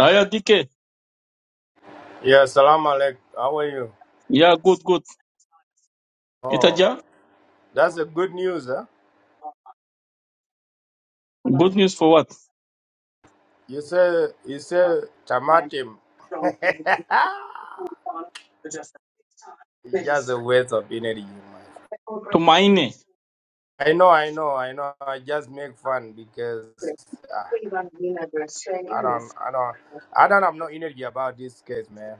Aya DK. Yeah, salam alaikum. How are you? Yeah, good, good. Oh, Itaja, that's a good news, huh? good news for what? You say you say tamatim. it's just a waste of energy, man. To mine. I know, I know, I know. I just make fun because uh, I don't, I don't, I don't have no energy about this case, man.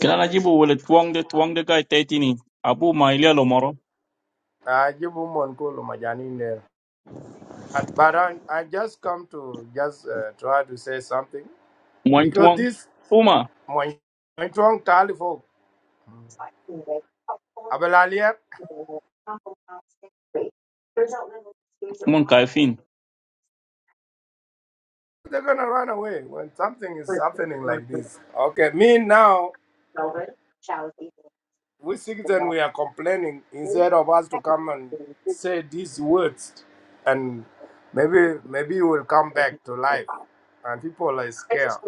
Kila najibu wale tuwang de tuwang de guy tetini. Abu mailia lomoro. I give woman call majani in there. But, but I, I just come to just uh, try to say something Mwan because tuwang. this Uma. my my tongue tali folk. Mun kaifin. They're gonna run away when something is happening like this. Okay, me now, we citizens, we are complaining instead of us to come and say these words, and maybe maybe you will come back to life, and people are scared.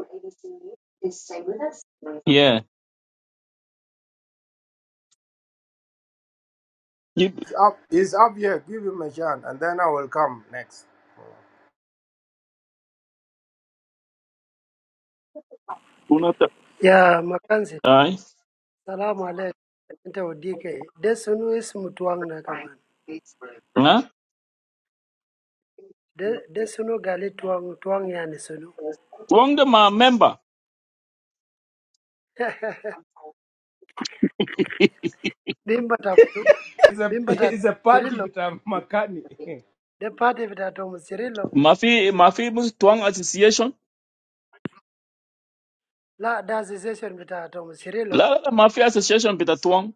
Yeah. You It's up, it's up here. Give him a chance, and then I will come next. unata. Ya makanzi, Ay. salamu alaikum. Nte odike. De sunu ismu tuang na kaman. Huh? De, de sunu gali tuang tuang yani sunu. Tuwang de ma member. Bimba tafunu. It's a Bimba ta it's a party Cirilo. with a Makani. De party vita tomu Cirilo. Mafi mafi mus tuwang association. La da association vita tomu Cirilo. La la la mafi association bita tuwang.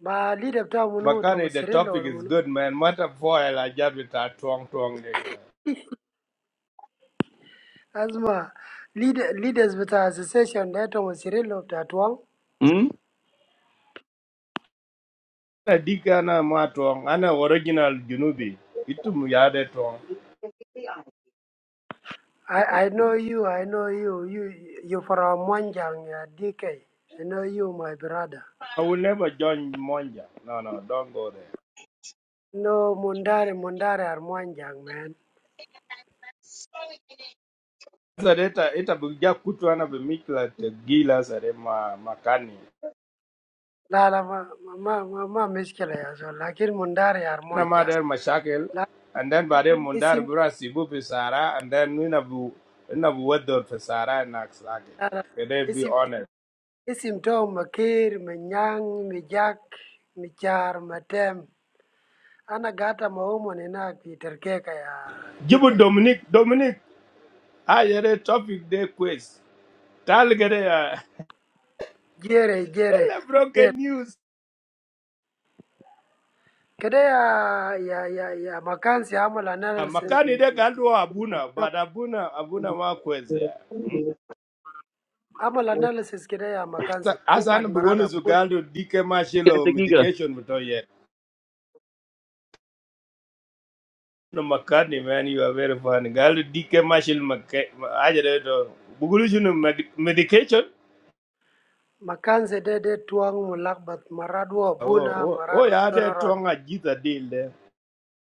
Ma leader vita munu tomu Makani, the Cirilo topic wala is munu. good, man. Matter foil, I just with a twang twang. Azma leader, leaders vita association de tomu Cirilo vita tuang. Hmm? na dikana ma tong ana original junubi itum yade tong I, I know you, I know you. You, you from Mwanjang, ya DK. I know you, my brother. i will never join monja no no don't go there No, Mundare, Mundare Harmonium, man. sadeta ita bugja kutu ana be mikla te gila sare ma makani La, la, ma, ma, ma, ma mishkila ya zo. Lakin Mundare ana ma Harmonium. der mashakel La, and then bare mundar isim, bura sibu fi sara and then we na bu na bu wedo fi sara na sage la, la, can they be isim, honest isim to makir, minyang, mijak, michar, matem. Ana gata maumo ni na kiterkeka ya jibu dike. dominic dominic I had a topic day quiz tal gere ya Jere, jere, ele jere. broken news Kede ya, ya, ya, ya makansi amal Ah, analysis makani fi, de fi, fi. galdo abuna but abuna abuna ma kwezia Amal analysis kede ya makansi. asan Umad biwonu su marada galdo dike Kaya mashilo degiga. medication buto yet no makani man you are very funny galdo dike mashil makke ajere to bugulu junu med- medication Makanzedede twɔŋ məlakɓat maraɗ oh wabuna oh oh maraɗ ya de general, twanga jita deal there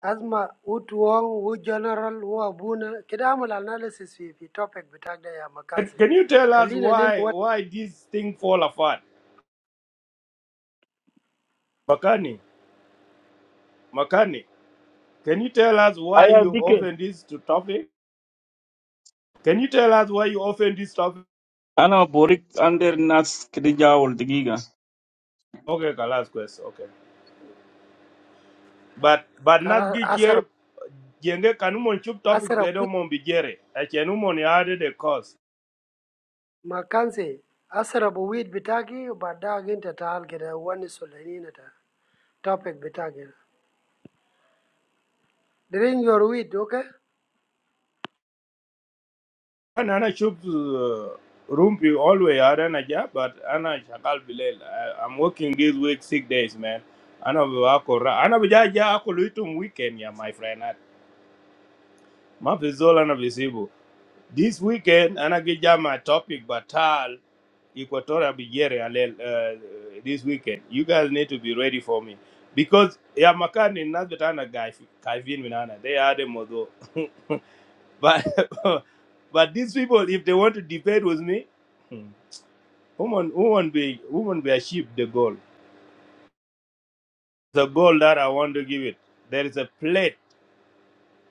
asma u twɔŋ u general wabuna kida amulal na lesis fi fi topic bitakda ya can makanze can you tell us kalina nini why wal why this thing fall apart makani makani can you tell us why Aya you DK. open this to topic can you tell us why you open this topic Ana borik under nas kidija wal degiga. okay last question okay. but but kala not get asara here. jenge kan mon chup topic asara zedo wit mon bi jere chenu mon yade the cause makanze asara bu wit bitaki bada ginta taal kida wani sulanina ta topic bitaki bring your wit okay and ana chup uh, rumpi always yade na ja but ana shakal bilel I, i'm working this week six days man ana bi wako ra ana bi ja ja ako luitum weekend ya my friend at ma fi na bi This weekend, and I get ya my topic, Batal, Equatorial Nigeria, uh, this weekend. You guys need to be ready for me. Because, yeah, Makani, not the kind of guy, Kaivin Minana, they are the model. But, but these people, if they want to debate with me, hmm, woman, woman be, woman be achieve the goal. The goal that I want to give it. There is a plate.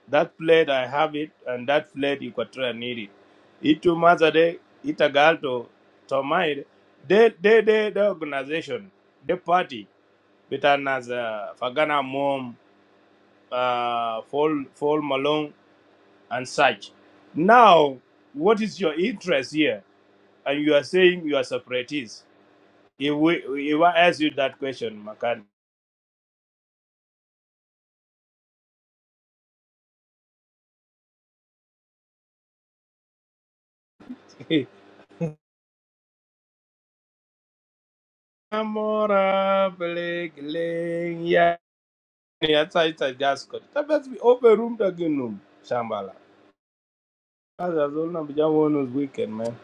That plate I have it, and that plate Equatorial need it. Itu mazade itagalto tomaid. They they they the organization, the party, better as uh, Fagana Mom, uh, Fall Fall Malone and such. Now, what is your interest here? And you are saying you are separatists. If we if I ask you that question, Makan. Amora Blake, yatsa itsa But Let's be open room again, no. Shambala. As I was on, I'm just one weekend, man.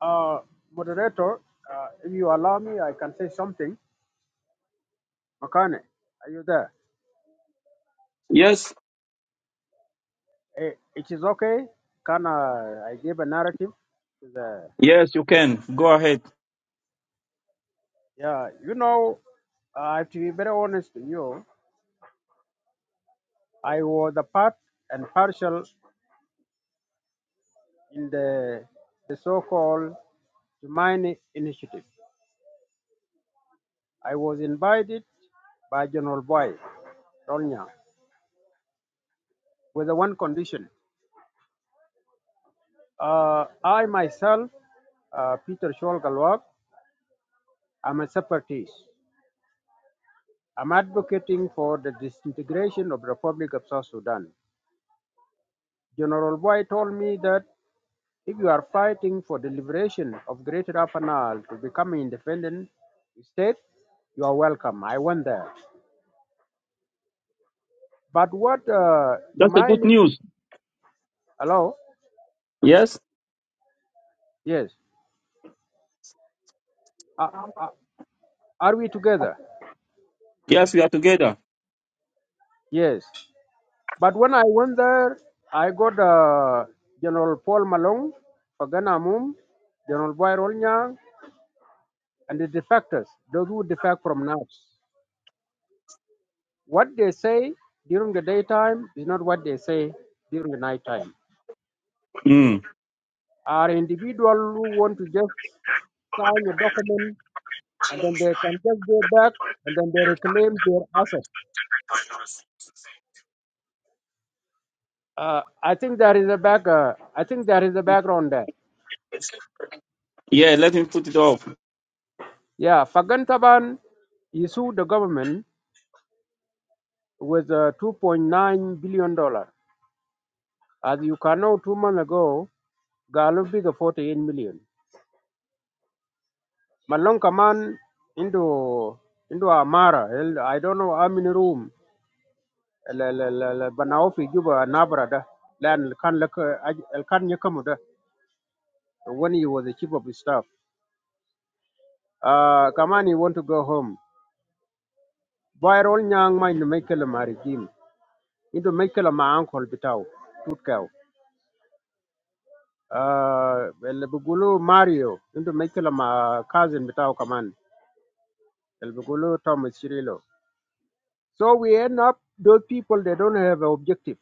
Uh, moderator, uh, if you allow me, I can say something. Makane, are you there? Yes. Eh, It is okay. Can I, I give a narrative? To the, Yes, you can. Go ahead. yeah, you know, uh, I have to be very honest with you. I was a part and partial in the, the so-called mine initiative. I was invited by General Boy, Rolnya, with the one condition. Uh, I myself, uh, Peter Scholl Galwak, I'm a separatist. I'm advocating for the disintegration of the Republic of South Sudan. General Boy told me that if you are fighting for the liberation of Greater Afanal to become an independent state, you are welcome. I went there. But what, uh, to That's a my good kn- news. hello? Yes? Yes. Uh, uh, are we together? Yes, we are together. Yes. But when I went there, I got uh, General Paul Malong, Pagana Mum, General Boy Rolnyang, and the defectors, those who defect from now, what they say during the daytime is not what they say during the nighttime. Mm. Are individuals who want to just sign a document and then they can just go back and then they reclaim their assets. Uh, I think there is a back. Uh, I think there is a background there. Yeah, let him put it off. Yeah, Fagantaban he sued the government with uh, 2.9 billion dollar. As you can know, two months ago, Galo bigger 48 million. Malong kaman into into amara el- I don't know how many room el el el el- banao fi juba nabra da lan kan lak el kan yakamu da when he was the chief of his staff uh kaman he want to go home boy rol nyang ma into michael marigim into michael ma uncle bitaw tutkaw uh el bugulu mario into michael ma cousin bitaw kaman el bugulu thomas cirilo so we end up those people they don't have an objective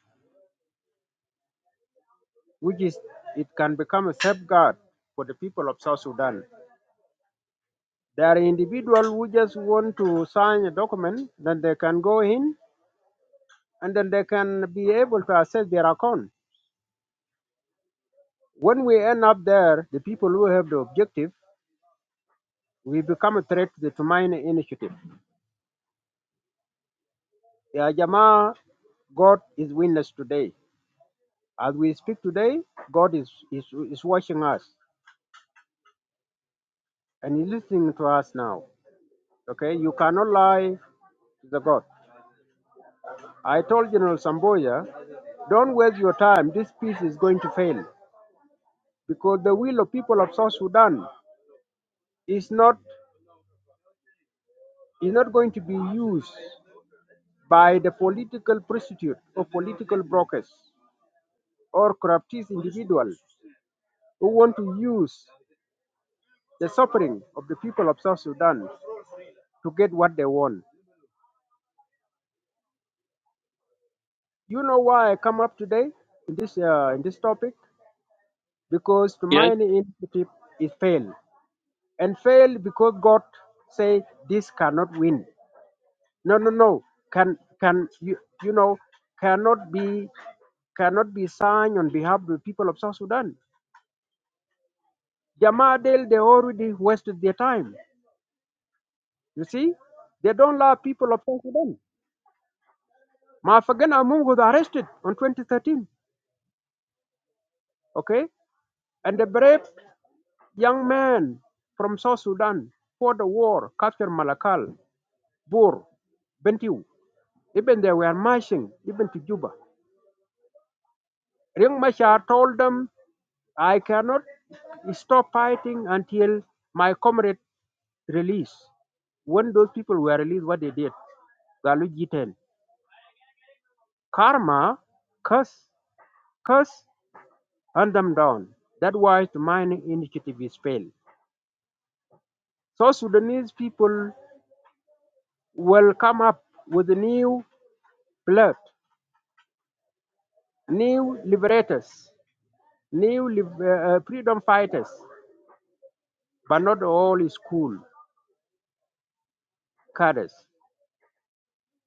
which is it can become a safeguard for the people of South Sudan. There are individuals who just want to sign a document, then they can go in and then they can be able to access their account. When we end up there, the people who have the objective, we become a threat to the Tumaini initiative. Ya Jamaa, God is witness today. As we speak today, God is, is, is watching us and He's listening to us now. Okay, you cannot lie to the God. I told General Samboya, don't waste your time. This peace is going to fail because the will of people of South Sudan is not is not going to be used by the political prostitute or political brokers or corruptees individuals who want to use the suffering of the people of South Sudan to get what they want. You know why I come up today in this uh, in this topic because the Yes? mining initiative is failed. and fail because God say this cannot win. No, no, no. Can can you you know cannot be cannot be signed on behalf of the people of South Sudan. Jamadel they already wasted their time. You see, they don't love people of South Sudan. Mafagan Amung was arrested on 2013. Okay, and the brave young man from South Sudan for the war captured Malakal, Bur, Bentiu. Even they were marching even to Juba. Ring Mashar told them, I cannot stop fighting until my comrade release. When those people were released, what they did, Galuji 10. Karma curse, curse, and them down. That's why the mining initiative is failed. So Sudanese people will come up with new blood, new liberators, new lib- uh, uh, freedom fighters, but not all is cool. Cadres.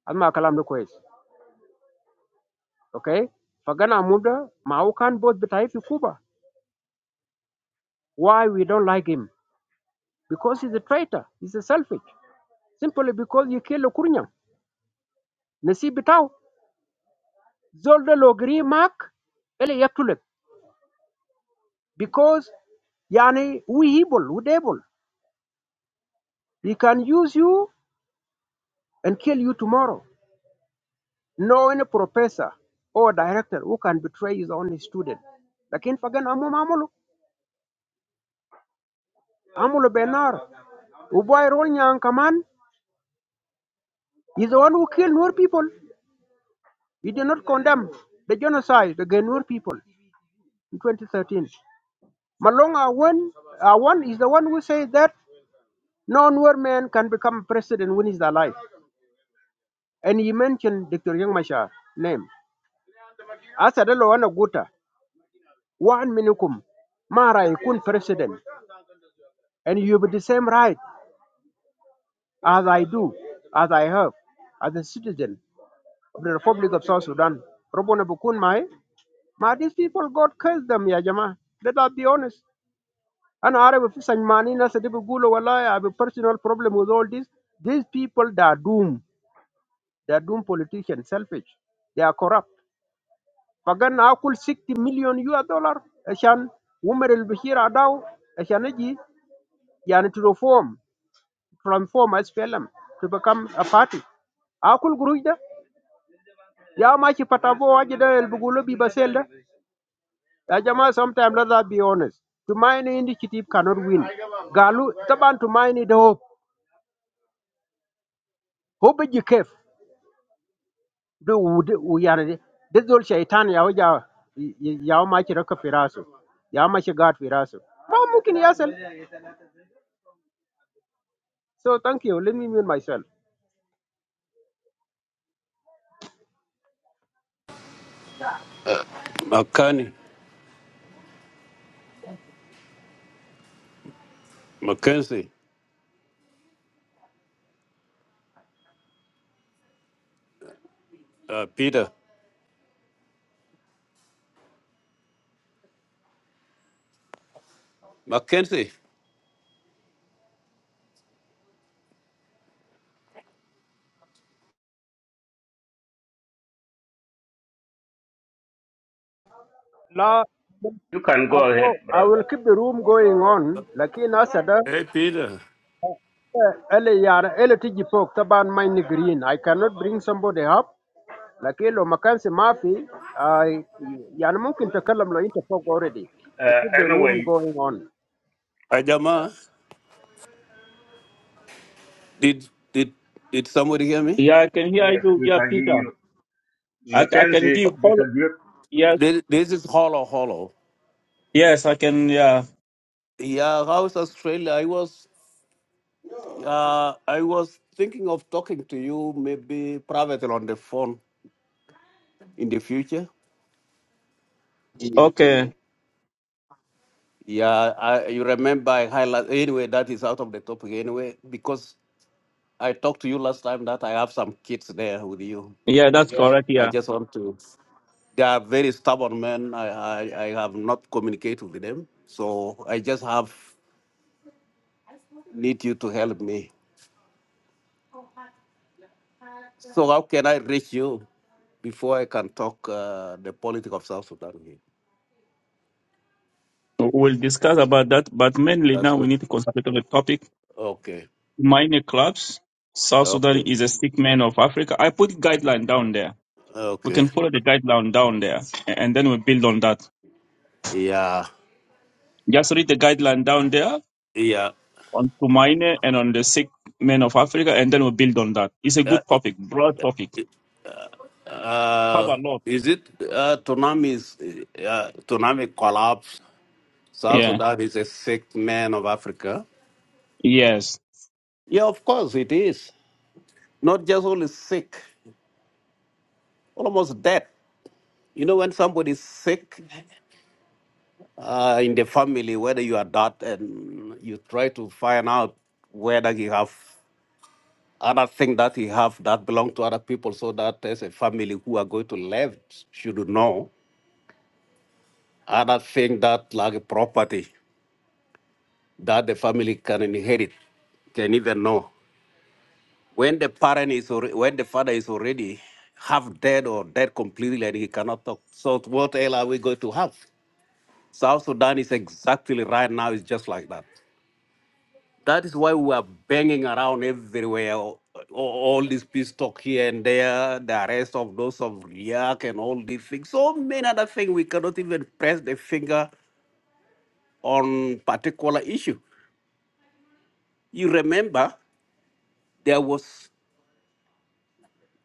Asma kalam da kwais. okay fagana muda maukan both bitaifi kuba why we don't like him because he's a traitor he's a selfish simply because you kill kurnya nasi bitau zolde logri mak ele yaktulek because yani we evil we devil he can use you and kill you tomorrow no any professor or director who can betray his own student lakin fagana mum amulu amulu benar uboy rol nyan kaman he's the one who killed more people We did not condemn the genocide against Nuer people in 2013. Malong Awan, Awan is the one who said that no Nur man can become president when he's alive. And he mentioned Dr. Young Mashar name. Asadelo wana guta, one minukum, mara ikun president. And you have the same right as I do, as I have, as a citizen of the Republic of South Sudan. Robona bukun mai. Ma, these people, God curse them, ya jama. Let us be honest. And عارف في سجمانين ناس اللي بيقولوا I have a personal problem with all this these people they are doomed they are doomed politicians selfish they are corrupt فقال اكل 60 مليون يو دولار عشان عمر البشير عداو عشان يجي يعني to reform transform as فيلم to become a party اكل قروش ده يا ماشي فتابو واجي ده اللي بيقولوا بيبسيل ده يا جماعه sometimes let's be honest To tumaini initiative cannot win galu taban tumaini the hope hope is je du wude u yani de zol shaitan ya waja ya ma ki raka firasu ya ma ki gad firasu ba mumkin yasal so thank you let me mute myself Makani, Mackenzie, uh, Peter. Mackenzie. la You can I, go ahead, oh, I brother. will keep the room going on lakin asada Hey, Peter. eh, ele yara ele tiji fok taban my green I cannot bring somebody up lakin lo makansi mafi I yani mumkin takalam lo inta fok already to Uh, keep the room anyway, going on Hi, yeah. Jama. Did, did, did somebody hear me? Yeah, I can hear yes, you. we Yeah, can hear Peter. you. I, I can Mackenzie give all. disagreed. Yes. This, this is Hollow Hollow. Yes, I can. Yeah. Yeah, how's Australia? I was, uh, I was thinking of talking to you maybe privately on the phone in the future. Okay. Yeah, I, you remember I highlight anyway. That is out of the topic anyway because I talked to you last time that I have some kids there with you. Yeah, that's correct. I Yeah. just want to. They are very stubborn men. I, I, I have not communicated with them. So I just have need you to help me. So how can I reach you before I can talk uh, the politics of South Sudan here? We'll discuss about that. But mainly That's now we good. need to concentrate on the topic. Okay. Minor clubs. South Sudan Okay. is a sick man of Africa. I put guideline down there. We Okay. can follow the guideline down there a- and then we build on that. Yeah. Just read the guideline down there Yeah. on Tumaine and on the sick men of Africa, and then we build on that. It's a Uh, good topic, broad topic, cover uh, a lot. is it uh, tsunamis? Uh, tsunami collapse. South Yeah. Sudan is a sick man of Africa. Yes. Yeah, of course it is. Not just only sick. almost dead. You know, when somebody's sick uh, in the family, whether you are that and you try to find out whether you have other thing that you have that belong to other people, so that as a family who are going to live should know other thing that like a property that the family can inherit can even know when the parent is alre- when the father is already half dead or dead completely and he cannot talk. So what else are we going to have? South Sudan is exactly right now It's just like that. That is why we are banging around everywhere. All, all this peace talk here and there, the arrest of those of Riak and all these things. So many other things we cannot even press the finger on particular issue. You remember there was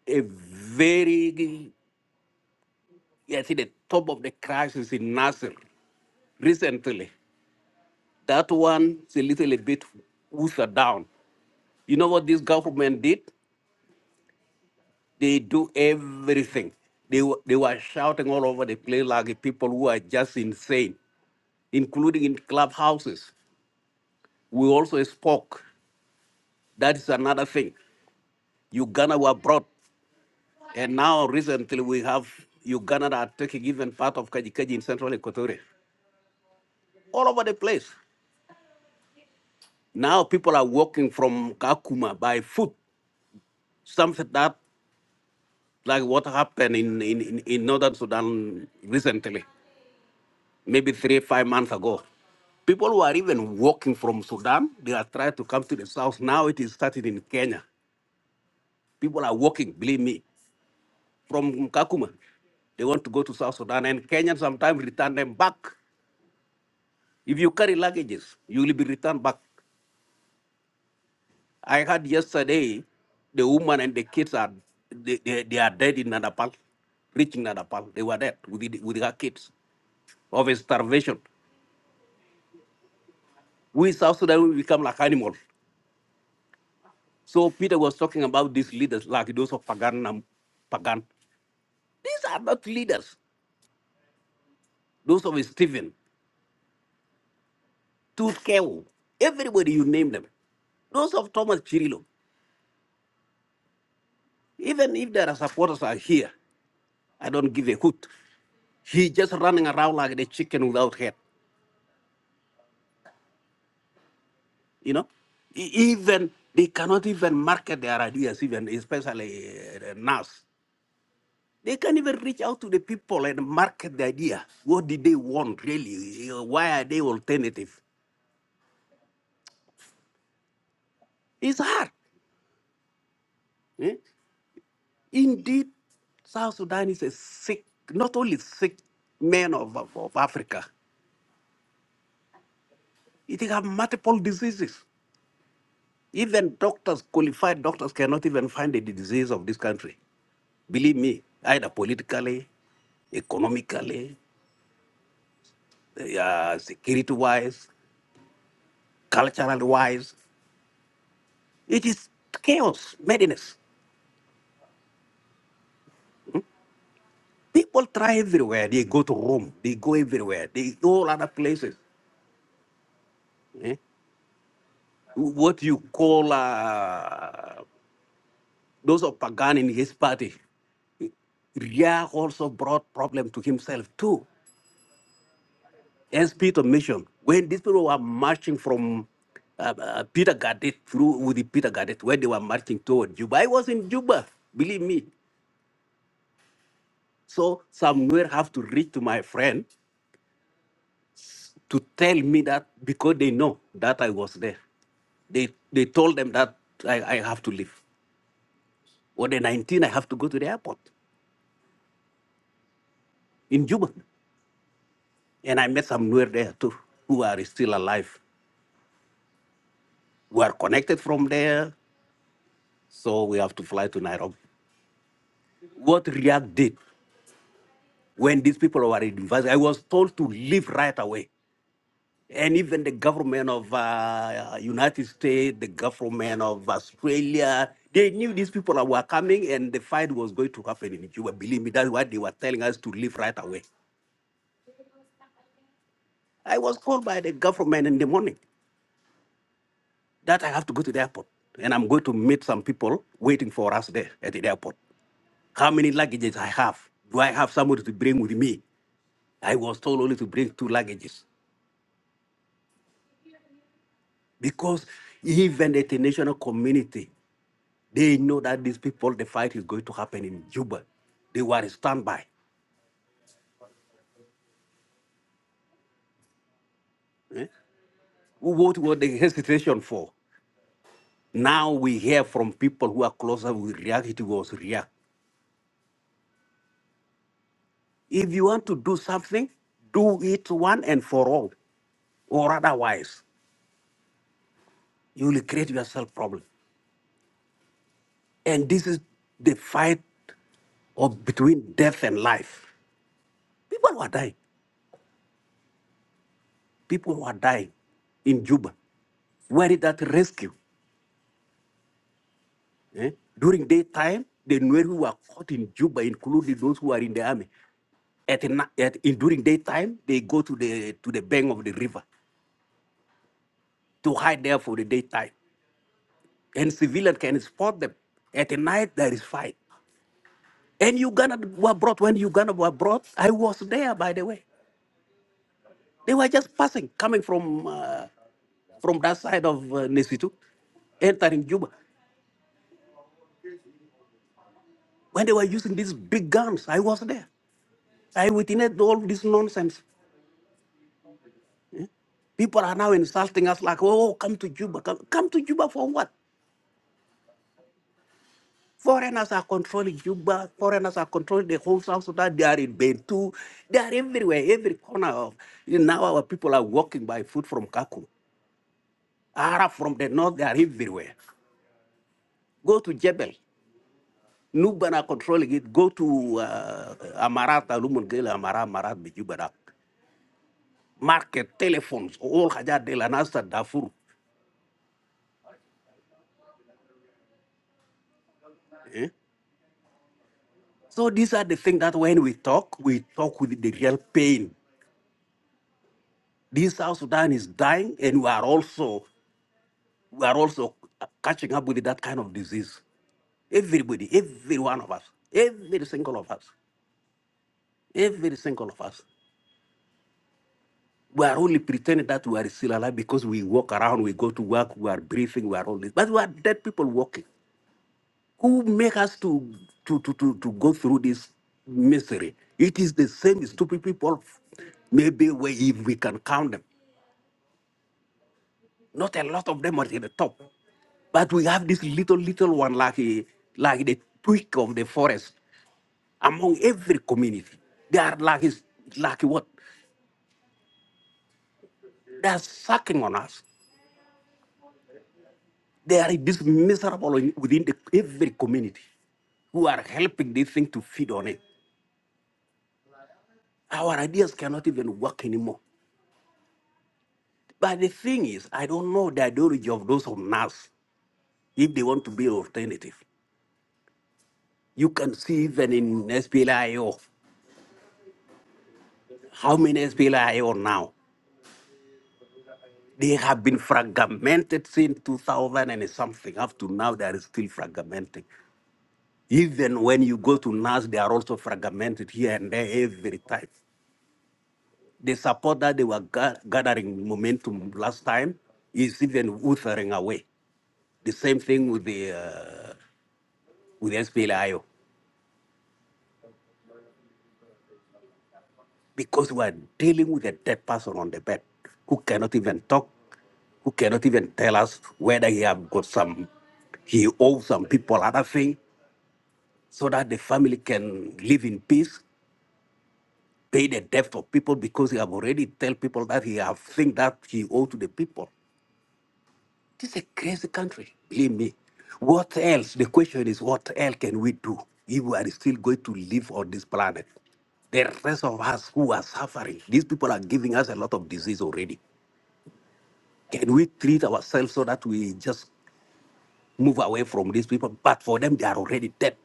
a very, I think the top of the crisis in Nasser recently. That one's a little bit watered down. You know what this government did? They do everything. They, were- they were shouting all over the place like people who are just insane, including in clubhouses. We also spoke. That is another thing. Uganda were brought, and now recently we have Uganda are taking even part of Kajikaji in central Equatoria, all over the place. Now people are walking from Kakuma by foot, something that like what happened in, in, in in northern Sudan recently. maybe three, five months ago. People who are even walking from Sudan, they are trying to come to the south. Now it is started in Kenya. People are walking, believe me, from Kakuma. They want to go to South Sudan, and Kenyans sometimes return them back. If you carry luggages, you will be returned back. I heard yesterday the woman and the kids are they, they, they are dead in Nadapal, reaching Nadapal. They were dead with, the- with their kids of starvation. We South Sudan we become like animals. So Peter was talking about these leaders, like those of Pagan and Pagan. These are not leaders. Those of Stephen, Tutkeo, everybody you name them. Those of Thomas Chirilo. Even if their supporters are here, I don't give a hoot. He just running around like the chicken without head. You know, E- even they cannot even market their ideas, even especially uh, NAS. They can't even reach out to the people and market the idea. What did they want really? Uh, Why are they alternative? It's hard. eh? Indeed, South Sudan is a sick, not only sick man of, of, of Africa, it has multiple diseases. Even doctors, qualified doctors, cannot even find the disease of this country. Believe me, either politically, economically, uh, security wise, cultural wise, it is chaos, madness. People try everywhere. They go to Rome, they go everywhere, they go all other places. Hmm? what you call uh, those of Pagan in his party, Ria also brought problem to himself too. As Peter mentioned, when these people were marching from uh, uh, Peter Gadet through with the Peter Gadet, where they were marching toward Juba, I was in Juba, believe me. So somewhere have to reach to my friend to tell me that because they know that I was there. They they told them that I, I have to leave. On the 19th. I have to go to the airport in Juba. And I met some Nuer there too, who are still alive. We are connected from there, so we have to fly to Nairobi. What React did when these people were invited, I was told to leave right away. And even the government of uh, United States, the government of Australia, they knew these people were coming and the fight was going to happen in Cuba. Believe me, that's why they were telling us to leave right away. I was called by the government in the morning. that I have to go to the airport and I'm going to meet some people waiting for us there at the airport. How many luggages I have? Do I have somebody to bring with me? I was told only to bring two luggages because even the international community, they know that these people, the fight is going to happen in Juba. They were standby. eh? What was the hesitation for? Now we hear from people who are closer with react it was react. If you want to do something, do it one and for all or otherwise. you will create yourself problem. And this is the fight of between death and life. People were dying. People were dying in Juba. Where is that rescue? eh? During daytime, the Nuer who were caught in Juba, including those who are in the army, at, na- at in, during daytime, they go to the to the bank of the river to hide there for the daytime. And civilians can spot them. At night, there is fight. And Uganda were brought. When Uganda were brought, I was there, by the way. They were just passing, coming from uh, from that side of uh, Nesitu, entering Juba. When they were using these big guns, I was there. I witnessed all this nonsense. People are now insulting us like, oh, come to Juba. Come, come to Juba for what? Foreigners are controlling Juba. Foreigners are controlling the whole South Sudan. They are in Bentu. They are everywhere, every corner of. now our people are walking by foot from Kakuma. Arab from the north, they are everywhere. Go to Jebel. Nubana controlling it. Go to uh, Amarat, Alumun Gela, Amara, Amarat, Bijubana. Market, telephones, all Hajar de la Nasa, Darfur. eh? So these are the things that when we talk, we talk with the real pain. This South Sudan is dying, and we are also we are also catching up with that kind of disease. Everybody, every one of us, every single of us, every single of us. We are only pretending that we are still alive because we walk around, we go to work, we are breathing, we are all this. But we are dead people walking. Who make us to to to to, to go through this misery? It is the same stupid people. Maybe we, if we can count them, not a lot of them are at the top, but we have this little little one like a, like the twig of the forest among every community. They are like is like what? They are sucking on us They are dis- miserable in- within the, every community who are helping this thing to feed on it. Our ideas cannot even work anymore. But the thing is, I don't know the ideology of those on us if they want to be alternative. You can see even in SPLIO, how many SPLIO now? They have been fragmented since 2000 and something. Up to now, they are still fragmenting. Even when you go to NAS, they are also fragmented here and there every time. The support that they were ga- gathering momentum last time is even withering away. The same thing with the uh, with SPLIO, because we are dealing with a dead person on the bed who cannot even talk, who cannot even tell us whether he have got some, he owes some people other thing, so that the family can live in peace, pay the debt of people because he have already tell people that he have thing that he owe to the people. This is a crazy country, believe me. What else? The question is, what else can we do if we are still going to live on this planet? The rest of us who are suffering, these people are giving us a lot of disease already. Can we treat ourselves so that we just move away from these people? But for them, they are already dead.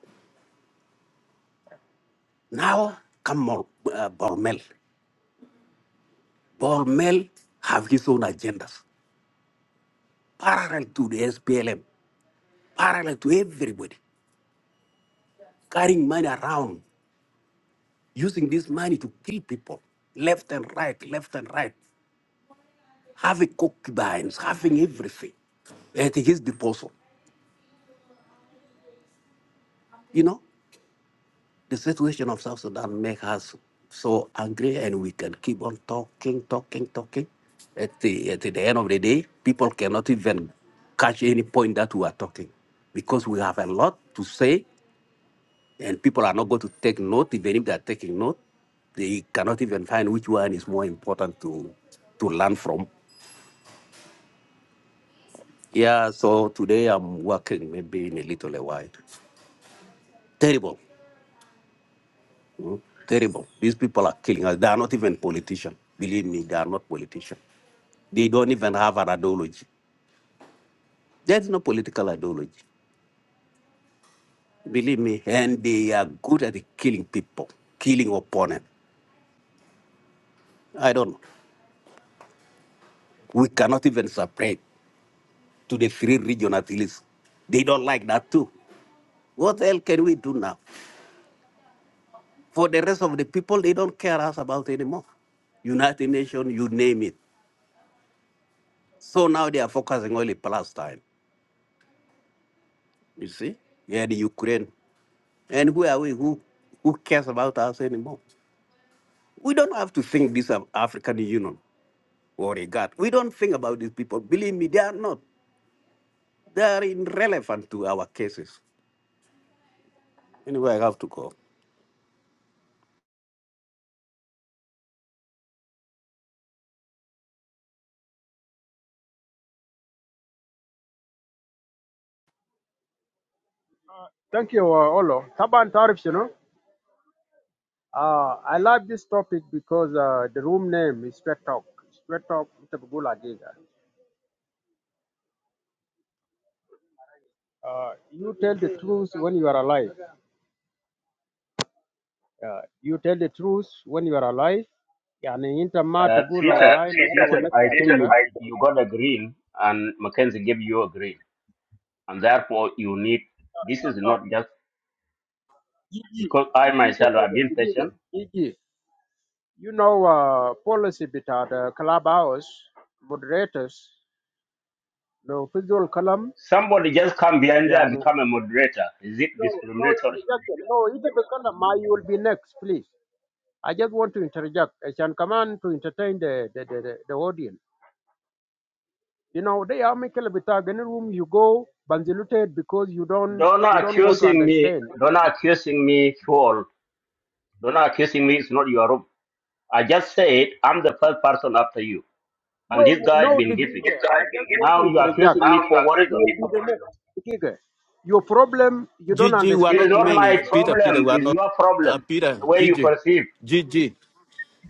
Now, come on, uh, Bormel. Bormel have his own agendas, parallel to the SPLM, parallel to everybody, carrying money around using this money to kill people left and right, left and right, having concubines, having everything at his disposal. You know, the situation of South Sudan make us so angry, and we can keep on talking, talking, talking. At the, at the end of the day, people cannot even catch any point that we are talking because we have a lot to say, and people are not going to take note. Even if they are taking note, they cannot even find which one is more important to to learn from. Yeah, so today I'm working maybe in a little a while. Terrible, terrible. These people are killing us. They are not even politicians. Believe me, they are not politicians. They don't even have an ideology. There's no political ideology. Believe me, and they are good at killing people, killing opponents. I don't know. We cannot even separate to the three region at least. They don't like that too. What else can we do now? For the rest of the people, they don't care us about anymore. United Nations, you name it. So now they are focusing only Palestine, you see, and Ukraine. And who are we? Who who cares about us anymore? We don't have to think this of African Union or a God. We don't think about these people. Believe me, they are not. They are irrelevant to our cases. Anyway, I have to go. thank you uh, Olo taban tarif you know Uh, I like this topic because uh, the room name is Straight Talk. Straight Talk with Abdullah Giga. Uh, you tell the truth when you are alive. Uh, you tell the truth when you are alive. يعني انت ما Uh, تقول Peter, والله مرة Peter, والناس I think تعجبها you you got a green, and Mackenzie gave you a green, and therefore you need. This is not just يجي because I يجي myself have دقيقة- been patient. يجي. You know uh, policy بتاع the clubhouse moderators لو في ذو الكلام Somebody just come behind there and يعني become a no moderator. Is it no discriminatory? introduction. No, إذا بتكلم ما you will be next please I just want to interject. I can come on to entertain the, the, the, the, the audience. You know, they are Michael Bitag. Any room you go, banziluted because you don't Don't you don't want to accusing me. understand. Don't accusing me, Paul. Don't accusing me. It's not your room. I just said I'm the first person after you, No, and this guy no, been Digige. giving. I just want to Now you are interject. accusing Now me you for are You worrism. getting will be the next. Digige, your problem, you don't Gigi, we are It understand. is not not No, my many. Peter, Peter, problem, we are it's not. your Uh, problem, Peter, the way you Gigi, perceive. Gigi,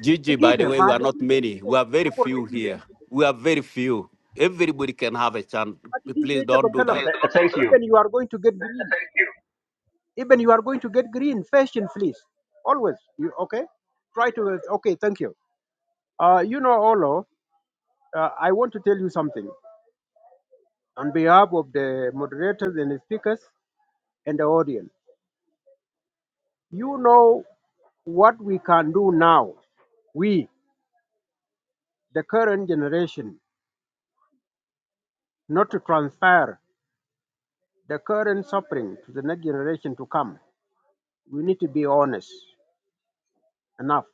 Gigi. By the Digige, way, ma we are not Digige, many. We are very Digige, few Digige. here. We are very few. Everybody can have a chance. Ma Digige, Please ita ba don't do kalam. that. Please Th- don't do thank that. you. Even you are going to get green. Thank you. Even you are going to get green, fashion, fleece, Always, you okay? Try to okay. Thank you. Uh, you know, Olo, uh, I want to tell you something on behalf of the moderators and the speakers and the audience. You know what we can do now. We, the current generation, not to transfer the current suffering to the next generation to come. We need to be honest enough.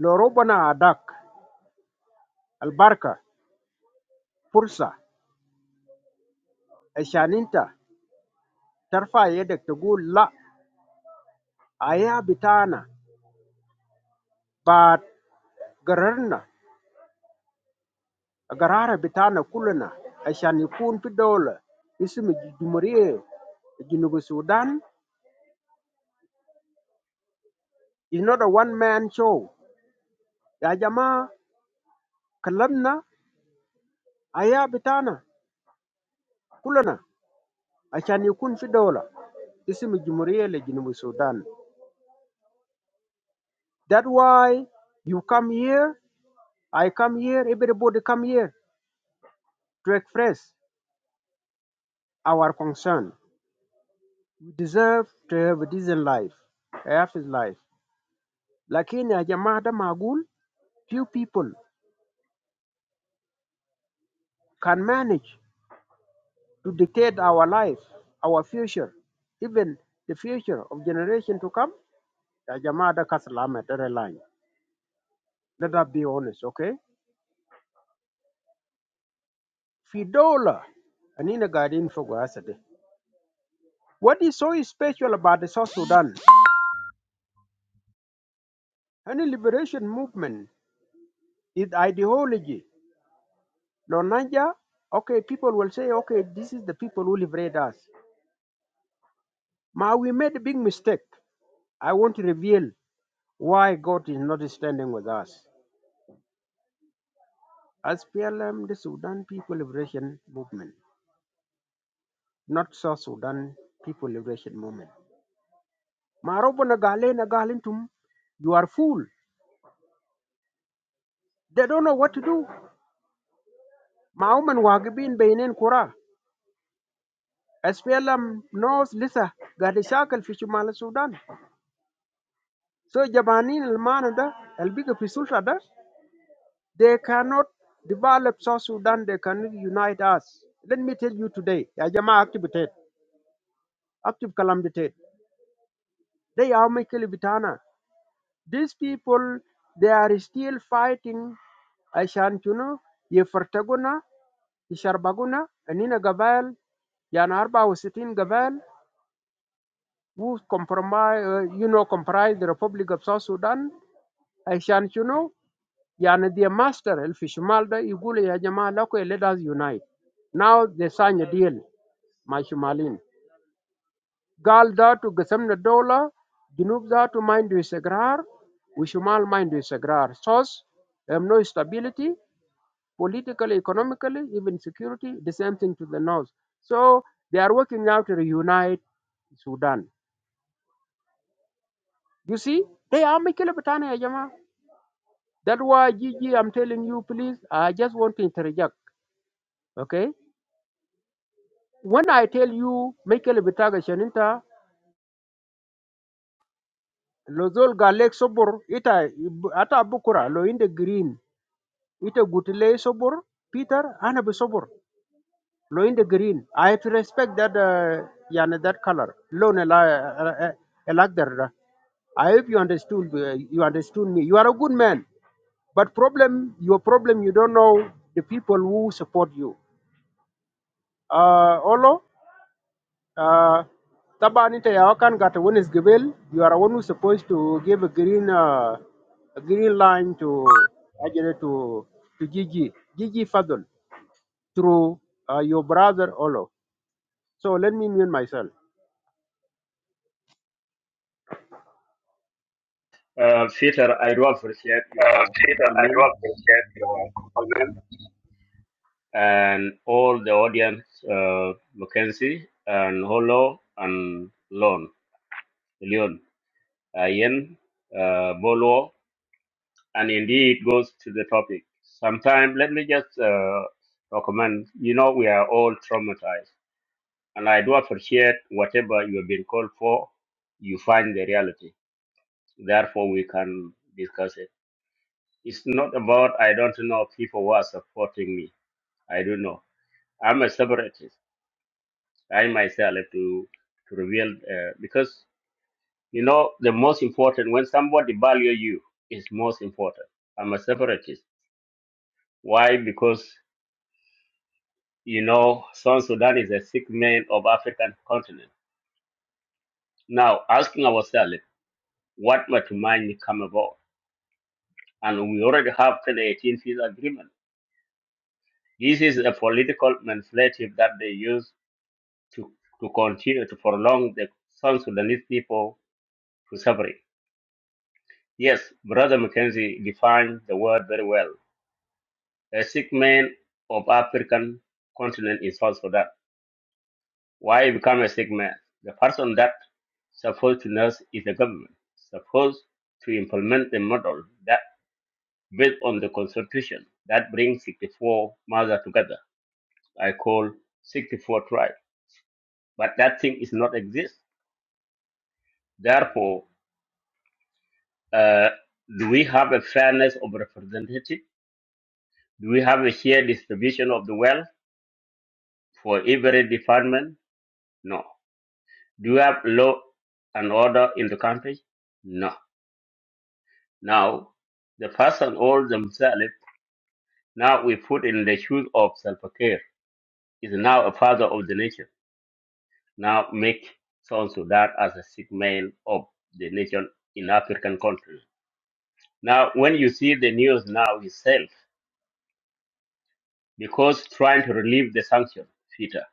Lorobana adak أعداك fursa فرصة Therefore, you have to go. La, ayah bitana, but gararna, garara bitana kulana. I can't even fit a dollar. This is my dream. In Uganda, it's not a one-man show. The Jama, Kalamba, ayah bitana, kulana. I can't even fit a dollar. This is my dream. In Uganda. That's why you come here. I come here. Everybody come here to express our concern. We deserve to have a decent life, a happy life. Lakini ya jamaa da magul, few people can manage to dictate our life, our future, even the future of generation to come. Ya jamaa da kasalama da line. Let us be honest, okay? Fidola, anina gadin fogo asade. What is so special about the South Sudan? Any liberation movement is ideology. Lonanja, okay, people will say, okay, this is the people who liberate us. Ma, we made a big mistake. I want to reveal why God is not standing with us. As PLM, the Sudan People Liberation Movement, not South Sudan People Liberation Movement. Ma, robo na gale na galintum, you are fool. They don't know what to do. Ma, uman wagibin beinen kura. As PLM knows Lisa, gadi shakal fi shumala Sudan. So jabanin al-mana da, al-biga fi sulta da. They cannot develop South Sudan. They cannot unite us. Let me tell you today, ya jamaa active tet, active kalam di tet. They are Michael Vitana. These people, they are still fighting Ashantuno, Yefertaguna, Isharbaguna, Anina Gaval, Yan Arba was sitting Gaval, who compromise, uh, you know, comprise the Republic of South Sudan, Ashantuno, يعني their master في الشمال ده يقول يا جماعة لكم let us unite now they sign a deal مع الشماليين قال ذاته قسمنا الدولة جنوب ذاته ما عنده استقرار وشمال ما عنده استقرار source um, no stability politically economically even security the same thing to the north so they are working now to reunite Sudan you see they are مشكلة بتاعنا يا جماعة that's why Gigi I'm telling you please I just want to interject okay When I tell you Michael Bitaga Shaninta, Lozol Galek Sobor, ita ata bukura lo in the green, ita gutile Sobor, Peter ana be Sobor, lo in the green. I have to respect that uh, yana that color. Lo ne la eh, eh, eh, I hope you understood uh, you understood me. You are a good man, but problem your problem you don't know the people who support you. Uh, Olo, Uh, طبعا انت يا كان قاعد تونس قبل you are one who's supposed to give a green uh, a green line to اجل to to Gigi Gigi Fadul through uh, your brother Olo so let me mute myself Uh, Peter, I do appreciate Uh, your Peter, I do compliment appreciate your comment. and all the audience, uh, Mackenzie and Holo and Lon, Leon, uh, Ian, uh, Bolo, and indeed goes to the topic. Sometimes, let me just uh, recommend, you know, we are all traumatized And I do appreciate whatever you have been called for, you find the reality. Therefore, we can discuss it. It's not about, I don't know, people who are supporting me. I don't know. I'm a separatist. I myself have to, to reveal, uh, because, you know, the most important, when somebody value you, is most important. I'm a separatist. Why? Because, you know, South Sudan is a sick man of African continent. Now, asking ourselves, what might mind come about? and we already have till the 18th peace agreement. This is a political manipulative that they use to, to continue to prolong the South Sudanese people to suffering. Yes, Brother Mackenzie defined the word very well. A sick man of African continent is South Sudan. Why become a sick man? The person that supposed to nurse is the government, supposed to implement the model that based on the constitution that brings 64 mothers together I call 64 tribe. But that thing is not exist. Therefore, uh, do we have a fairness of representative? Do we have a shared distribution of the wealth for every department? No. Do we have law and order in the country? No. Now, the person all themselves, now we put in the shoes of self-care, is now a father of the nation. Now make South Sudan as a sick man of the nation in African countries. Now, when you see the news now itself, because trying to relieve the sanction, Peter,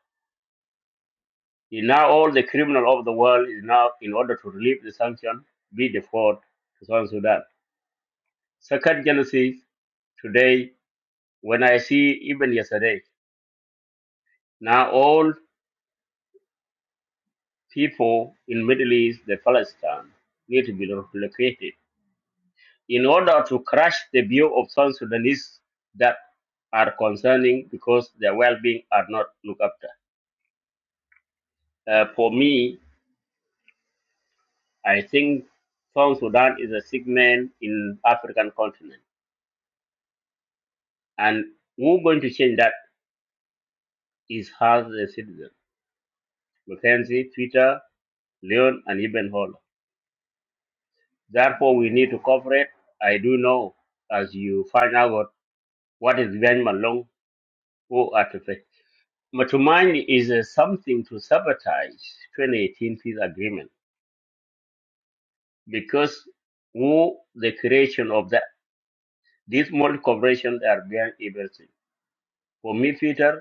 is now all the criminal of the world is now, in order to relieve the sanction, be deported to South Sudan. Second genesis, today, when I see even yesterday, now all people in Middle East, the Palestine, need to be relocated in order to crush the view of South Sudanese that are concerning because their well-being are not looked after. Uh, for me, I think South Sudan is a segment in African continent. And we're going to change that is as a citizen. Mackenzie, Twitter, Leon, and Ibn Hall. Therefore, we need to cooperate. I do know, as you find out, what is Ben Malong who artifact. Matumaini is uh, something to sabotage 2018 peace agreement because who the creation of that. These multi corporations are behind everything. For me, Twitter.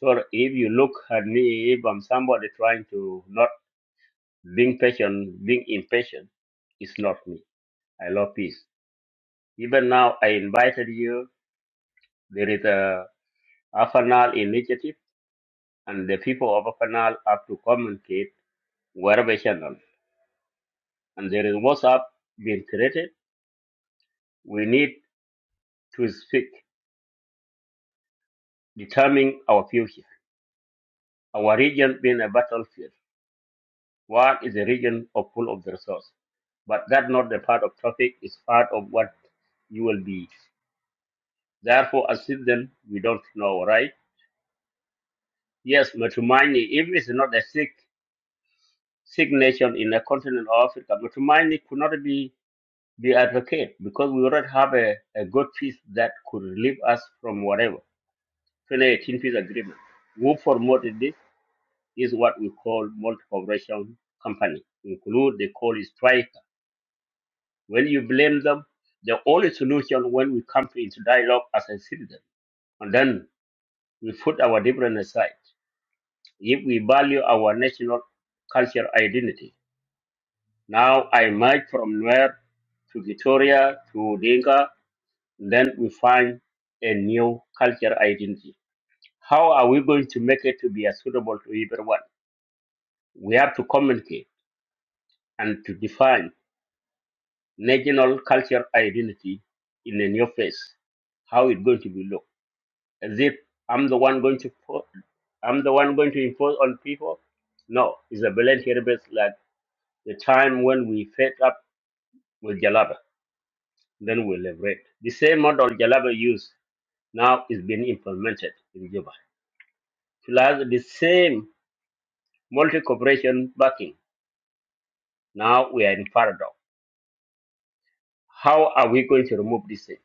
So if you look at me, if I'm somebody trying to not being patient, being impatient, it's not me. I love peace. Even now, I invited you. There is a Afanal initiative, and the people of Afanal have to communicate wherever channel. And there is WhatsApp being created. We need to speak, determine our future. Our region being a battlefield. Work is a region of full of the resource, but that not the part of traffic is part of what you will be. Therefore, as citizens, we don't know, right? Yes, Matumani, if it's not a sick, sick nation in the continent of Africa, Matumani could not be be advocate because we already have a, a good peace that could relieve us from whatever. 2018 peace agreement. Who promoted this is what we call multi-corporation company, include the coal strike When you blame them, the only solution when we come to into dialogue as a citizen, and then we put our difference aside. If we value our national cultural identity, now I emerge from where to Victoria to Dinka, then we find a new cultural identity. How are we going to make it to be as suitable to everyone? We have to communicate and to define national cultural identity in a new phase. How it going to be look? as if I'm the one going to po- I'm the one going to impose on people. No, it's a brilliant heritage like the time when we fed up with Jalaba, then we liberate. The same model Jalaba used now is being implemented in Juba. Plus the same multi cooperation backing. Now we are in paradox. How are we going to remove this thing?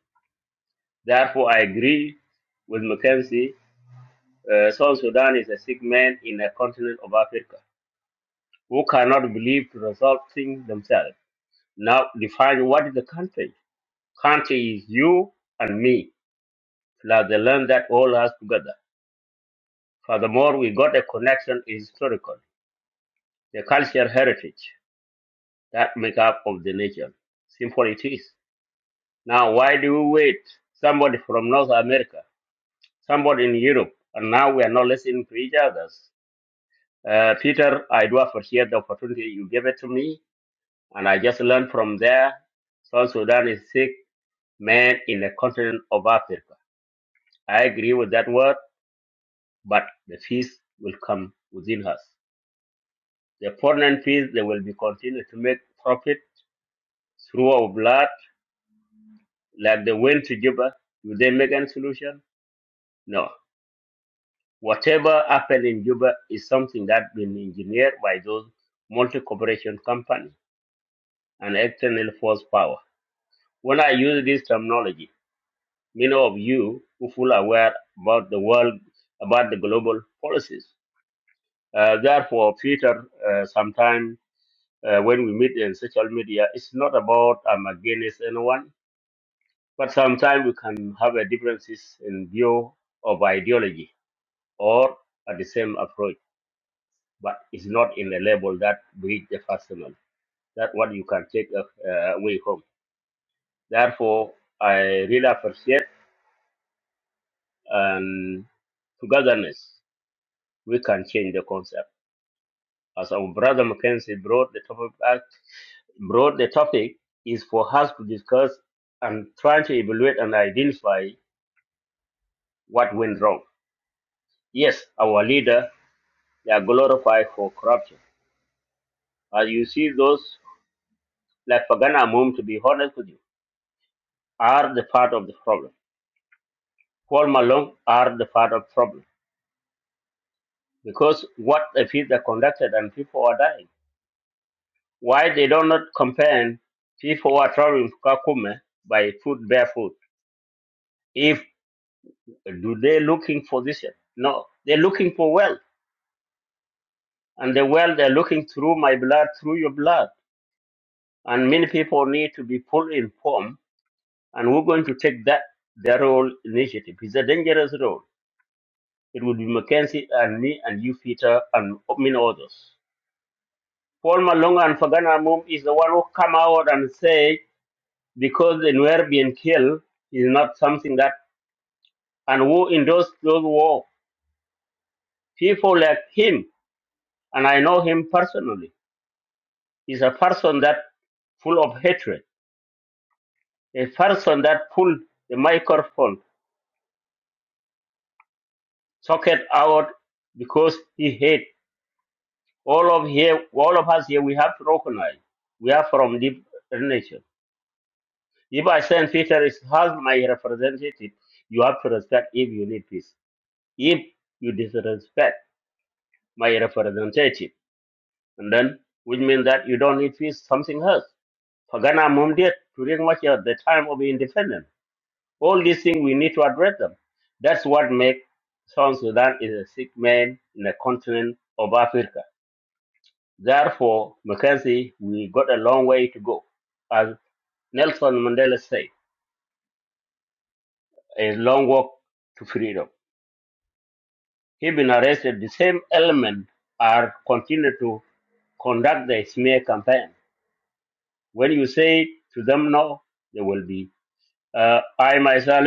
Therefore I agree with Mackenzie. Uh, South Sudan is a sick man in a continent of Africa who cannot believe to resolve things themselves Now define what is the country. Country is you and me, plus the land that all us together. Furthermore, we got a connection is historical, the cultural heritage that make up of the nation. Simple it is. Now, why do we wait? Somebody from North America, somebody in Europe, and now we are not listening to each other. Uh, Peter, I do appreciate the opportunity you gave it to me, and I just learned from there. South Sudan is sick man in the continent of Africa. I agree with that word, but the fees will come within us. The foreign fees, they will be continued to make profit through our blood, like they went to Juba. Do they make any solution? No. Whatever happened in Juba is something that been engineered by those multi-corporation companies and external force power. When I use this terminology, many of you who full aware about the world, about the global policies. Uh, therefore, Peter, uh, sometime uh, when we meet in social media, it's not about I'm against anyone, but sometimes we can have a differences in view of ideology or at the same approach, but it's not in the level that breach the personal. That what you can take uh, uh, away home. Therefore, I really appreciate and togetherness. We can change the concept. as our brother Mackenzie brought the topic back, brought the topic is for us to discuss and try to evaluate and identify what went wrong. Yes, our leader they are glorified for corruption. As you see, those like Pagana Amum, to be honest with you, are the part of the problem. Paul Malone are the part of problem because what the fields are conducted and people are dying. Why they do not compare people who are traveling to Kakuma by foot barefoot? if. Do they looking for this? No, they're looking for wealth, and the wealth they're looking through my blood, through your blood. And many people need to be fully informed, and we're going to take that their role initiative. It's a dangerous role. It will be Mackenzie and me and you, Peter, and many others. Paul Malonga and Fagana Mum is the one who come out and say because the Nuer being killed is not something that and who endorsed those war people like him and I know him personally is a person that full of hatred, a person that pull the microphone socket out because he hate. All of here, all of us here, we have to recognize we are from different nation. If I send Peter is as my representative, you have to respect if you need peace. If you disrespect my representative, and then which means that you don't need peace, something else. Pagana Mumdiet during much of the time of independence. All these things we need to address them. That's what makes South Sudan is a sick man in the continent of Africa. Therefore, Mackenzie, we got a long way to go. As Nelson Mandela said, a long walk to freedom. He been arrested. The same element are continue to conduct the smear campaign. When you say to them no, they will be. Uh, I myself,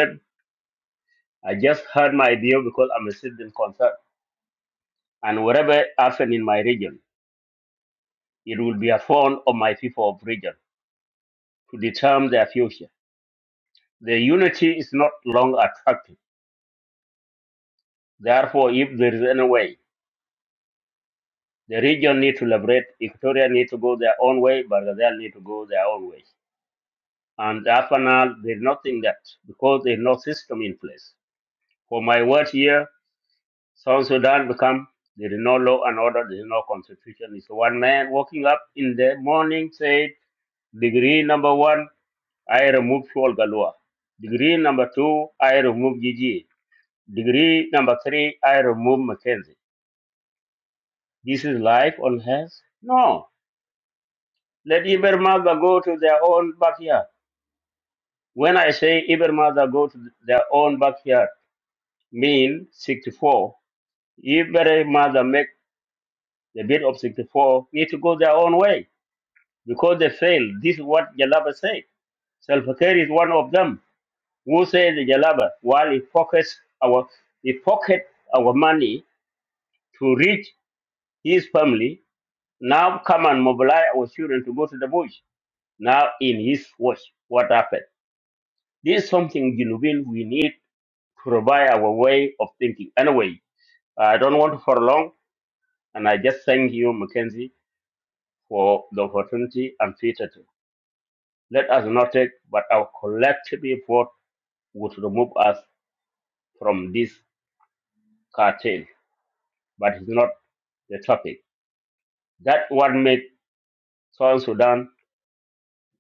I just heard my deal because I'm a citizen concerned. And whatever happened in my region, It will be a fall of my people of region to determine their future. Their unity is not long attractive. Therefore, if there is any way, the region need to liberate. Equatoria need to go their own way, but they need to go their own way. And after now, there's nothing that because there's no system in place. For my word here, South Sudan become there is no law and order, there is no constitution. It's one man walking up in the morning, said degree number one. I remove Shol Galua. Degree number two, I remove Gigi. Degree number three, I remove Mackenzie. This is life on earth? No. Let Ibermother go to their own backyard. When I say Ibermother go to their own backyard, mean 64. Ibermother make the bid of 64 need to go their own way because they failed. This is what Jalaba said. Self-care is one of them who said Jalaba, while he focused our he pocket our money to reach his family, now come and mobilize our children to go to the bush. Now in his watch, what happened? This is something Junubin we need to revive our way of thinking. Anyway, I don't want to prolong and I just thank you, Mackenzie, for the opportunity and Peter too. Let us not take but our collective effort would remove us from this cartel, but it's not the topic. That what made South Sudan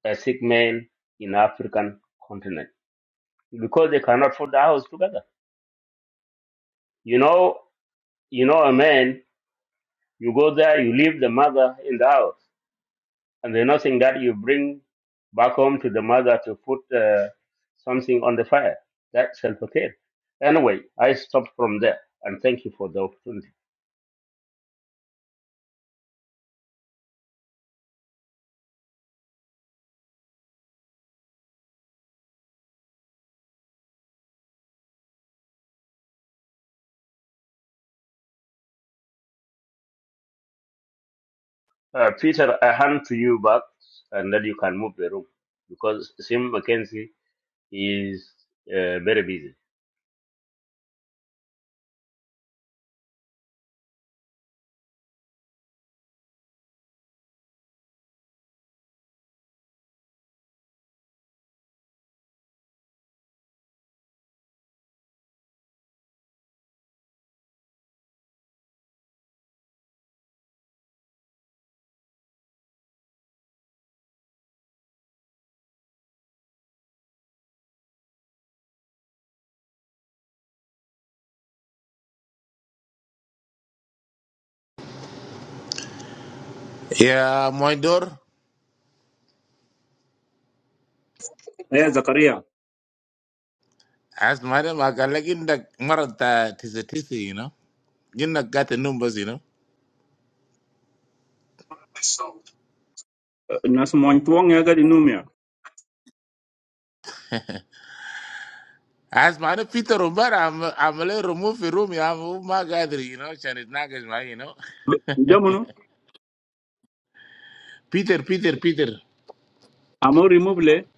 a sick man in African continent because they cannot put the house together. You know, you know a man. You go there, you leave the mother in the house, and there's nothing that you bring back home to the mother to put uh, something on the fire. That's self-care. Anyway, I stop from there, and thank you for the opportunity. Uh, Peter, I hand to you back, and then you can move the room because Sim McKenzie is uh, very busy. Yeah, my door. As madam, I can like in the marata tis a tissy, you know. You not got the numbers, you know. الناس مونتوان يا قاعد ينوم يا As madam Peter Umbar, I'm I'm a little remove the room, I'm my gathering, you know, Chinese nagas, you know. ده منو Peter, Peter, Peter. عمو ريموف ليه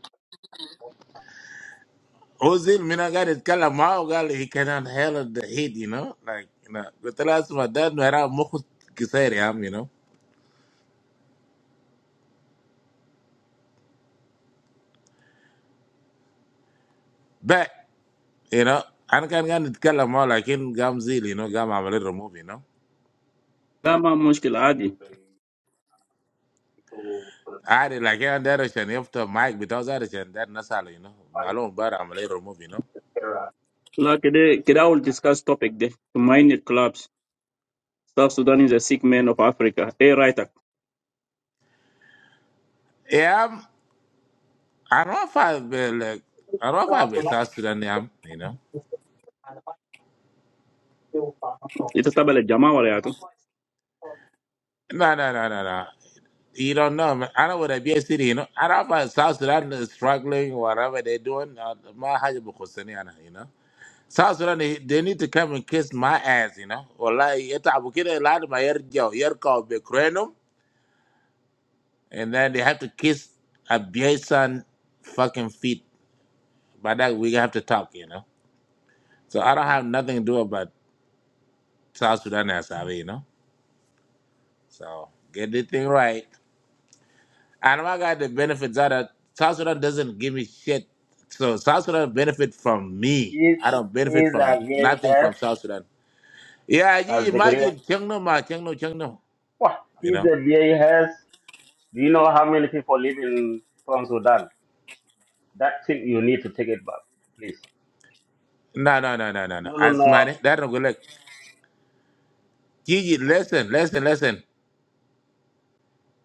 Ozil Mina got it Kalamao gal he cannot handle the heat, you know. Like you know, but the last my dad no era mukut kisari am, you know. But you know, I can not get it Kalamao like in Gamzil, you know, Gam I'm a little remove, you know. لا ما مشكلة عادي عادي لكن ده عشان يفتح مايك بتاعه ده عشان ده الناس على هنا معلوم بار عمليه ريموف هنا لا كده كده I will discuss topic ده to mine clubs South Sudan is a sick man of Africa ايه رايتك يا عم انا ما فاهم بال انا ما فاهم بتاعت السودان يا عم هنا يتتبع الجماعة ولا يا تو لا لا لا لا لا You don't know. man. I know what a B S city, you know. I do know about South Sudan is struggling, whatever they're doing. uh, My hajj bukhusani ana, you know. South Sudan, they they need to come and kiss my ass, you know. Wallahi, yata abukira ilad ma yarjao, yarkao bekrenum, and then they have to kiss a Biesan fucking feet. By that we have to talk, you know. So I don't have nothing to do about South Sudan and Savi, you know. So get the thing right. And I got the benefits out of South Sudan doesn't give me shit. So South Sudan benefit from He me. is I don't benefit a from V A nothing has from South Sudan. Yeah, you as the Korean. imagine Chengno ma Chengno Chengno. Wow, You he's know? a VAS. Do you know how many people live in from Sudan? That thing you need to take it back, please. No, no, no, no, no, no. No, no, As no. money, that don't go like Gigi, listen, listen, listen.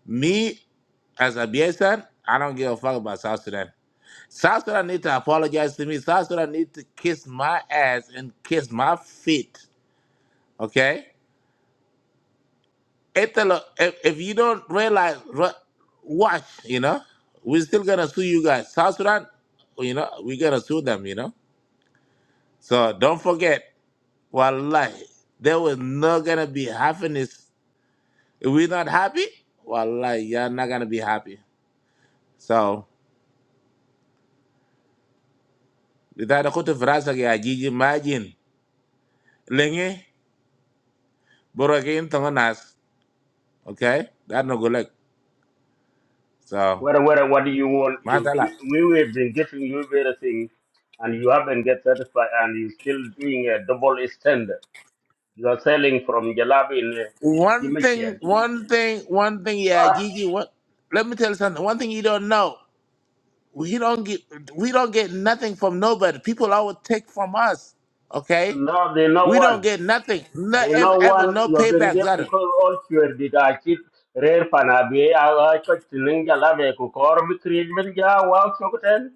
Me as a BSN, I don't give a fuck about South Sudan. South Sudan need to apologize to me. South Sudan need to kiss my ass and kiss my feet. Okay? Italo, if, if you don't realize, re- watch, you know? We're still gonna sue you guys. South Sudan, you know, we're gonna sue them, you know? So don't forget, wallahi, there was not gonna be happiness. If we're not happy, wallahi, you're not gonna be happy. So, without a kutu frasa ke ajiji imagine, lengi, borogin tongonas. Okay, that no good luck. So, What, what, what do you want? You, mashallah. we, we have been giving you everything, and you haven't get satisfied, and you still doing a double standard. You are selling from Jalabi in uh, One thing, Chimichian. one thing, one thing. Yeah, Ah, Gigi. What? Let me tell you something. One thing you don't know. We don't get. We don't get nothing from nobody. People always take from us. Okay. no, they know We one. don't get nothing. No There's ever, no ever one no you've been payback. get Zara. because all sure did I keep rare panabi I got to ninja lave kukor mi creed min ja wow chokoten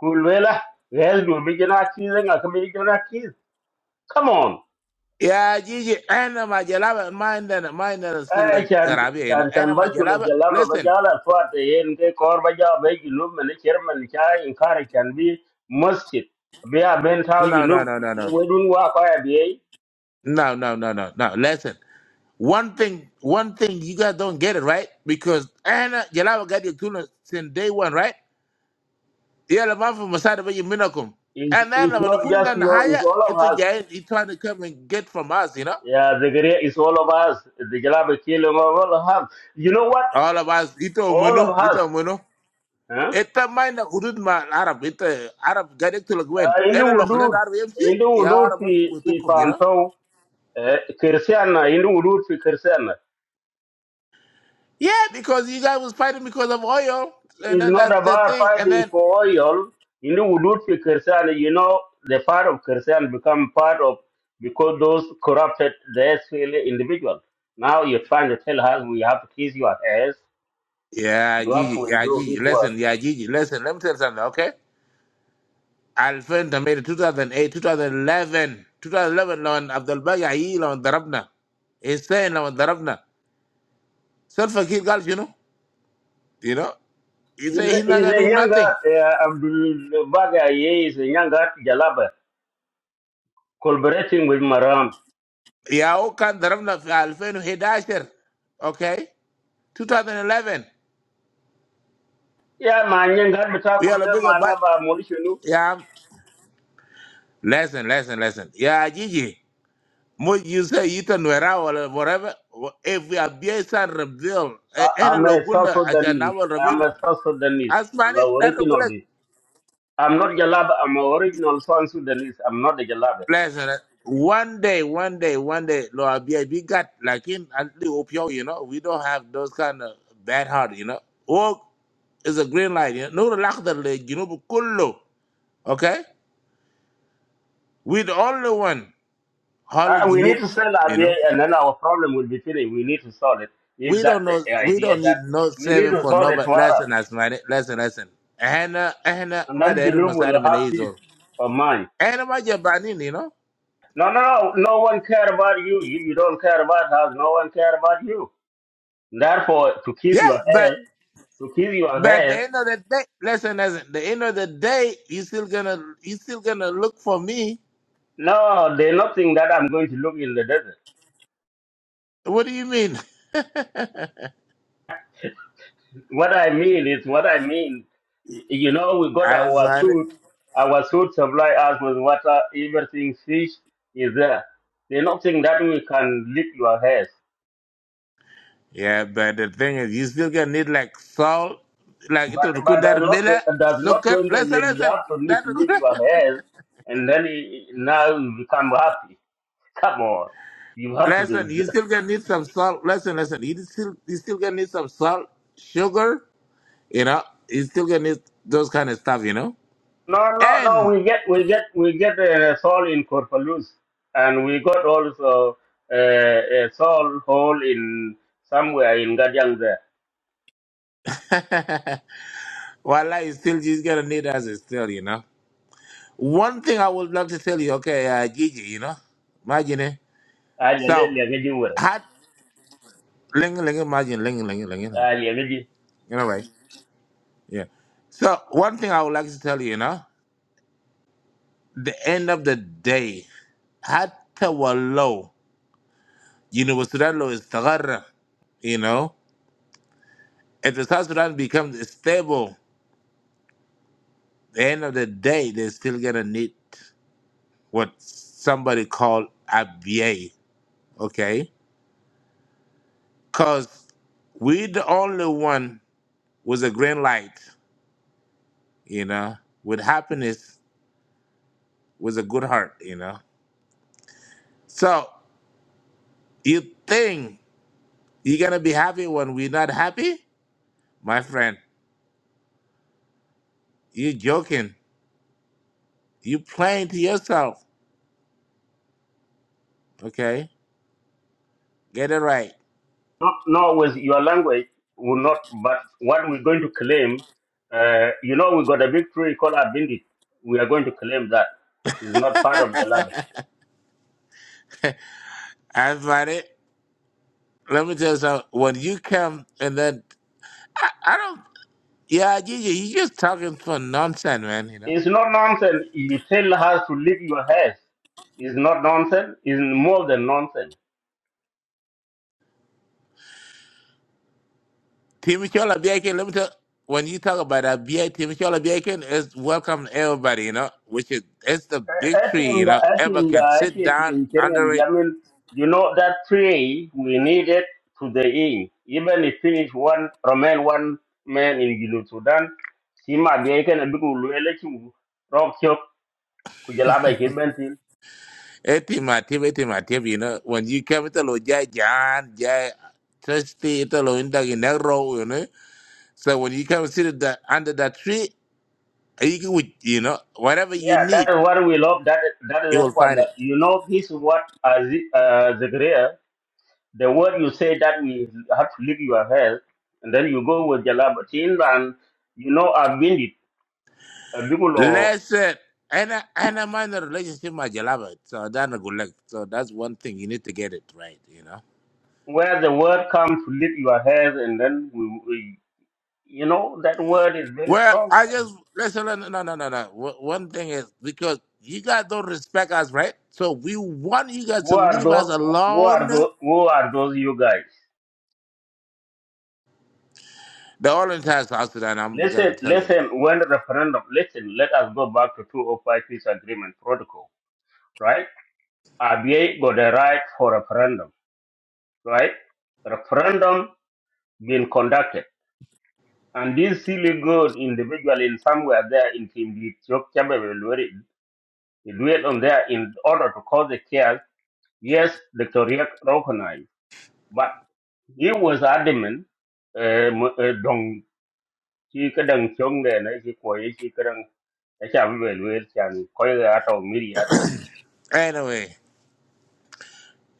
kulwela well do mi jana cheese nga kami jana cheese come on Yeah, Gigi. And my jalaba, mine and mine that still a eh chan garabia. You know. chan And chan ba my shulo jalaba. jalava ba Listen. jala twat yen ke kor ba ja ba ji lum ne chairman cha in kar chan bi masjid be a ben tau ji No, lum no, no, ku no, ye no. wedun wa ka ya bi No, no, no, no, no. Listen. One thing, one thing you guys don't get it right because Anna Jalawa got your tuna since day one, right? Yeah, the man from Masada by Minakum. And then is when the not just Kunindan you it's higher, all it's of a us giant he trying to come and get from us, you know? Yeah, the Korea is all of us. The Jalaba Kilim of all of us. You know what? All of us, ito All munu, of ito us. munu. Huh? Ita mind na hudud ma Arab, ita Arab gadik tulak wen. Uh, Ena Indu lokal na Wudud. Arab MC, Indu ya Wudud Arab MC fi, butul fi kum, you know? Fanto. Uh, Kirsiana. Indu Wudud fi Kirsiana. Yeah, because you guys was fighting because of oil, and It's then not that's the about thing, and fighting then for oil. Indu Wudud fi Kirsiana. You know, the part of Kirsiana become part of, because those corrupted the SPLA individual. Now you're trying to tell us we have to kiss your ass. Yeah, You have to Gigi, yeah, endure Gigi, this work. listen, yeah, Gigi, listen, let me tell you something, okay? Alfenta made it 2008, 2011, 2011, لون عبد الباقي عيي لون ضربنا Hussein لون ضربنا self kid قال شنو you know he He's say a, he's not he's gonna a do younger nothing uh, Abdul Baga, he is a younger Jalaba, collaborating with Maram. يا هو كان ضربنا في 2011 okay 2011 Yeah, my younger we Batakum, are a bigger but Manaba Molishinu. yeah I'm- listen listen listen yeah Gigi Mo you say you or whatever. wha- If we abuse and reveal, eh, any I'm a South logunda at Sudanese. will I'm reveal, a South Sudanese. as I'm a money that look like originalist. I'm not Jalaba. I'm a original South Sudanese. I'm not a Jalaba. pleasure. One day, one day, one day, lo abuse we got like in Ethiopia, you know, we don't have those kind of bad heart, you know. Walk is a green light, you know. No lack the leg, you know, but kullo, okay. We the only one Uh, holding you we need know, to sell you idea, know. and then our problem will be finished. We need to solve it. If we that don't know the we idea don't that need no we need saving to for solve it nobody to Arab, listen asmani listen listen ehna ehna and ma da then irin Julum will misalin mu na have yi peace zo of mind. ehna ma jabani ne no No, no, no. No one care about you. If you don't care about us, no one care about you. Therefore, to kiss your yeah ass, but to kiss your but the ass, end of the day listen listen the end of the day you still gonna you still gonna look for me no, there's nothing that I'm going to look in the desert. what do you mean What I mean is what I mean. Y- You know, we got our asmani suit. Our suit supply us with water, everything, fish is there. There's nothing that we can lick your hairs. yeah but the thing is you still gonna need like salt like it would But does kundar not miller does not sugar mean that listen we listen have to need to lick that your hairs, and then it, now you become happy. Come on, you have to do. Listen, you th- still gonna need some salt. Listen, listen, you still you still gonna need some salt, sugar. You know, you still gonna need those kind of stuff. You know, No, no, no. and We get, we get, we get a soul in Corpalus, and we got also uh, a soul hole in somewhere in Gadiang there. voila, you still just gonna need us still. You know, one thing I would love to tell you, okay, uh, Gigi, you know, imagine it. Ah, le- le- So, le- le- le- le- had ling ling imagine ling ling ling ling. ah, le- le- le- You know, right? Yeah. So one thing I would like to tell you, you know, the end of the day, had to wallow. You know, with Sudan lo istagarra, you know. If the South Sudan becomes stable, the end of the day, they're still gonna need what somebody called ABA, okay? Cause we the only one with a green light, you know, with happiness, with a good heart, you know. So you think you're gonna be happy when we're not happy? My friend, you joking. You playing to yourself, okay? Get it right. No, no, with your language, will not. But what we're going to claim, uh, you know, we got a victory called Abindi. We are going to claim that is not part of the land. That's about it. let me tell you something. When you come and then I, I don't yeah, Gigi, you you just talking for nonsense, man, you know. It's not nonsense. You tell her to leave your house. It's not nonsense. It's more than nonsense. Timmy Chola Biakin, let me tell when you talk about a BI Timmy Chola Biakin is welcome to everybody, you know, which is it's the big At tree, in you the know. at Everybody in can the at sit down in under Germany, it. I mean, you know that three we needed to the end. Even if finish one, remain one man in Gilu Sudan. He might be a big election. Rock chop. Kujalaba Kibentin. Etima Tim Etima Tim, you know. When you come to Lo Jai Jan, Jai Trusty, Italo Indagi Negro, you know. So when you come and sit at the, under that tree, you can you know, whatever you Yeah, that need, is what we love. That that is you the will one. find it. You know, this is what uh, uh, The word you say that we have to leave your health, and then you go with Jalabatin, and you know, I've been it, a Bigul or Listen, and I, and I'm in a relationship, my beloved. So that's a good luck. So that's one thing you need to get it right, you know. where the word comes to leave your health, and then we, we, you know, that word is very Well, strong. I just listen. No, no, no, no, no. One one thing is because you guys don't respect us, right? So we want you guys Who to are leave us those? Who alone. are those? Who are those? You guys. The whole entire South Sudan, I'm gonna Listen, tell it listen. When the referendum, listen. Let us go back to 205 Peace Agreement Protocol, right? RBA got the right for referendum, right? Referendum being conducted. And this silly girl individual in somewhere there in Kimbi Ethiopia, they dwell on there in order to cause a chaos. Yes, Dr. Riek recognized, but he was adamant. eh, m- eh, Dong chi cái đằng chống này này chi quấy chi cái đằng cái chả bị lưỡi chàng coi là tàu mì ra thế. anyway.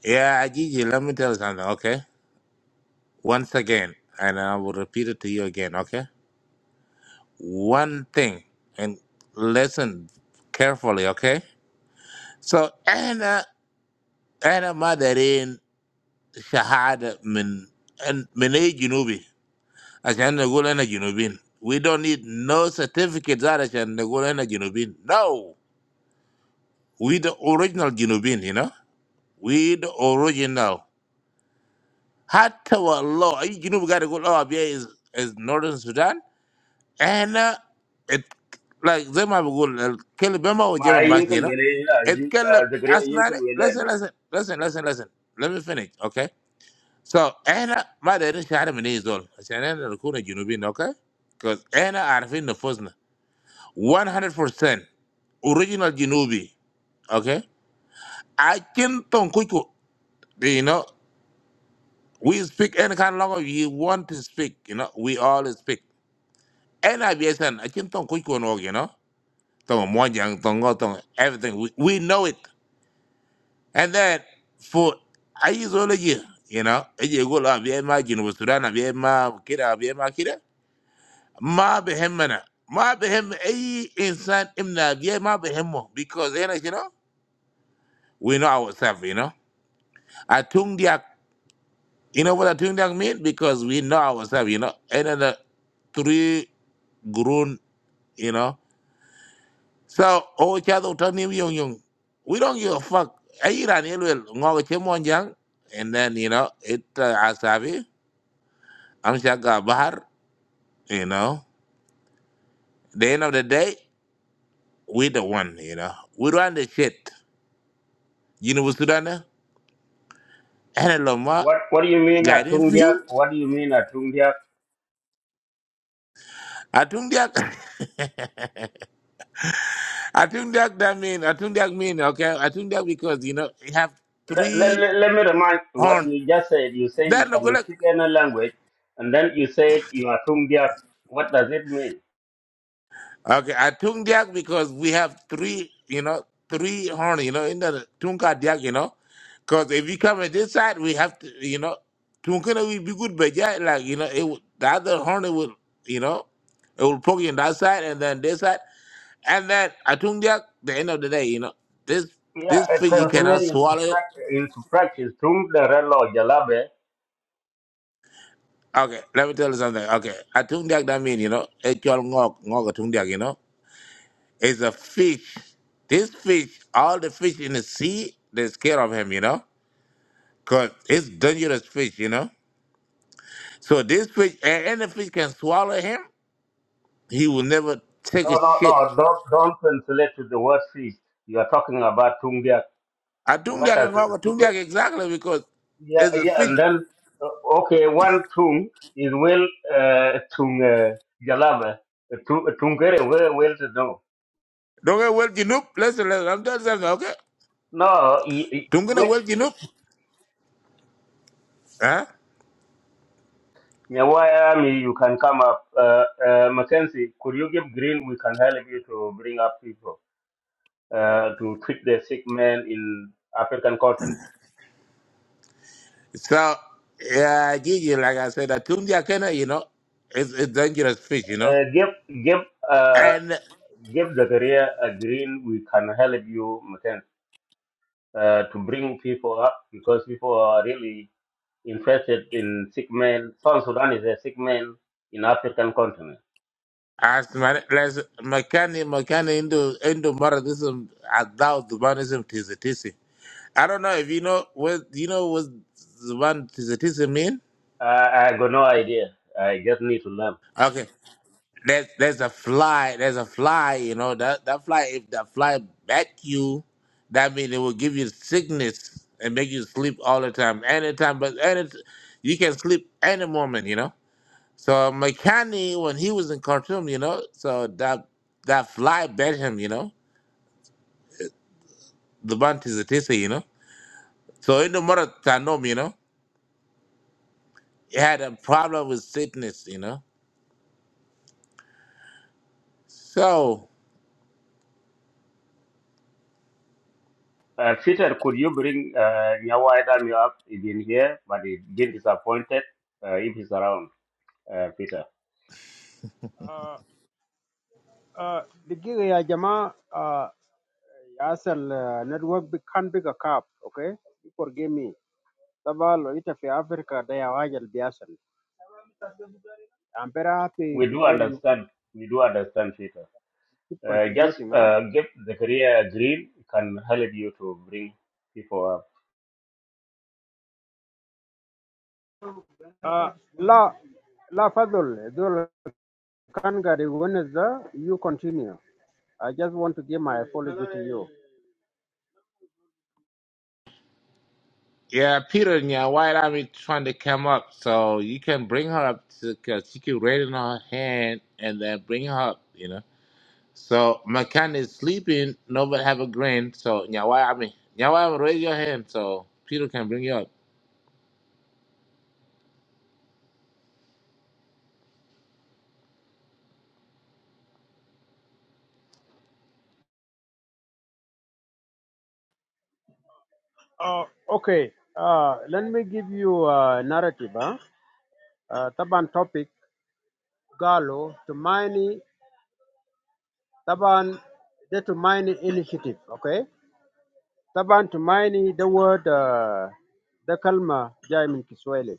Yeah, Gigi, let me tell you something, okay? Once again, and I will repeat it to you again, okay? One thing, and listen carefully, okay? So and and my darling, shehada min and minajinubi. I say I'm not going to be a jinubin. We don't need no certificates. I say I'm not going to be a jinubin. No, we the original jinubin, you know. We the original. Hatta wa Allah, I jinubin got to go. Allah be is is Northern Sudan, and it like them have to go. Can you remember what Mà ai Jemal was yên saying? cái You know, lưỡi này là gì? it can look Dr. Riek as yên cái many. lưỡi này. Listen, listen, listen, listen, listen. Let me finish, okay. So, I'm not mad at any Sharminis at all. I'm saying I'm not looking at Junubin, okay? Because I'm not arguing the fuss. One hundred percent original Junubin, okay? I can't talk with you. You know, we speak any kind of language. We want to speak. You know, we all speak. I'm not saying I can't talk with you, okay? You know, talking money, talking everything. We we know it. And then for I just only here. You you know, I just go like this. My Junubisuran, my Kira, my Kira. bien ما بهمنا ما بهم اي انسان امنا بيه ما بهمه because هنا you know we know ourselves you know atung diak you know what atung diak mean because we know ourselves you know and then the three grown you know so oh chado tani yung yung we don't give a fuck ai ran yelwel ngo chemon jang and then you know it uh, asabi am shaga bahar you know the end of the day we the one you know we run the shit you know what Sudan eh? Ere loma What What do you mean a guiding Tungia? view. What do you mean a Tungia? Atung diak. Atung diak that mean. Atung diak mean. Okay. Atung diak because you know we have let, let, three let let me remind you what horn. you just said. You say you That no can good. luck. speak any language, and then you said you are Tumbiak. What does it mean? Okay. Atung diak because we have three. You know three horn. You know in the tunka diak. You know because if we come at this side we have to. You know tunkana we be good but yeah like you know it would- the other horn it will you know it will poke you on that side and then this side. And that Atundia, the end of the day, you know, this Yeah, this it fish translates cannot into swallow it. practice. Into practice, Tumdere or Jalabe. Okay, let me tell you something. Okay, Atundia, that that mean you know, Echol Ngok, Ngok Atundia, you know, is a fish. This fish, all the fish in the sea, they're scared of him, you know, because it's dangerous fish, you know. So this fish, a- any fish can swallow him, he will never No, take a no, shit. no, don't, don't translate to the word feast. You are talking about Tumbiak. What Atundia, does it? Ngok Atundia, exactly, because Yeah, it's a yeah, fish. and then, uh, okay, one Tum is well, uh, Tung uh, Jalabe. Tungere, where, where to know? Don't get well, Jinup. Listen, listen, I'm telling you something, okay? No, Don't get no well, Jinup. Huh? Nyawai Army, you can come up. Uh, uh, Mackenzie, could you give green? We can help you to bring up people uh, to treat the sick man in African continent. So yeah, Gigi, like I said, Atundia Kena, you know, it's it's dangerous fish, you know. Uh, give give uh, And give the career a green. We can help you, Mackenzie, uh, to bring people up because people are really interested in sick men. South Sudan is a sick man in African continent. as my as Makani Makani into into Maradism about the manism tizatisi. I don't know if you know what you know what the one tizatisi mean. I I got no idea. I just need to learn. Okay. there's there's a fly there's a fly you know that that fly if that fly bite you that means it will give you sickness and make you sleep all the time anytime but any you can sleep any moment you know so McCanny when he was in khartoum you know so that that fly bit him you know the bunt you know so in the morning you know he had a problem with sickness you know so Uh, Peter, could you bring uh, Nyawai Dami up? He's been here, but he's been disappointed uh, if he's around, uh, Peter. uh, uh, دقيقة يا Jama uh, ياسل uh, network big- can big a cap okay you forgive me طبعا لو انت في افريقيا ده يا واجل بيحصل I'm very happy We do because you understand. We do understand, Peter. keep Uh, just contributing. Huh? uh, give the career green can help you to bring people up. Uh, La La Fadul, Zul Kangari, when is the you continue? I just want to give my apology to you. Yeah, Peter and your white army trying to come up, so you can bring her up because she can raise her hand and then bring her up, you know. So McCann is sleeping, nobody have a grin, so your white army, your white army, raise your hand so Peter can bring you up. Uh, okay, uh, let me give you a narrative. Huh? Uh, taban topic Galo to mine Taban the to mine initiative. Okay, Taban to mine the word uh, the kalma jai kiswahili,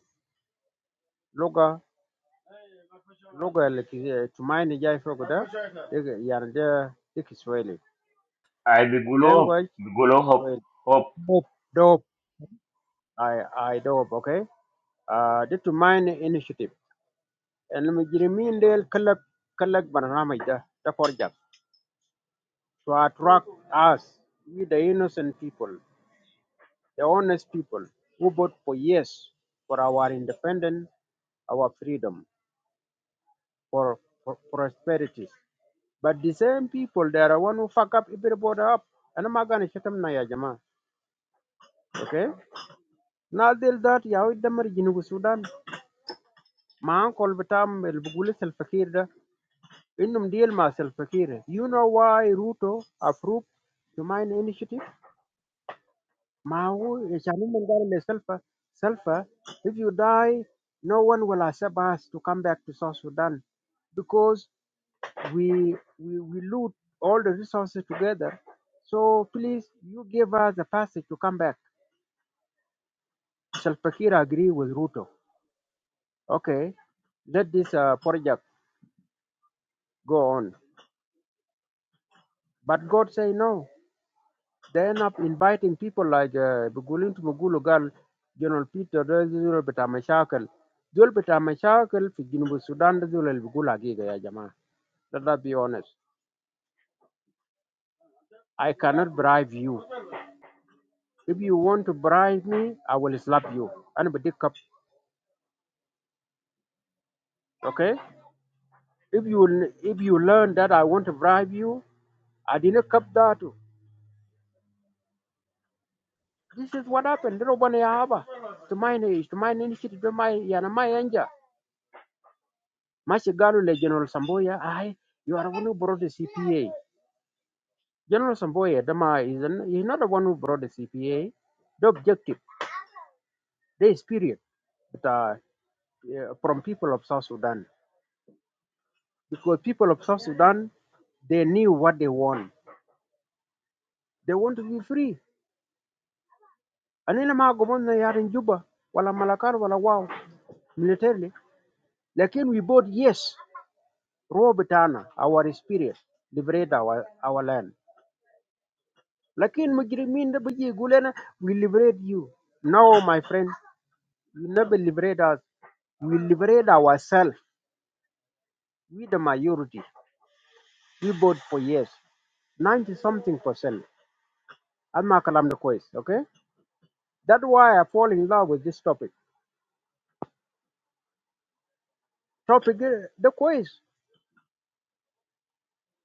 Kiswahili. Lugha ya ki- tumaini jai foko da dik- yani da ni Kiswahili. I begulo Language is begulo hope Kiswahili. hope. Dope, dope. I I dope, okay? Uh, the Tumaini Initiative. And Mujirimin Del Kalak Kalak Barnamida, the Korjak, to attract us, we the innocent people, the honest people who vote for yes for our independence, our freedom, for, for prosperity. But the same people, they are one who fuck up everybody up. and I'm أنا ما قاعد أشتم يا jama, Okay? نازل ذات يا ولد دمر جنوب السودان. ما أنقل بتام اللي بقول الفقير ده. deal ديل مع الفقير. You know why Ruto approved the mine initiative? ما هو عشان هم قالوا لسلفا سلفا if you die no one will accept us to come back to South Sudan because we we we loot all the resources together. So please, you give us a passage to come back. Salva Kiir agree with Ruto. Okay, let this uh, project go on. But God say no. They end up inviting people like uh, Bugulin to Mugulugal, General Peter, Zul Beta Mashakal. Zul Beta Mashakal fi Ginubu Sudan, Zul El Bugula Giga ya Jama. Let us be honest. I cannot bribe you. If you want to bribe me, I will slap you. And be dick up. Okay? If you if you learn that I want to bribe you, I didn't cup that. This is what happened. Dero bana ya haba. To my age, to my initiative, to my yana my anja. Mashigalo le General Samboya, I you are the one who brought the CPA. General Samboya, Dama is an, he's not the one who brought the CPA. The objective, the spirit that, uh, uh, from people of South Sudan. Because people of South Sudan, they knew what they want. They want to be free. Anina ma gomonna yat in Juba wala Malakal wala wow militarily. Lakin we both yes raw bitana our spirit liberate our, our land. Lakin mujrimin da biji gulena we liberate you. No my friend, you never liberate us. We liberate ourselves. We the majority. We vote for yes. 90 something percent. I'm not kalam the quiz, okay? That's why I fall in love with this topic. Topic eh, the quiz.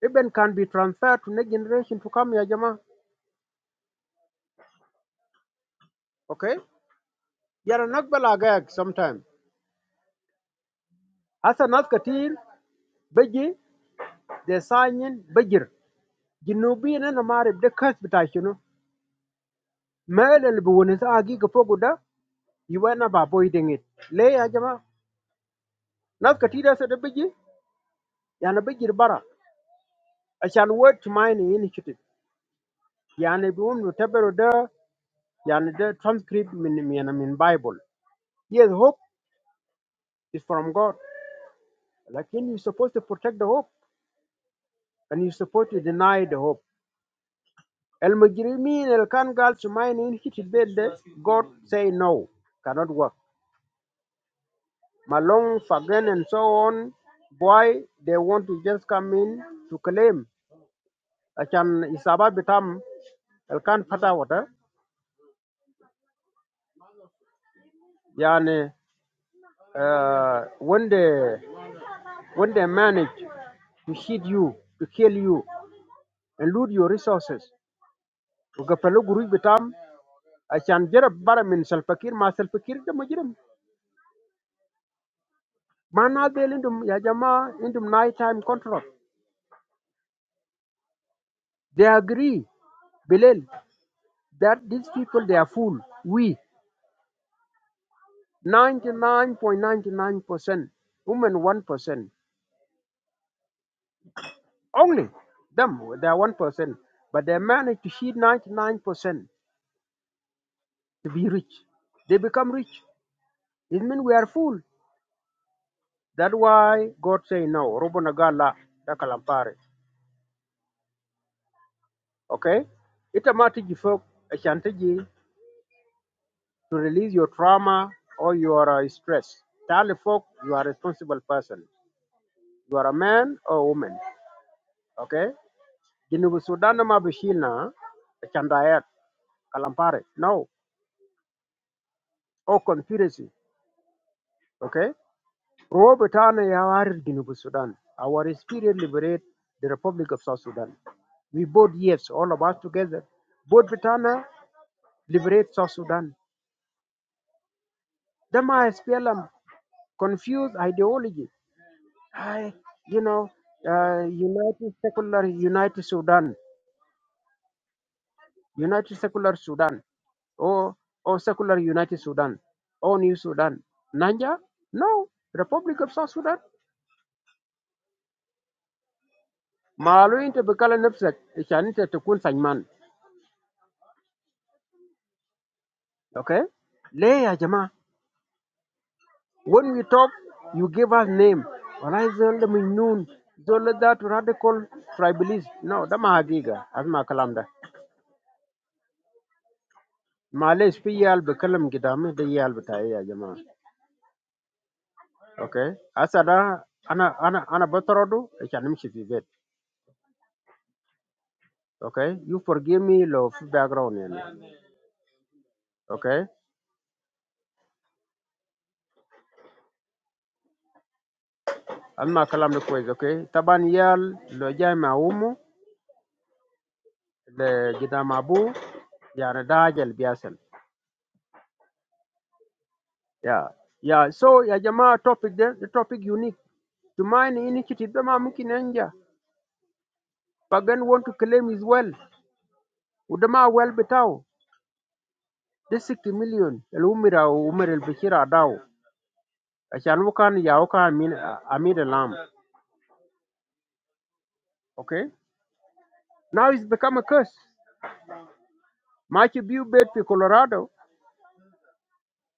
even can be transferred to next generation to come ya jama okay yana nakbal agag sometime hasa nas katir baji de sanyin bajir jinubi na Namari, de kas bita shinu mele libu woni sa agi ga fogu ba boy dingit le ya jama nas katira sa da baji yana bajir bara ashan word to mine initiative yana bi wum tabero da yana de transcript min min min bible yes hope is from god lakin you supposed to protect the hope and you support to deny the hope. El Mujrimin, El Kangal, Sumainin, hit it bed. God say no, cannot work. Malong, Fagan, and so on. Why they want to just come in to claim? Achan Isaba Bitam, El Kan Pata Water. Yani, uh, when they when they manage to hit you, to kill you, and loot your resources. Ugapalu Guru Bitam, Achan jarab bara min Salpakir, Ma Salpakir, da Mujrim. Manazil indum ya Jama indum nighttime control. They agree, Bilal, that these people they are fool. We ninety nine point ninety nine percent women one percent. Only them they are one percent. But they manage to feed ninety nine percent to be rich. They become rich. It means we are fool. That's why God say no. Robo nagala da kalampare. Okay? Ita mati jifok ashanteji to release your trauma or your uh, stress. Tell the folk you are a responsible person. You are a man or a woman. Okay? Jinubu Sudan ma bishilna chandayat kalampare. No. Or conspiracy. Okay? Robo tana ya wari Jinubu Sudan. Our spirit liberate the Republic of South Sudan. We both yes, all of us together. Both Britana liberate South Sudan. Dama SPLM confused ideology. I, you know, uh, United Secular United Sudan, United Secular Sudan, or or Secular United Sudan, or New Sudan. Nanja? No, Republic of South Sudan. Maalu inte bekala nafsak, ishanite tukun sajman. Okay? Lay ya jama. When we talk, you give us name. Walai zolle minnun, zolle that radical tribalist. No, da ma hagiga, Asma kalam da. Malaysia fi yal bekalam gidame, da yal bataye ya jama. Okay. After that, ana ana ana batorodu ikanimshi fi bed. Okay. You forgive me lo fi background yani. Okay. Alma kalam ni kwezi. Okay. Taban yal lo jai ma umu le jida mabu yani dajal biasel. Yeah. Yeah. So ya jamaa topic de the topic unique. Tumaini initiative dama mungkin enja. Pagan want to claim his well. Udama well betao. The 60 million. El umira umir el bishira dao. Ashanukan Yauka Amin Amid Lam. Okay? Now it's become a curse. Machu View bed for Colorado,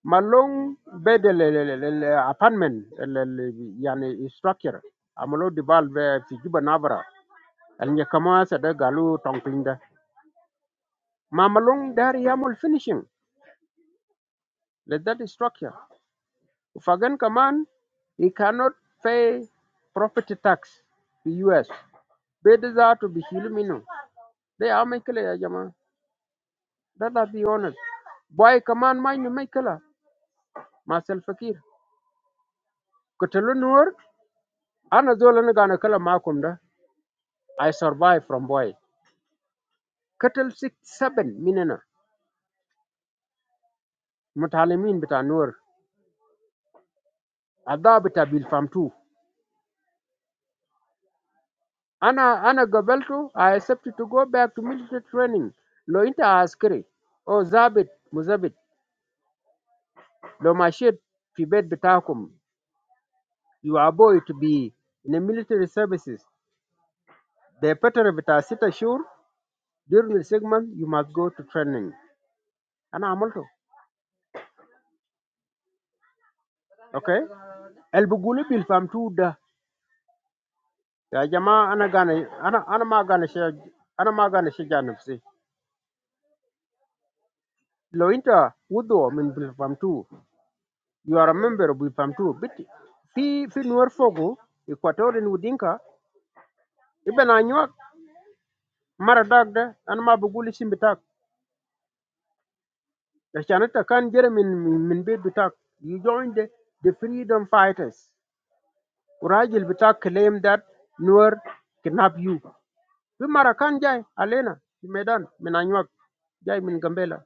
Malong bed eh, le- le- le- le- le- apartment eh, le- le- yani structure. Amalo Dibal fi Juba Navara. And Yakama Sada Galu Tongpinda. Ma Malong Dari Yamul finishing. Let that structure. Fagan Kaman, he cannot pay property tax to US. Bed is out to be Hilumino. They are making Let us be honest. Boy, command mind may killer. Myself fakir. Kutulu nur. Ana zola na gana kala makum da. I survive from boy. Katal six seven minena. Mutalimin bita nur. Adha bita bil fam two. Ana ana gabelto. I accepted to go back to military training. Lo inta askari. Oh zabit muzabit. Lo mashid fi bet bitakum. You are boy to be in the military services. The pattern bita sita shur. During the segment, you must go to training. Ana amal to, okay? El buguli bil pam two da. Jama ana ganay. Ana ana maganeshi. Ana maganeshi janu pse. Lo inter udo min bil pam two. You are a member of bil pam two. Biti fi fi nuwafogo. Equatorin udinga iba na nywa maradagde. Ana maguguli simbitag. Keshaneta kan jermin min min bedu tag. You joined the the freedom fighters. Urajilvita claimed that Nuer kidnapped you. Fi mara kan jai alena fi Medan min Anyuak jai min Gambela.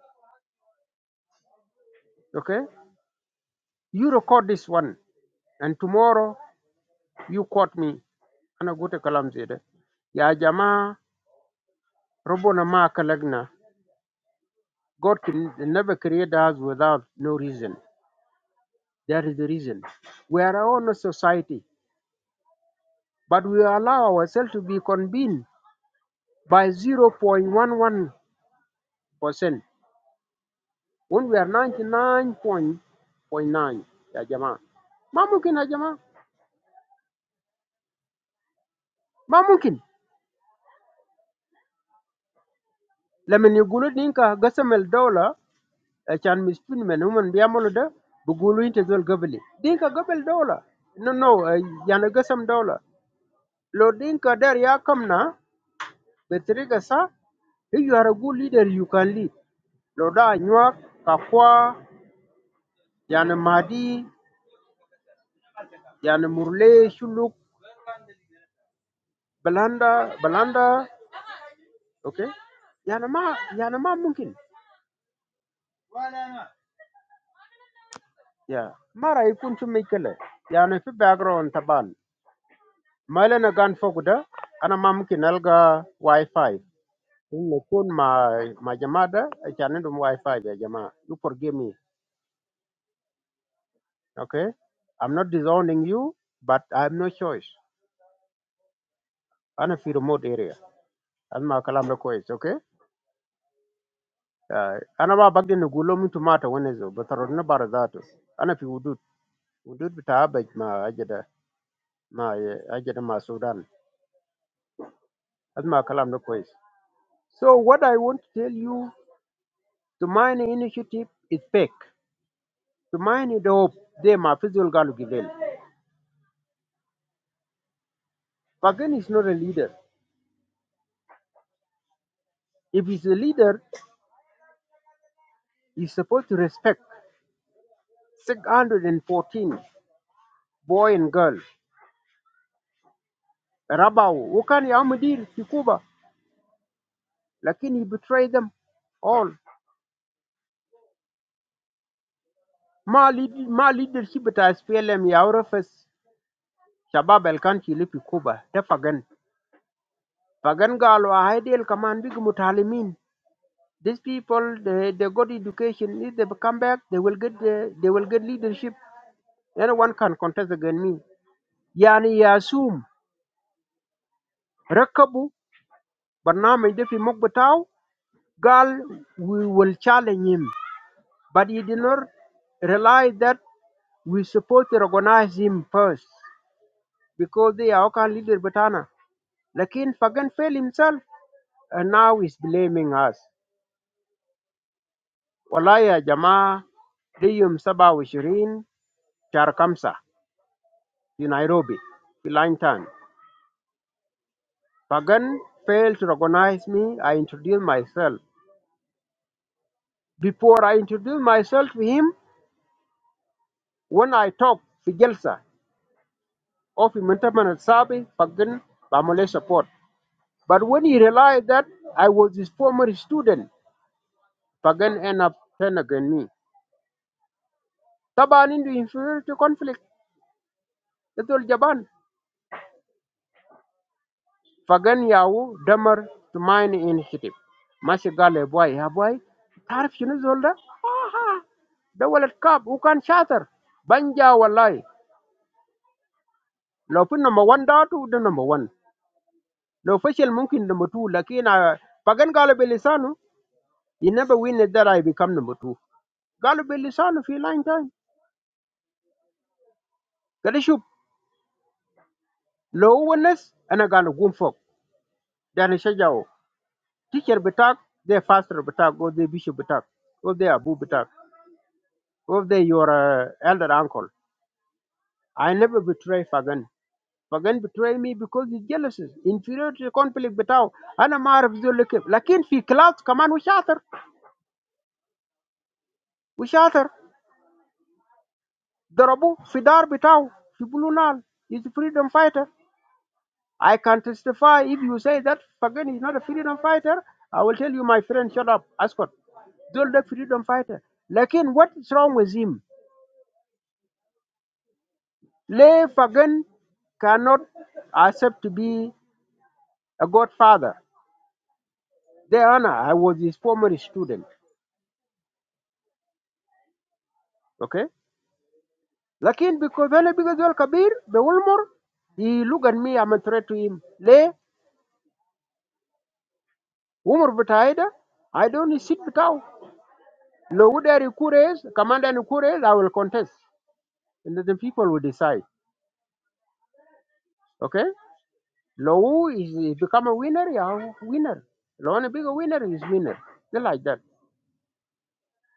Okay? You record this one and tomorrow you quote me. Ana gute kalam zede. Ya jamaa robona ma kalagna. God can never create us without no reason. There is a reason. We are our own society, but we allow ourselves to be convened by 0.11% When we are ninety-nine point point nine, Hajiman, ma'mungkin Hajiman, ma'mungkin. Lame niyogulot dinko gasa meldaola chan mispini manuman biyamoloda buguluinte zol gaveli. Dinko gavelola no no yana gasa meldaola. Lode dinko darya kamna betere gasa hiyarugu leader Yukali. Loda anywa kafwa yana Mahdi yana Murle Shuluk Belanda Belanda. okay yana ma yana ma mungkin ya mara ikun chu mikele yana fi background taban mala na gan foguda ana ma mungkin alga wifi inne kun ma ma jamada chane dum wifi ya jama you forgive me okay i'm not disowning you but i have no choice ana fi remote area an ma kalam da kois okay Ah, ana ma bagde ne gulo mutu mata wani zo batarod na bara zato ana fi hudud hudud ma ajada ma ajere ma Sudan azma kalam no kwes so what i want to tell you the mining initiative is fake the mining the hope they ma physical galu givel Pagan is not a leader if he's a leader he's supposed to respect 614 boy and girl rabau وكان يعمدير في كوبا لكن he betrayed them all ما lead ما leadership بتاع SPLM يعرف الشباب اللي كان في كوبا ده Pagan. Pagan Gal were ideal command big mutalimin. These people they, they got education. If they come back, they will get the, they will get leadership. Anyone can contest against me. Yani Yasum Rakabu but now Defi Mokbatao Gal we will challenge him. But he did not realize that we supposed to recognize him first because they are our leader Batana. Lakin Fagan failed himself and now he's blaming us. Wallahi ya jamaa dai yom saba wa shirin shar kamsa in Nairobi, Kelantan. Pagan failed to recognize me. I introduced myself. Before I introduced myself to him, when I talked to Gelsa of Mintaman Sabi, Pagan Bamole support. But when he realized that I was his former student, Pagan ended up turning against me. Taban into inferiority conflict. Little Japan. Pagan Yahoo, Damer, the main initiative. Masigaliboy, haboy. Tarf yunis hulda. Aha. The wallet cap, you can share. Banja walay. No pin number one, da tu the number one. No official, mungkin number two. But na pag-kan galibelisanu, you never win it that I become number two. Galibelisanu fi langjan. Kasiyup. No owners, anagano gumfok. Dah niya jao. Teacher betak, the faster betak, or the bishop betak, or the abu betak. If they your uh, elder uncle, I never betray Fagan. Fagan betray me because he's jealous, inferiority conflict بتاعه. أنا ما أعرف ذول كيف. لكن في كلاس كمان وشاطر وشاطر ضربوه في دار بتاعه في بلو نال. He's a freedom fighter. I can testify if you say that Fagan is not a freedom fighter. I will tell you, my friend, shut up, Ascot. Zol the freedom fighter. Lakin, what is wrong with him? Le Fagan cannot accept to be a godfather. ده انا I was his former student okay لكن because انا بقى زول كبير بولمر he look at me I'm a threat to him ليه عمر بتاعي ده I don't sit بتاعه لو ده يكوريز كمان ده يكوريز I will contest and then the people will decide okay لو هو is he become a winner yeah winner لو انا بقى winner is winner they like that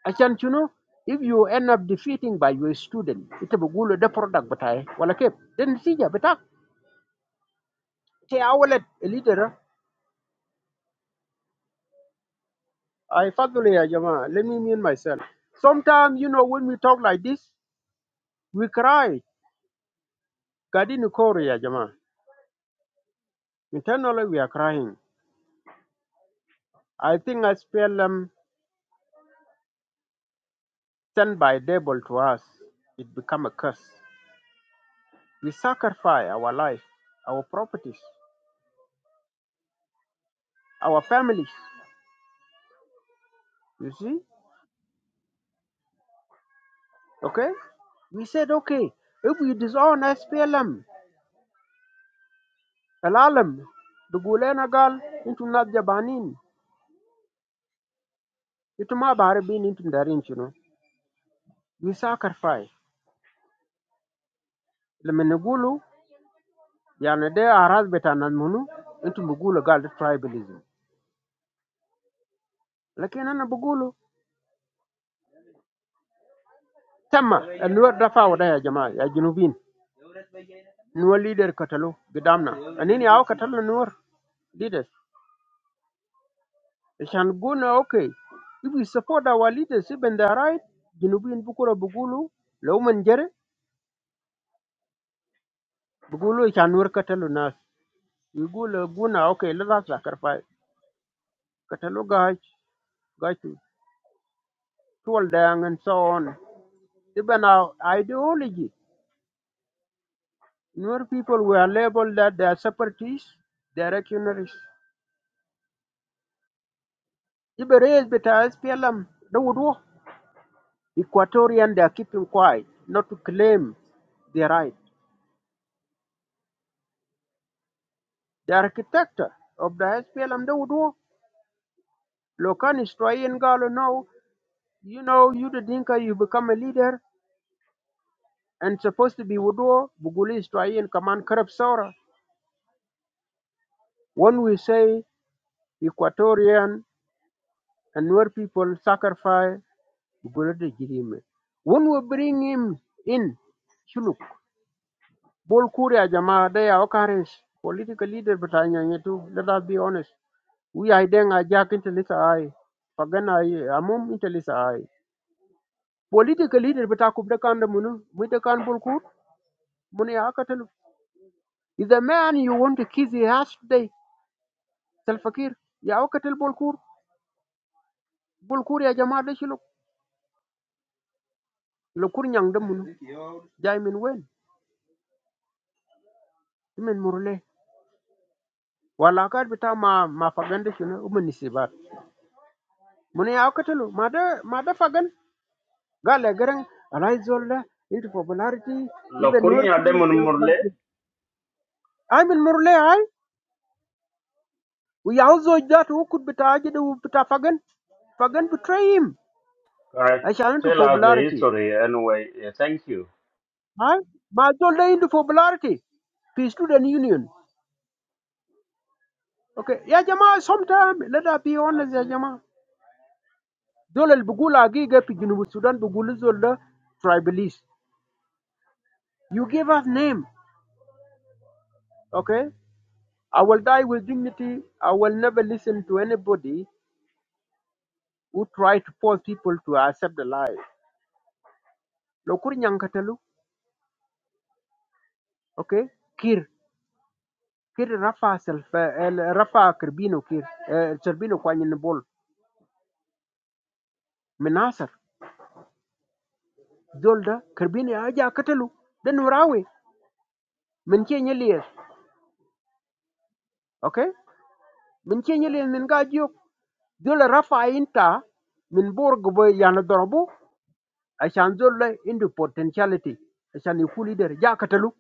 عشان شنو if you end up defeating by your student انت بقول له ده product بتاعي ولا كيف ده النتيجة بتاعك Okay, I will let a leader. uh, I finally, Jama, let me mean myself. Sometimes, you know, when we talk like this, we cry. Gadini Kori, ya Jama. Internally, we are crying. I think as PLM sent by devil to us, it become a curse. We sacrifice our life, our properties, our families. You see? Okay? We said, okay, if we disown SPLM, Alalam, the Gulena Gal, into Nadjabanin, into Mabarabin, into Darin, you know. We say it can't be done. But when we say it, we mean that the people who are in power, they are tribalism. But when we say it, it's not the new leaders who are coming. It's the old leaders. They say it's okay. If we support our leaders, if they are right, the people who are in power say it can't be done. They say it's not okay. It can't be done. They say it can't be done. Even our ideology, Nuer people were labeled that they are separatists, they are reactionaries. Even race beta SPLM, they would war. Equatorian, they are keeping quiet, not to claim their right. The architect of the SPLM, they would war. Lokan is trying Galo now. You know, you the Dinka, you become a leader and supposed to be Wudu, Buguli is trying command corrupt Sora. When we say Equatorian and Nuer people sacrifice Gulade Jirime. When we bring him in, Shuluk, Bol Kuria Jama, they are Okaris, political leader, but I too. Let us be honest. We are then a jack into this eye. Pagana, Amum into this eye. Political leader, but I could can the Munu, with the can Bulkur, Muni Akatel. Is the man you want to kiss, he has today. Salfakir, Yaukatel Bolkur, Bolkur Jama, they Shuluk, Lokur Yang the Munu, Jaimin Wen, Timin Murle. Wallah, kad bitta ma ma fagun de shuna umani si ba. Muni auka telu mother mother fagun gal legren rise zolder into popularity even more Lakunya kulu. Demon Murle I'm in more le aye. We all know that who could bitta aje de bitta fagun fagun to try him. uh, I challenge to tell us the popularity history anyway. Uh, thank you. aye. Ma zolder into popularity. Peace student union. Okay. Yeah, Jamaa. Sometimes let a be honest. Yeah, Jamaa. Zolder bugu lagi gepe jenu bstudent bugu zolder tribalist. You gave us name, okay? I will die with dignity. I will never listen to anybody who try to force people to accept the lie. Lokur nyankatalu, okay? Kir, kir rafa self, rafa kirbino kir, eh, kirbino kwanyin bol. Minasar, zolda kirbini aja katalu. Then urawe, min chenye okay? Min chenye liye min gajyo. Zola rafa inta min borg عشان زول له عنده potentiality عشان يكون leader جاء قتلوه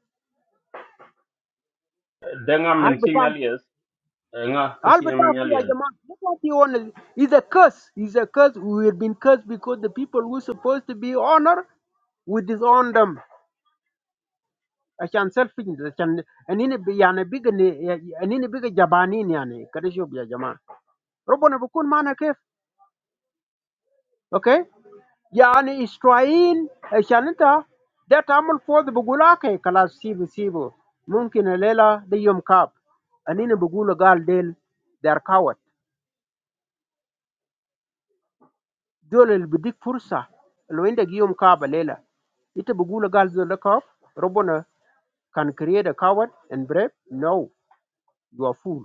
Denga هل mention بتاع alias. Denga هل بتاع kachiyam في يا alias. جماعة That's what he wanted. It's a curse. It's a curse. We have been cursed because the people who supposed to be honored, we disown them. عشان selfishness عشان أنين ب- يعني بيجا أنين بيجا جبانين يعني كده شوف يا جماعة ربنا بيكون معنا كيف؟ Okay? يعني اسرائيل عشان انت ده تعمل فوضى بقول اوكي خلاص سيبه سيبه ممكن الليله ده يوم كاب انين بقول قال ديل دار كاوت دول اللي بديك فرصه لو عندك يوم كاب الليله انت بقول قال زول ده كاب ربنا can create a coward and brave no you are fool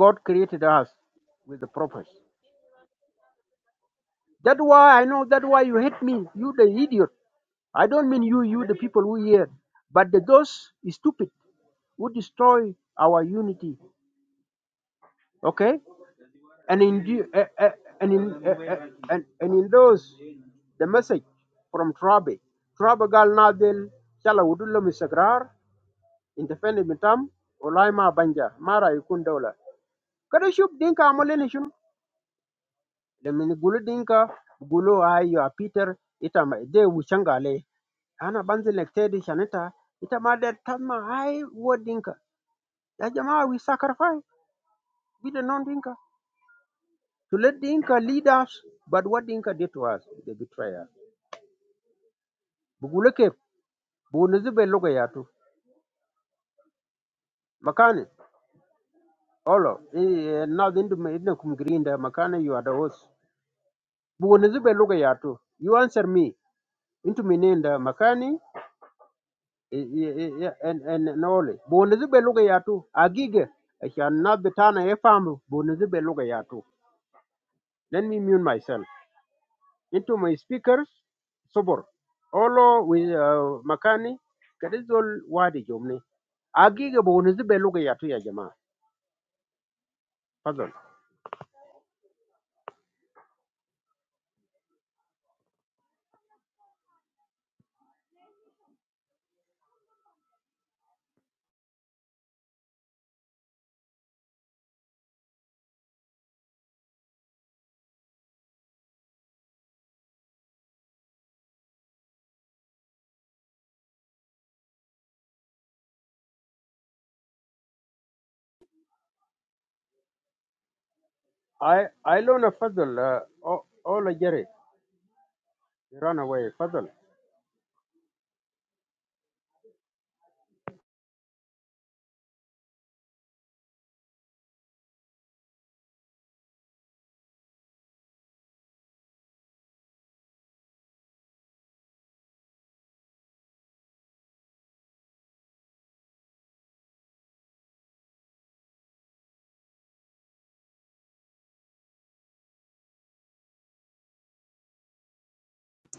god created us with the purpose that why i know that why you hate me you the idiot i don't mean you you the people who here but the, those stupid Would destroy our unity. Okay, and in the- eh, eh, and in eh, eh, and, and in those the message from Trabe. Trabe gal nadel chala wudullo misagrar independent mitam olai ma banja mara ikun dola. Kada shub dinka amolene shun. Lemin gulu dinka gulu ayo a Peter itama de wuchangale ana banzi lektedi shaneta ita ma der tamma wo dinka ya jamaa we sacrifice we the non dinka to let the Inca lead us. But what the Inca did to us, they betray us. Buguleke, Bunuzibe Logayatu, Makane, Olo, eh, eh, now the Indokum Grinda, Makane, you are the host. Bunuzibe Logayatu, you answer me. Into Minenda, Makani, eh, eh, eh, eh, and and and Ole. Bunuzibe Logayatu, Agige, I shall not be Tana Efamu, Bunuzibe Logayatu. Let me mute myself. into my speakers صبر اولو ومكاني كده زول وادي جمني حقيقة بونزي بلغة ياتو يا جماعة فضل I I learn a فضل uh, all all a jerry run away فضل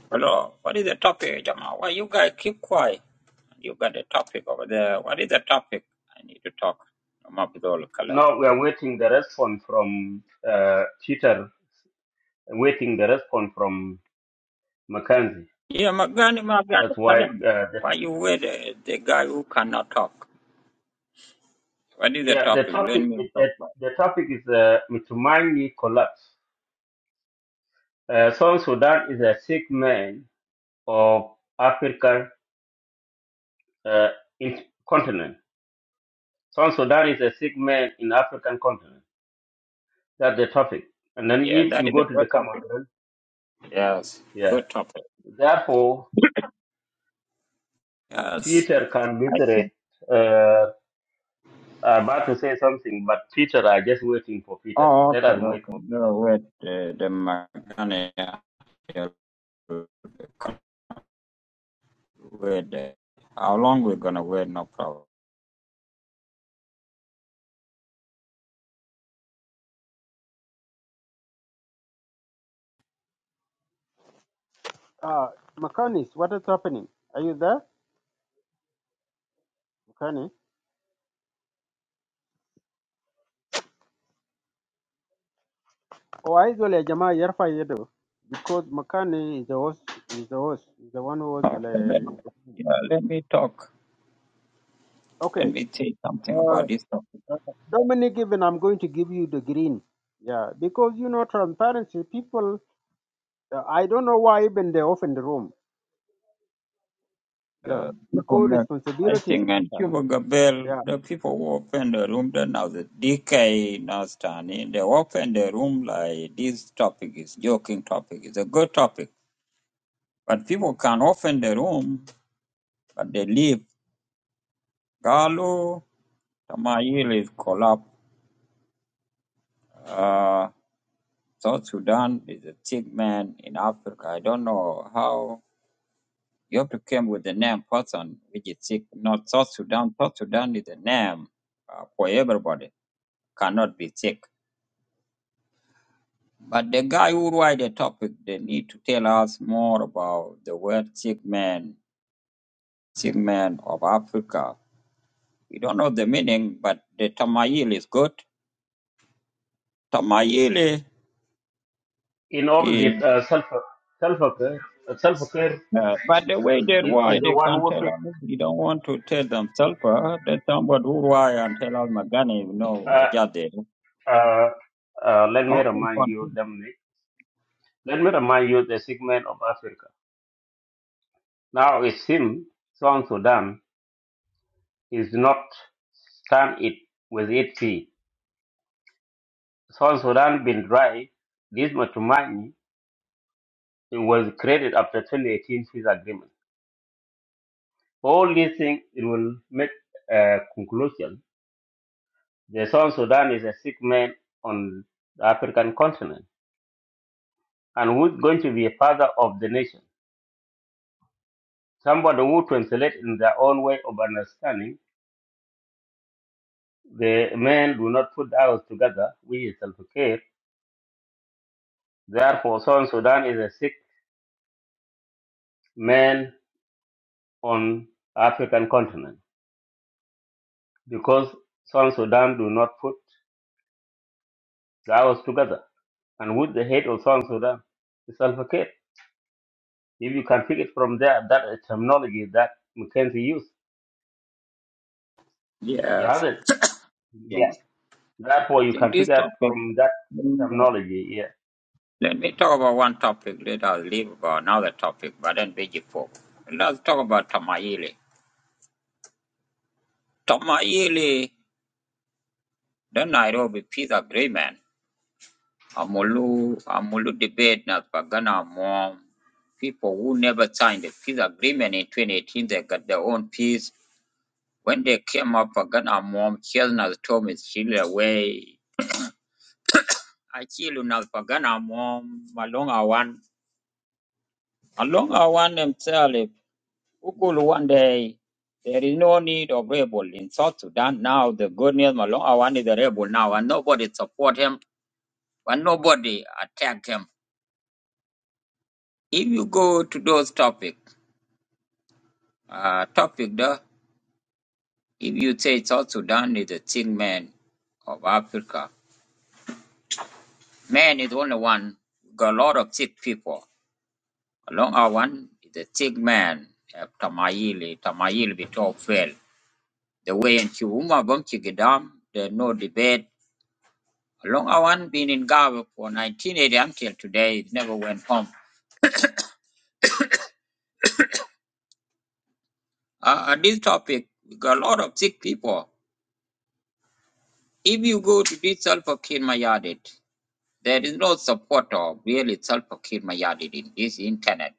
Hello, what is the topic, Jama? Why you guys keep quiet? You got a topic over there. What is the topic? I need to talk. I'm up with all the kalam. Now we are waiting the response from uh, Peter waiting the response from Mackenzie. Yeah, Magani, Magani, That's why, uh, Kalam. the, Why you were the, the guy who cannot talk? What is the yeah, the topic? topic Let me is that talk about the topic is uh, Mtumani collapse. Uh, South Sudan is a sick man of African uh, in- continent. South Sudan is a sick man in African continent. That's the topic. And then it. Yeah, if that you is go a to the good comment, topic. then, Yes, yeah. good topic. Therefore, Yes. Peter can I think, literate. Uh, I'm about to say something, but Peter are just waiting for Peter. oh, Let okay, us wait okay. for Peter. No, wait, uh, the Magani, uh, wait. uh, How long we going to wait? No problem. uh, مكاني what is happening are you there مكاني oh I زول يا جماعة يرفع يده because مكاني is the host is the host is the one who was Okay, then, the yeah, let me talk. Let okay me say something uh, about this topic. Dominic, even I'm going to give you the green. Yeah, because you know transparency. People, uh, I don't know why even they are off in the room. Yeah, Uh, people because make, I responsibilities think, and matter. Cuba Gabel, Yeah. the people who open the room, then now the DK now standing, they open the room like this topic is joking topic, it's a good topic. But people can open the room, but they leave. Galo, Tamayil is collapsed. Uh, South Sudan is a sick man in Africa. I don't know how Ethiopia came with the name Pathan, which is thick. Not South Sudan. South Sudan is the name uh, for everybody. Cannot be "sick." But the guy who write the topic, they need to tell us more about the word "sick man, Sick man of Africa. We don't know the meaning, but the Tamayil is good. Tamayili in is, opposite uh, self sulfur care self care uh, but the way they is, why is the they one can who tell us, said you don't want to tell themselves, uh, that somebody who why and tell us Magani, you know, uh, Ajade. uh, uh, let me Okay, remind continue. you Dominic let me remind you the segment of Africa now it seems South Sudan is not stand it with its feet South Sudan been dry this Matumani it was created after 2018 peace agreement all these things it will make a conclusion the South Sudan is a sick man on the African continent and who is going to be a father of the nation. Somebody who translates in their own way of understanding. The men do not put ours together, which is self-care. Therefore, Southern Sudan is a sick man on African continent because Southern Sudan do not put ours together. And with the head of Southern Sudan is self-care. If you can pick it from there, that terminology that Mackenzie used, he Yes, hasn't. I think, Yes. Therefore, I you think can pick this out topic. from that mm, terminology. yeah. Let me talk about one topic. Let us leave about another topic, but then be before. Let's talk about Tamaili. Tamaili, the Nairobi Peace Agreement. Amulu, Amulu debate na pagana mom. People who never signed the peace agreement in 2018, they got their own peace. When they came up, pagana mom, Chesna told me, Chile away. I chill na pagana mom, malonga one. Along I want them tell if Ukulu one day there is no need of rebel in South Sudan now. The good news Malong Awan is a rebel now, and nobody support him, and nobody attack him. If you go to those topic, uh, topic there, if you say South Sudan is a sick man of Africa, man is only one. Got a lot of sick people. Along Awan is a sick man. Uh, Tamayili, Tamayili, Bito The way in Chiwuma Bumchigidam, there's no debate. Long Awan been in Gaba for 1980 until today, it never went home. Uh, on this topic, we got a lot of sick people. If you go to this Sulfakir Mayadit, there is no support of really Sulfakir Mayadit in this internet.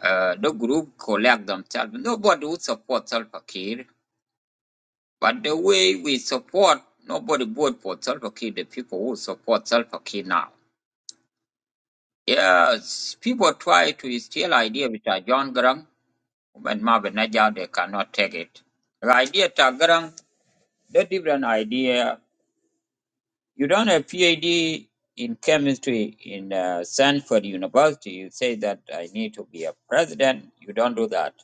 Uh, the group collect themselves. Nobody would support Sulfakir, but the way we support, nobody vote for Sulfakir, the people who support Sulfakir now. Yes, people try to steal idea with a John Grant, but Marvin Najal, they cannot take it. The idea to Grant, the different idea. You don't have PhD in chemistry in uh, Stanford University. You say that I need to be a president. You don't do that.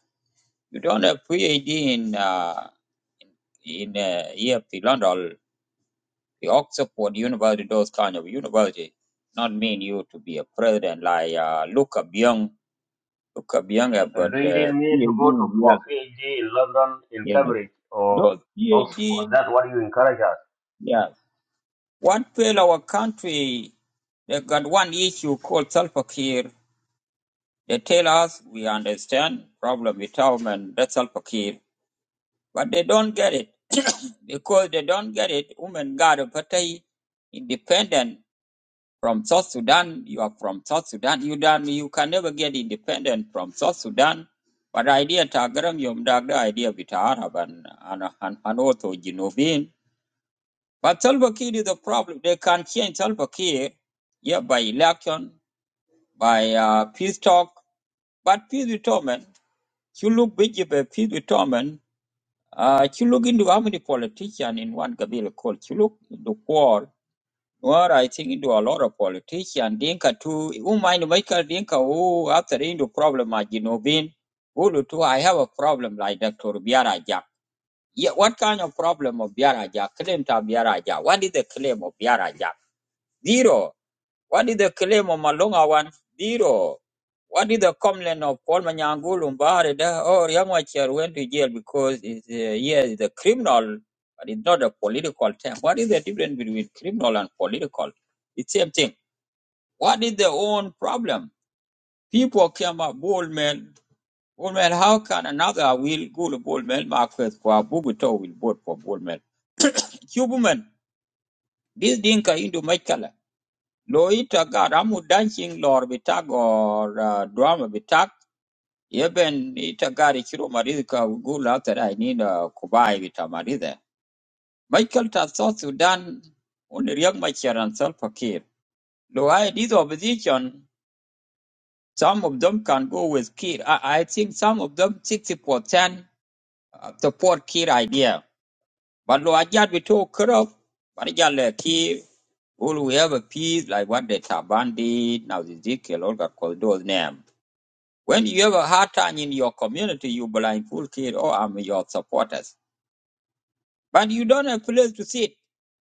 You don't have PhD in uh, in uh, here, London, the Oxford University, those kind of university. Not mean you to be a president like uh, Luca Byung Okabiang have Uh, got do you really need uh, to PhD go in to for yes, PhD in London, in yes. Cambridge, or Those Oxford? PhD, That's what you encourage us. yes. What fail our country, they got one issue called sulfur care. They tell us we understand problem with women, that's sulfur care. But they don't get it. Because they don't get it, women got a party independent From South Sudan, you are from South Sudan. You don't, you can never get independent from South Sudan. But idea tagaram yom dagda idea bit Arab and and and, and also Genovin. But Salva Kiir is the problem. They can change Salva Kiir, yeah, by election, by uh, peace talk. But peace with Toman, you look big if a peace with Toman. Uh, you look into how many politicians in one Gabila called. You look in the war. Well, I think do a lot of politician. Dinka too. Who mind Michael Dinka? Who after into problem at Ginobin? Who too? I have a problem like Dr. Biara Jack. Yeah, what kind of problem of Biara Jack? Claim to Biara Jack. What is the claim of Biara Jack? Zero. What is the claim of Malonga one zero? What is the complaint of Paul Manyangulu Mbari that oh Yamwachar went to jail because is uh, yes is a criminal but it's not a political term. What is the difference between criminal and political? It's same thing. What is the own problem? People came up Bullman Bullman, how can another will go to Bullman Marquez for Bubuto will vote for Bullman? Cuban. this Dinka into Machkala. lo ita gar amu dancing lor bitak or uh, drama bitak yeben ita gar ikiru maridhi ka gula that uh, kubai bita maridhi Michael ta South Sudan under young Michael and Salva Kiir lo I did opposition some of them can go with Kiir I, I think some of them 60% uh, support Kiir idea but lo ajad bito corrupt but ajad le Kiir will we have a peace like what the taban did. now the Ezekiel all got called those name When you have a hard time in your community, you blindfold kid, oh, I'm your supporters. But you don't have place to sit.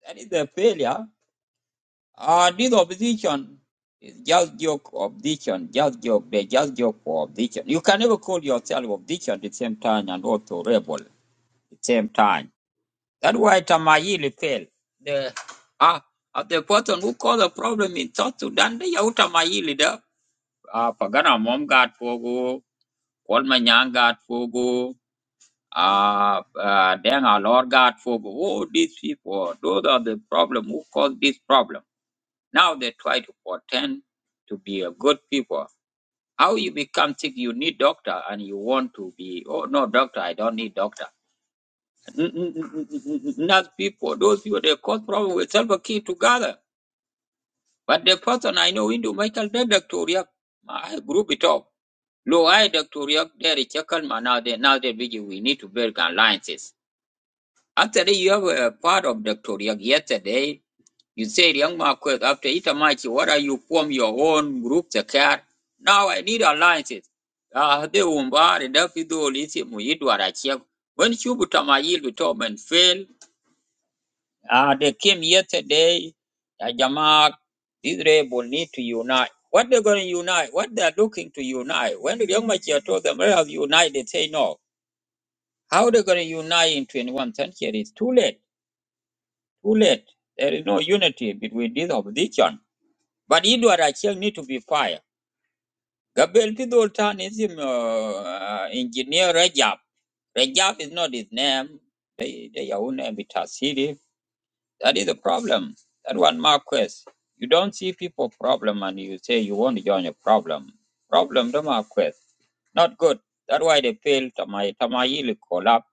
That is a failure. Uh, this opposition is just joke opposition, just joke, they just joke for opposition. You can never call yourself opposition at the same time and also rebel at the same time. That's why Tamayili failed. The, ah, uh, the person who caused the problem in South Sudan, they are Tamayili. There. Ah, Pagana mom got Fogo, Kolmanyang got Fogo, uh, uh, then our Lord God for all these people, those are the problem who caused this problem. Now they try to pretend to be a good people. How you become sick, you need doctor and you want to be, oh no, doctor, I don't need doctor. N- n- n- n- Not people, those people, they cause problem with self key together. But the person I know into Michael Doctor, I group it up. Low I Doctor, there is check now they now they begin we need to build alliances Actually, you have a part of Dr. Riak yesterday. You said, Young Marquez, after Itamachi, what are you form your own group, the care? Now I need alliances. Ah, the Umbar, and Dafido, Lisi, Muidu, Arachiak. When Shubutamayil, Bitoman fail. ah, they came yesterday. Ah, Jamaa, Israel will need to unite. What they're going to unite? What they're looking to unite? When the Young Machia told them, we have united, they say no. How they're going to unite in twenty-one? century? It's too late. Too late. There is no unity between this opposition. But Edward Acheng need to be fired. Gabriel Pidol Tan is him, uh, uh, engineer Rajab. Rajab is not his name. They, they are own name Tasiri. That is the problem. That one Marquess. You don't see people problem and you say you want to join a problem. Problem the Marquess. Not good. That's why they failed Tamai. Tamayi will collapse.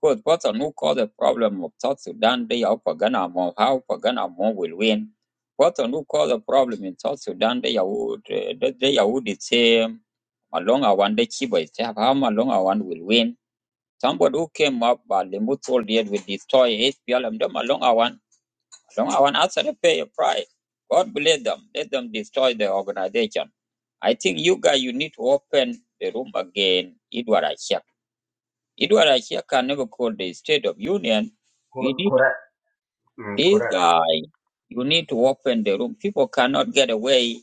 Because person who caused the problem of South Sudan, they are Paganamo. How Paganamo will win. Person who caused the problem in South Sudan, they are would, uh, they they are would say Malonga one, they Chiba is safe. how Malonga one will win. Somebody who came up by the mutual deal will destroy HPLM, the Malonga one. Someone else had to pay a price. God bless them. Let them destroy the organization. I think you guys, you need to open the room again. Edward Ashek. Edward Ashek can never call the State of Union. We Cor- need correct. Mm, this correct. guy. You need to open the room. People cannot get away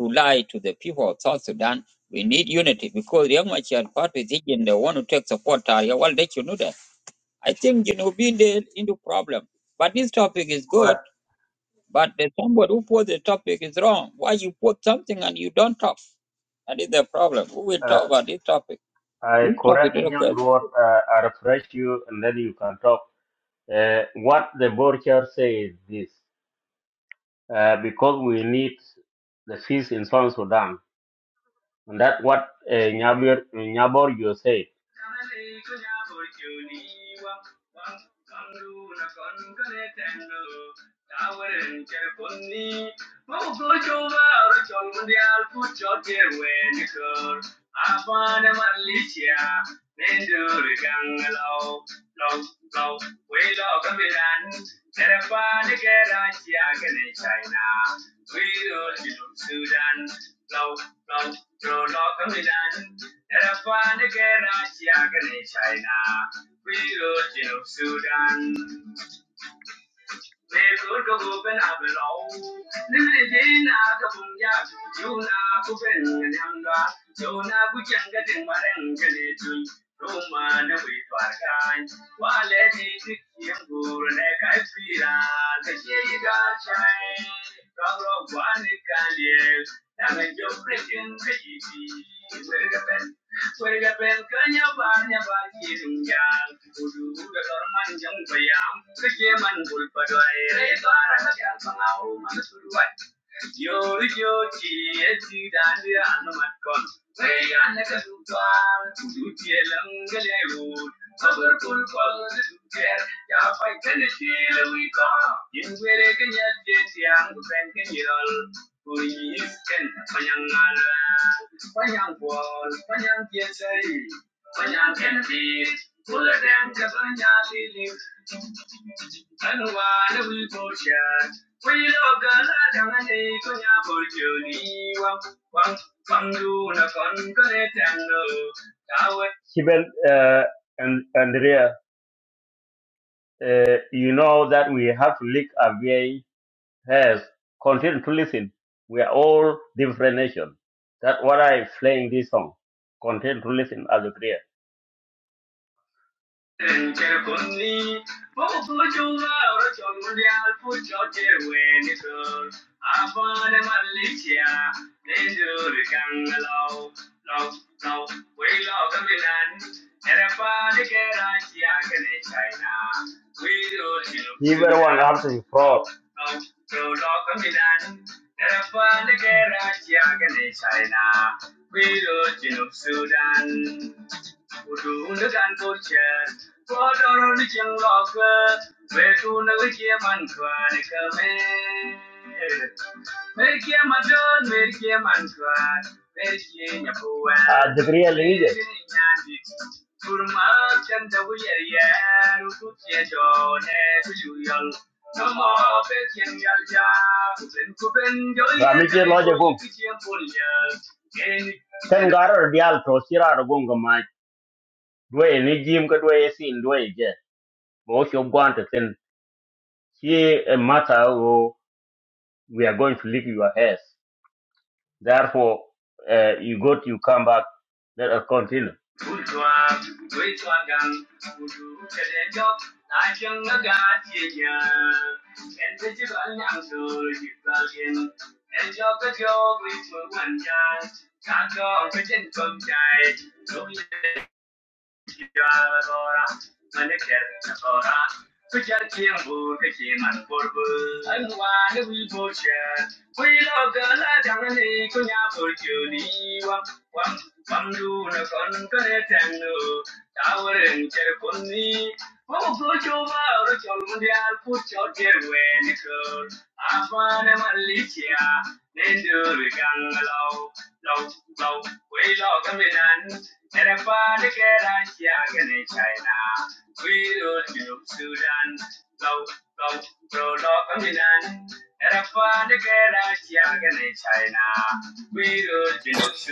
to lie to the people of South Sudan. We need unity because the Amachar party is in the one who takes support. area. Well, they should know that. I think, you know, being there into problem. But this topic is good Correct. but the somebody who posed the topic is wrong. Why you put something and you don't talk? That is the problem. We will Uh, talk about this topic. I This topic correct is a question. young Lord. Uh, I refresh you, and then you can talk. Uh, what the board chair says is this: uh, because we need the peace in South Sudan, and that's what uh, Nyabor you said. Sibyl uh, and Andrea, uh, you know that we have to lick away. has continued to listen. We are all different nations. That's what I playing this song. Continue to listen as a prayer. Everyone has to be proud. Ah, the Korea League. Ramike loje gum. Sen garo dial to sira ro gum gama. Dwe ni jim ka dwe sin dwe je. Bo sho gwante sen si a matter o we are going to leave your heads. Therefore uh, you go to you come back let us continue.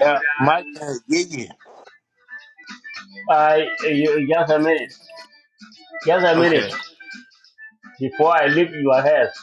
Yeah, my yeah, yeah. I uh, you, just a minute. Just a minute Okay, before I leave your heads.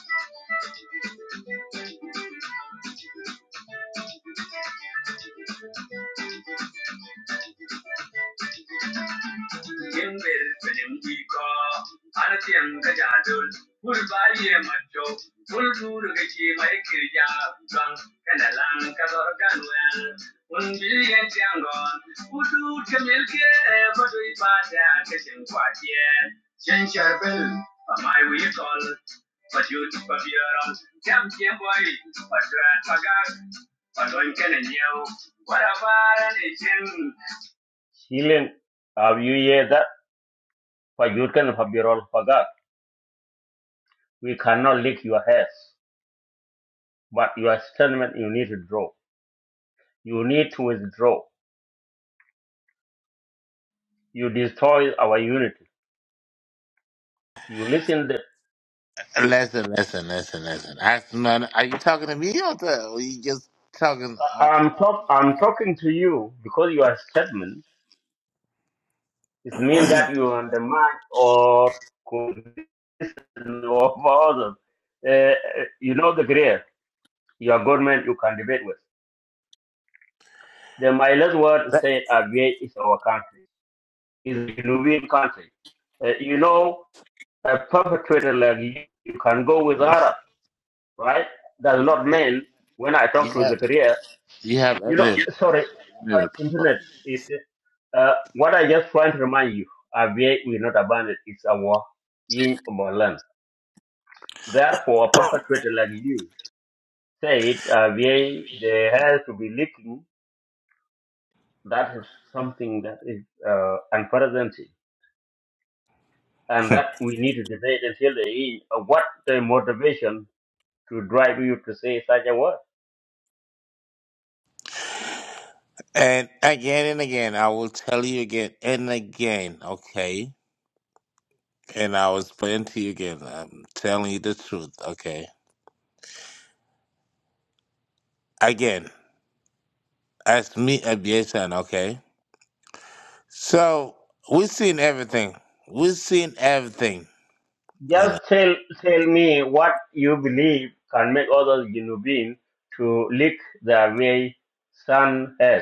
Healing have you heard that? For you can have your all We cannot lick your hairs, but your statement you need to draw. You need to withdraw. You destroy our unity. You listen. The, listen, listen, listen, listen. I, man, are you talking to me or, to, or you just talking? Uh, I'm talk, I'm talking to you because your statement it means that you undermine or could others. Uh, you know the great your government you can debate with. The my last word said Abyei is our country. It's a Nubian country. Uh, you know, a perpetrator like you, you can go with Arab. right? Does not mean when I talk you to the have, career, you have you know, other sorry, uh, edited problem. internet is, uh, what I just trying to remind you, Avia will not abandon it's our in our land. Therefore, a perpetrator like you said, Avia, they have to be leaking. That is something that is, uh, unprecedented. And that we need to debate until the end of what the motivation to drive you to say such a word. And again and again, I will tell you again and again, okay? And I will explain to you again. I'm telling you the truth, okay? Again, as me aviation, okay? So we've seen everything. We've seen everything, you know. Just tell tell me what you believe can make others Junubin to lick their way sun has.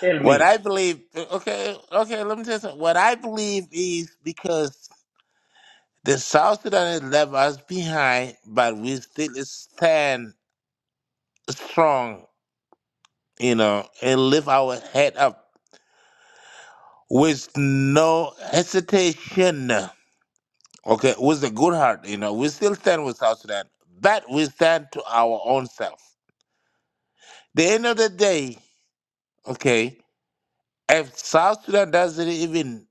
Tell What me, I believe, okay, okay, let me tell you something. What I believe is because the South Sudanese left us behind, but we still stand strong, you know, and lift our head up with no hesitation. Okay, with a good heart, you know, we still stand with South Sudan, but we stand to our own self. The end of the day, okay, if South Sudan doesn't even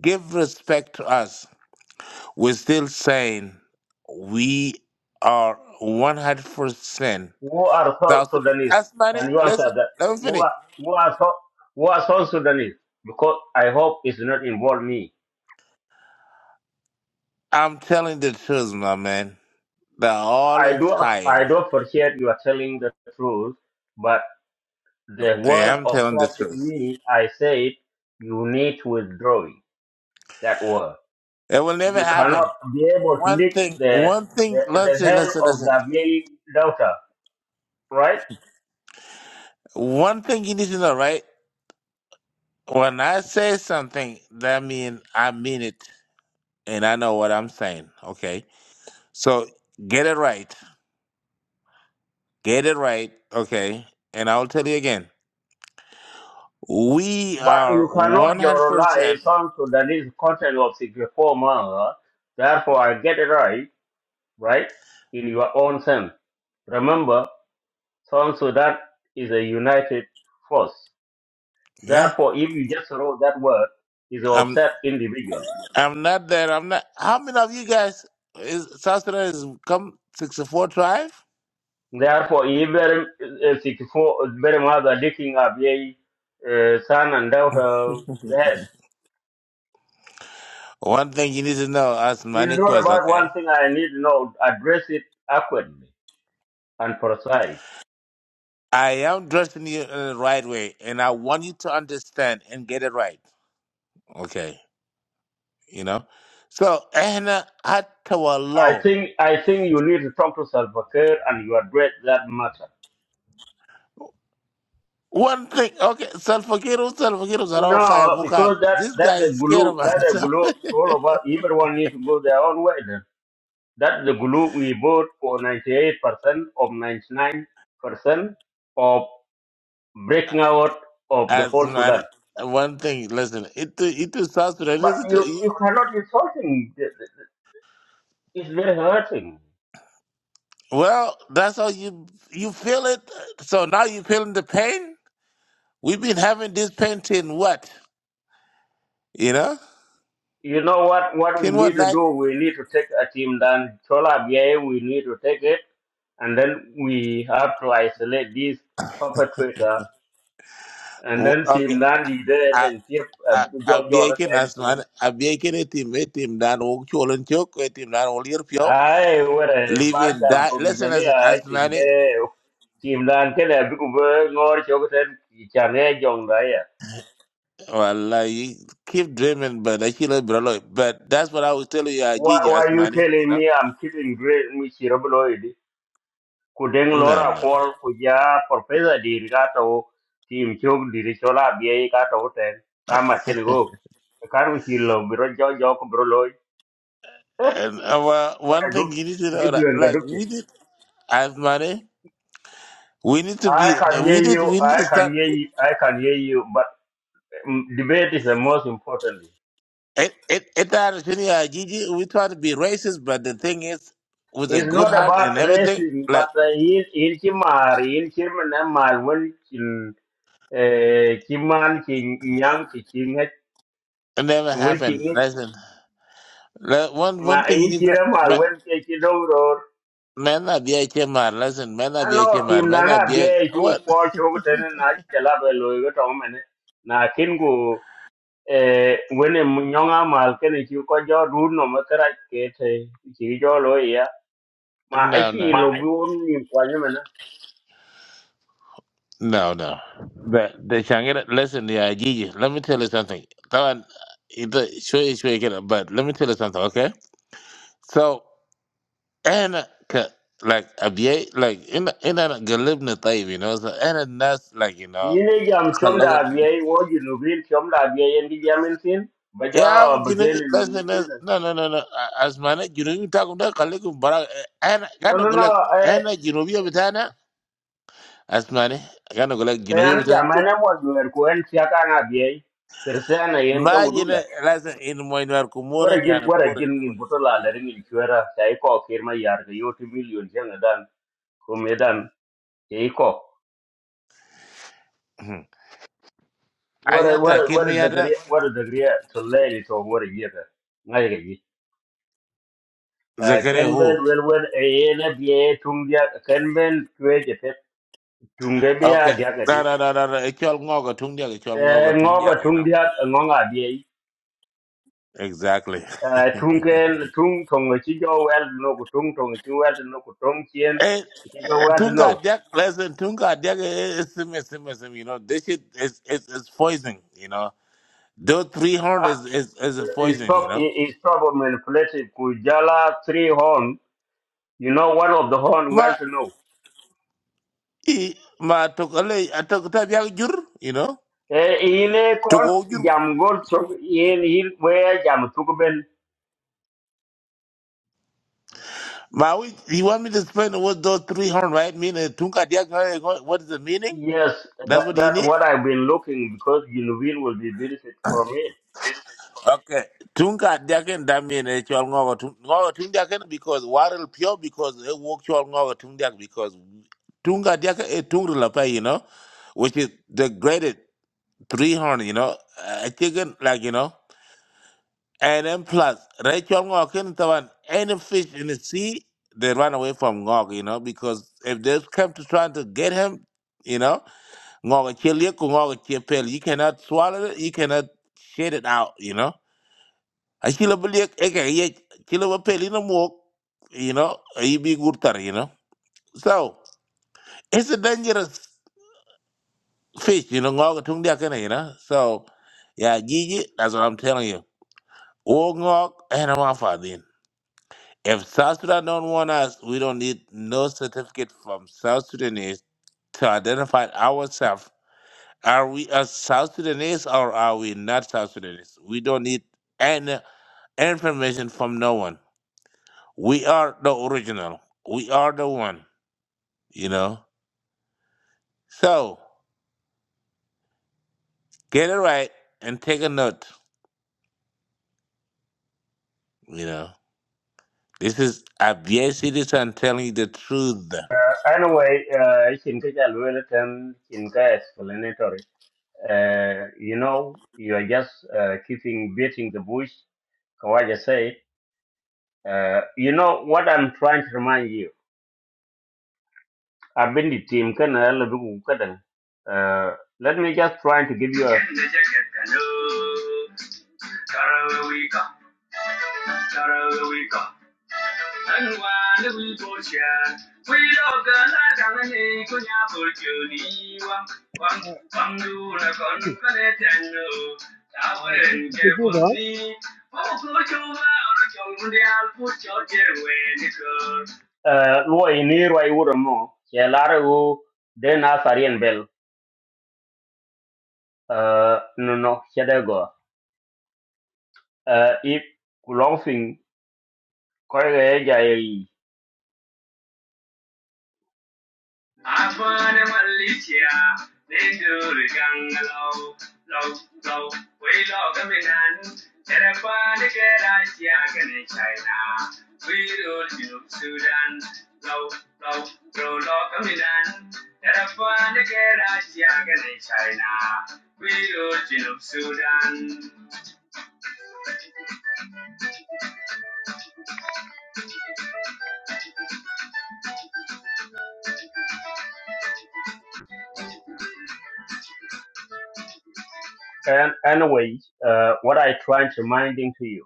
give respect to us, we're still saying we are 100% who are South South Sudan. Sudanese? That's money. Can you answer Listen, that? let me Who finish. are who are South, who are South Sudanese? Because I hope it's not involve me. I'm telling the truth, my man. They're all I do I entire. do appreciate you are telling the truth, but the Yeah, word I'm of telling God the to truth. me, I said you need to withdraw that word. It will never We cannot happen. be able to One lick thing, the, one the, thing, let's the say, hair listen, of listen. the male daughter, right? One thing you need to know, right? When I say something, that mean I mean it and I know what I'm saying, okay? So get it right. Get it right, okay? And I'll tell you again. We But are you cannot 100%, generalize something that is content of 64 months. Therefore, I get it right, right? In your own sense. Remember, South Sudan is a united force. yeah? Therefore, if you just wrote that word, is an I'm upset individual. I'm not that. I'm not. How many of you guys is South Sudan is come 64 tribe? Therefore, even uh, 64 very much are digging up a uh, son and daughter yes, One thing you need to know, ask many It's not questions, about one okay? thing I need to know. Address it accurately and precise. I am dressing you in the right way, and I want you to understand and get it right. Okay, you know. So, إحنا حتى I والله think I think you need to talk to Salva Salvakir and you address that matter. one thing. Okay, Salfakiro, Salfakiro are all high, No, because high. that This that's guy the is scared glue. of That's the himself. glue. to All of us, everyone need to go their own way. Then that's the glue we bought for ninety-eight percent of ninety-nine percent of breaking out of the As whole man, Sudan. one thing. Listen, it it is South Sudan. But Listen you to you. you cannot be solving. the- the- It's very hurting. well, that's how you you feel it. So now you feeling the pain. We've been having this pain till what? You know, You know what, what we till what need to night? do? We need to take a team down. Chola BA, we need to take it. And then we have to isolate these perpetrator. And then Okay, team down leader and keep a big Jojo abiye at ke the end to. nasman abiye ke ne tim e tim dan wo cholen chok e tim dan wo lir pyo Aye, what a live bad in jam die to me. listen listen I think asmani eh, team down can a big word or chocolate and Change Jong wallahi keep dreaming but I kill it but that's what I was telling you uh, Why, Gigi are you asmani you telling know me I'm sitting great, Michi ku deng no lora no no. kwol ku ja professor dir ka to tim chok dir chola bie ka to ten kamat ken go kar u chi bro jo jo ko bro loy and uh, ko one du thing you need to du know that duen ga du like we did asmani we need to i be can hear we did you we need i to can start hear you i can hear you but mm, debate is the most important it it it that Gigi we try to be racist but the thing is with a It's good not heart and about everything. racing, Like but uh, in in Chimar, in Chimanamal, when Chin eh, Chiman, Chin Yang, Chin It never happened. Chin Listen, le- one one ma thing you in need to kira mal me- wen ke ki dowror men are the HMR. Listen, men are the ano HMR. tim na Men are na the be ju what? ko cho ten na ke la be lo go to mene na kin gu e wen mun nyonga mal ke ni ko jo du no ma kra ke te ki jo lo ya ma a No, no, ki lo My. bu ni kwa ni mene no, no. The the Shangri. Listen, yeah, Gigi. Let me tell you something. That one, it sure is sure you get it, But let me tell you something, okay? So and uh, ca- like a BA, like in in a galibna type, you know. So and that's like you ni know, ne jam chom da be wo ji lu bin chom da be en di jam en sin ba Yeah, ja I'm ba ge Junubi. ni ni Listen, di listen. na No, no, no, no. As man, Junubi talk about Kalikum Barak. And gonna no no go no like, e and Junubi Bitana. As man, gonna go like te an Junubi Bitana jam too. na mo ju er ko en sia ka na be Kirsiana yen ka Imagine, wudula listen, in Moinwar wara Kumura, jin Yana wara Bore. jin ngin So, butola you la ringin chwera ta iko kirma yar ga yoti million janga dan ko medan ta iko know. wara wara Ajata, wara dagari Kirmiata, wara dagari to leli to wara yega ngai ga yi Zakare kan ben who? wel wel e yena biye tung dia kan ben kwe je pet tung ge biya Okay. dia ga No, di no, no, no, no. It's all Moga Tundia, it's all Eh, ngo ga you tung know. dia ngo nga biye Exactly. Eh, tung ken tung tong chi jo wel no ku tung tong chi wel no ku tong chien Eh, chi jo eh, wel Tunga no Deck, listen, Tunga Deck is similar, similar, similar. You know, this shit is is, is poison. You know, those three horn is is is a His, poison. You prop, know, his trouble manipulated Kujala three horn. You know, one of the horn well ma to know. i ma tokale atokata biag jur. You know, Eh, Ile kon toko jur. jam gol chok in in where jam tukben. Ma we you want me to explain what those three horn right mean? eh, Tunga Deck, eh, what what is the meaning? Yes, That's that what you that need. what I've been looking because Junubin will be benefit from it. Okay. Tunga diaken damien e chol ngogo tung ngogo tung diaken because warel pure because e wok chol ngogo tung diak because tunga diaken e tung la pa you know which is the graded three horn you know eh, a chicken like you know and then plus re chol ngogo ken tawan any fish in the sea they run away from ngogo you know because if they come to trying to get him you know ngogo chelie ku ngogo chepel you cannot swallow it you cannot shit it out you know I kill a chila beliek eke ye chila a peli na muok you know a be bi gurtar you know so it's a dangerous fish you know ngok tung dia kana you know so yeah gigi that's what i'm telling you o ngok and i'm off then if south sudan don't want us we don't need no certificate from south sudanese to identify ourselves are we a south sudanese or are we not south sudanese we don't need any information from no one We are the original. We are the one, you know. So get it right and take a note, you know. This is a VA citizen telling you the truth. Uh, anyway, uh, Shinka Jalwelatan Shinka explanatory. Uh, you know, you are just uh, keeping beating the bush. Kawaja said. Uh, you know what I'm trying to remind you. I've been the team can I love you, can I? Uh, let me just try to give you a I give you the green, uh lo ini roi uro mo che lara u den a sarien bel uh no no che da go uh if long thing kore ja yi and anyway uh what i trying to reminding to you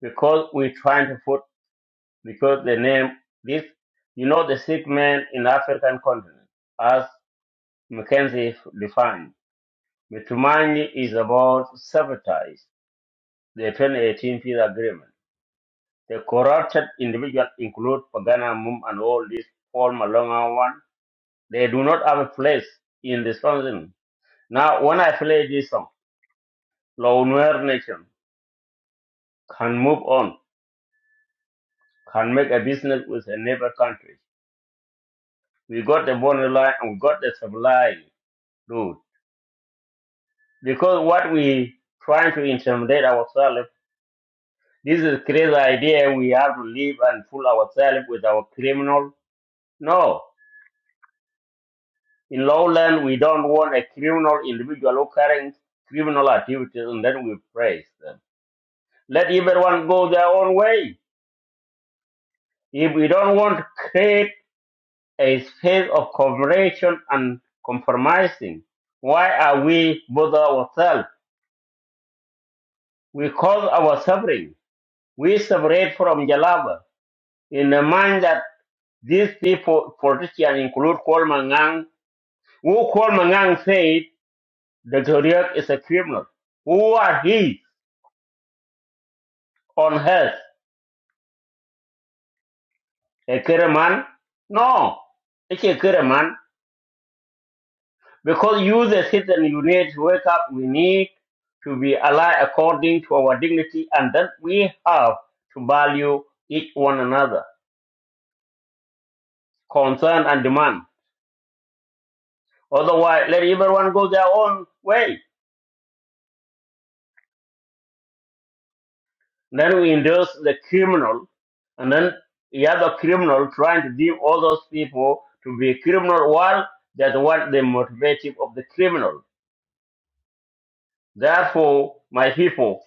because we trying to put because the name this you know the sick man in african continent as mackenzie defined Matumaini is about sabotage the 2018 peace agreement. The corrupted individuals include Pagana Mum and all these Paul Malonga one. They do not have a place in this council. Now, when I play this song, Launwer Nation can move on, can make a business with a neighbor country. We got the border line and we got the supply route. Because what we trying to intimidate ourselves This is crazy idea. We have to live and fool ourselves with our criminal. No. In lowland, we don't want a criminal individual occurring criminal activities and then we praise them. Let everyone go their own way. If we don't want to create a space of cooperation and compromising, why are we bother ourselves? We cause our suffering. We separate from Jalaba in the mind that these people, politicians include Coleman Who called Mangang said the Korea is a criminal. Who are he on earth? A Keraman? No, it's a Keraman. Because you, the citizen, you need to wake up. We need to be alive according to our dignity and that we have to value each one another, concern and demand. Otherwise, let everyone go their own way. Then we induce the criminal, and then the other criminal trying to deem all those people to be criminal while that's what the motivative of the criminal. Therefore, my people,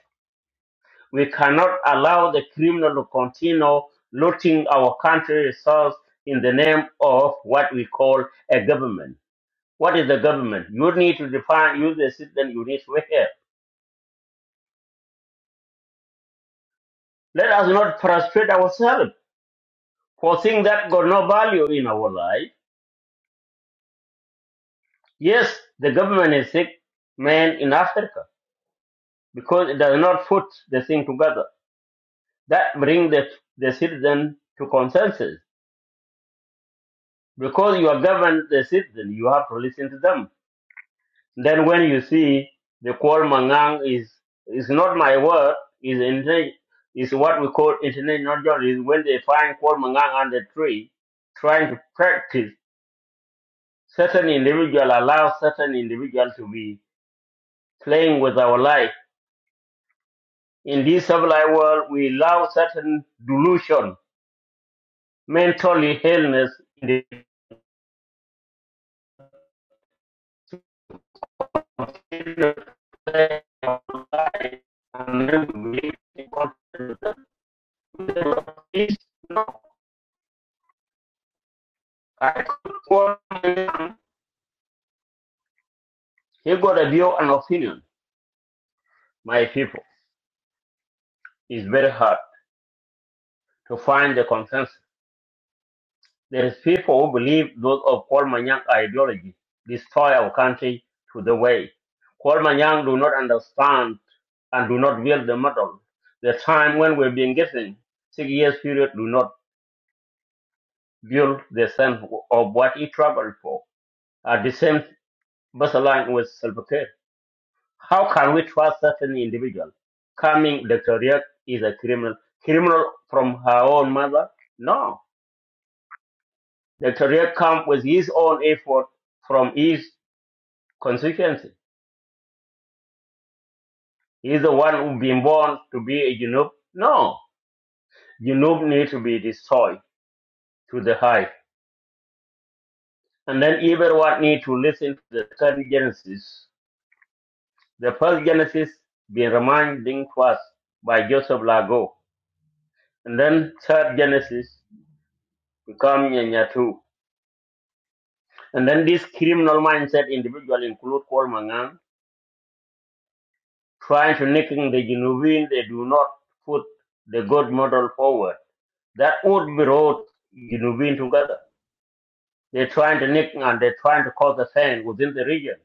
we cannot allow the criminal to continue looting our country resource in the name of what we call a government. What is the government? You need to define, use the system you need to have. Let us not frustrate ourselves for things that got no value in our life Yes, the government is sick man in Africa because it does not put the thing together. That brings the, the citizen to consensus. Because you are governed the citizen, you have to listen to them. Then when you see the call mangang is is not my word, is interna- is what we call international journalism. When they find call mangang on the tree, trying to practice certain individual allow certain individual to be playing with our life In this civilized world, we allow certain delusion, mentally illness in the continuous play of life, and then we believe in God. It's not- I could call him. He got a view and opinion. My people, it's very hard to find the consensus. There is people who believe those of Paul Manyang ideology destroy our country to the way. Paul Manyang do not understand and do not build the model. The time when we've been given six years period do not build the sense of what he traveled for. At the same baseline with self care. How can we trust certain individual? Coming Dr. Riek is a criminal. Criminal from her own mother? No. Dr. Riek come with his own effort from his constituency. He's the one who been born to be a Junub. No, Junub need to be destroyed to the high. And then everyone need to listen to the second Genesis. The first Genesis being reminding to us by Joseph Lago. And then third Genesis become Nyanyatu. And then this criminal mindset individual include Paul Mangan, trying to nicking the Junubin, they do not put the good model forward. That would be brought Junubin together They're trying to nick and they're trying to cause the same within the region.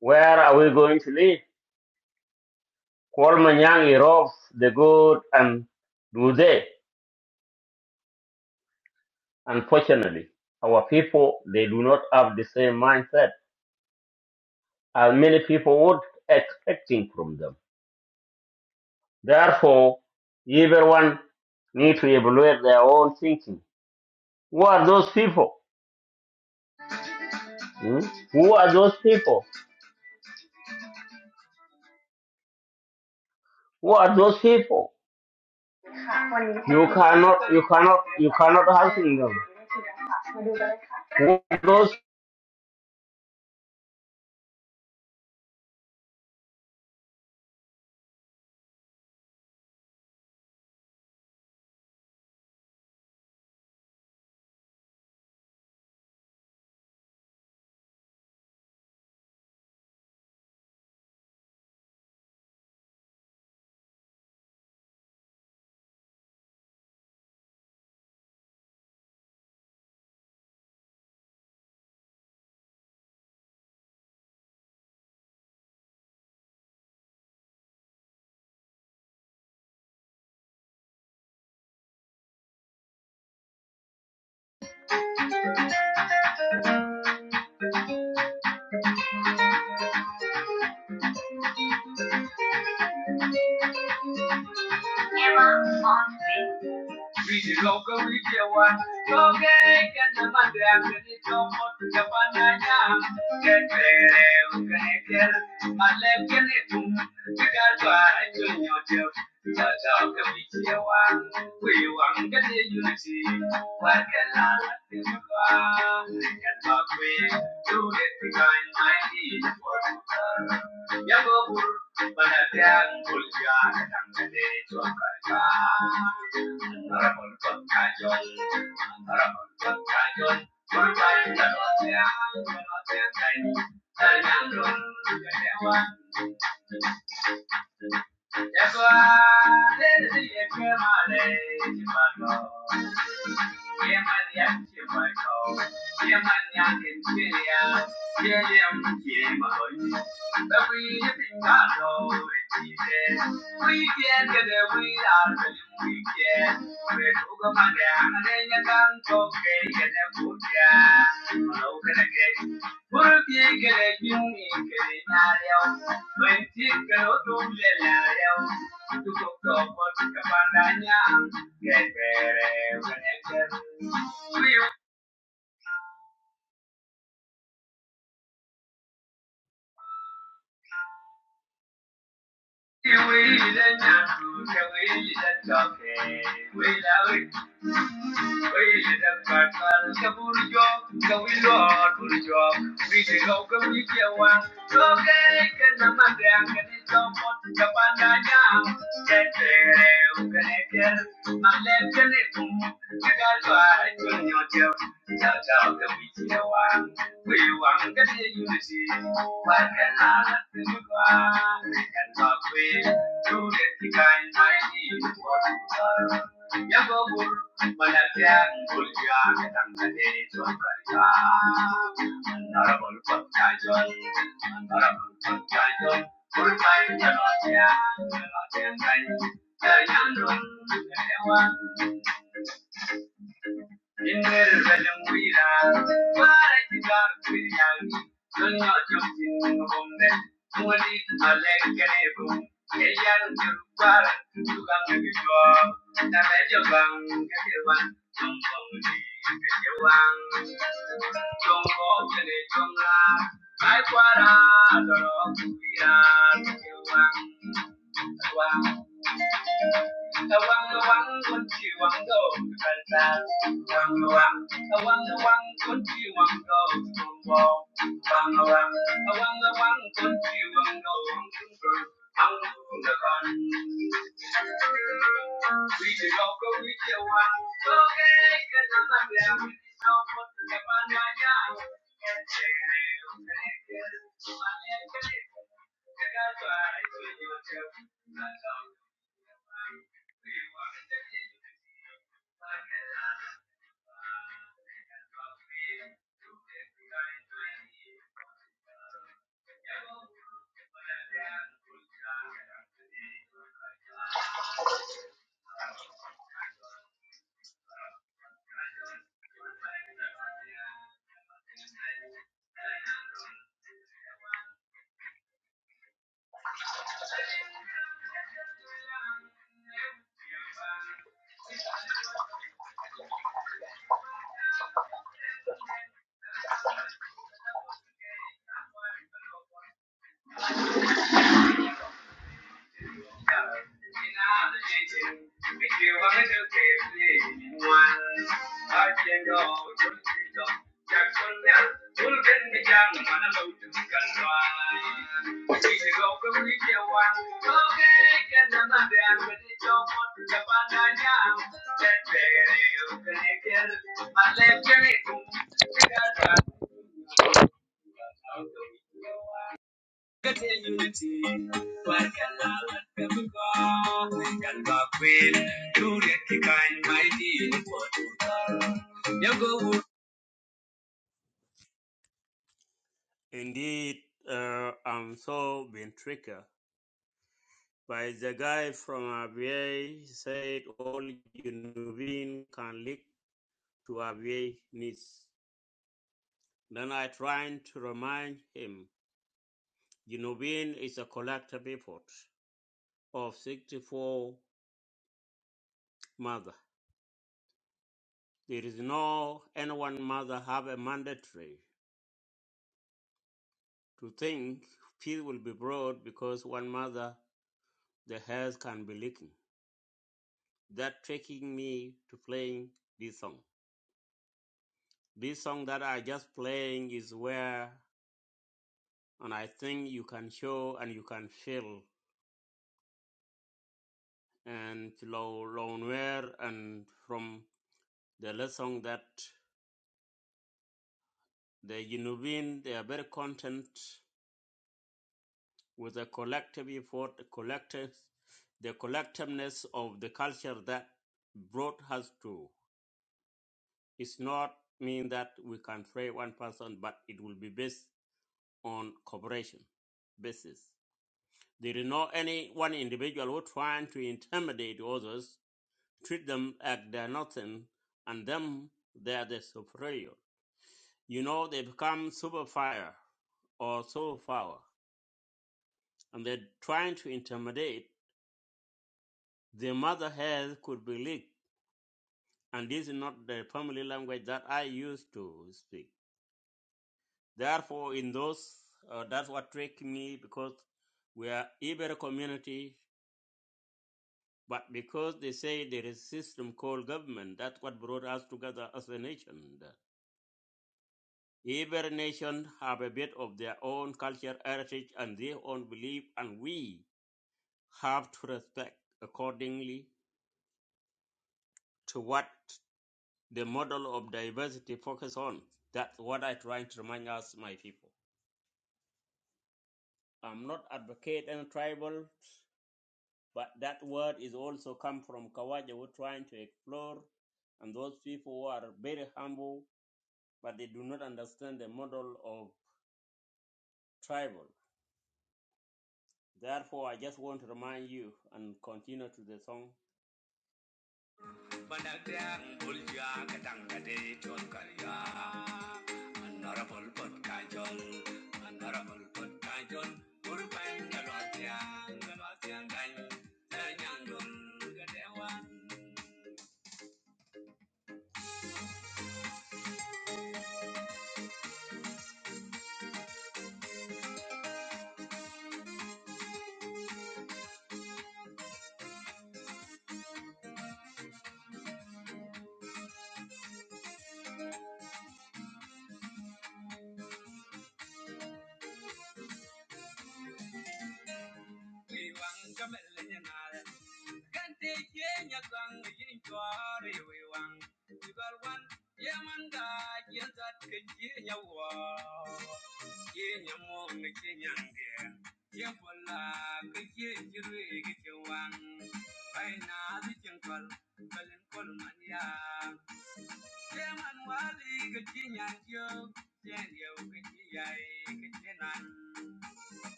Where are we going to live? Kualmanyang erodes the good and do they? Unfortunately, our people, they do not have the same mindset as many people would expecting from them. Therefore, everyone need to evaluate their own thinking. Who are those people? Hmm? Who are those people? Who are those people? You cannot, you cannot, you cannot help them. Who are those?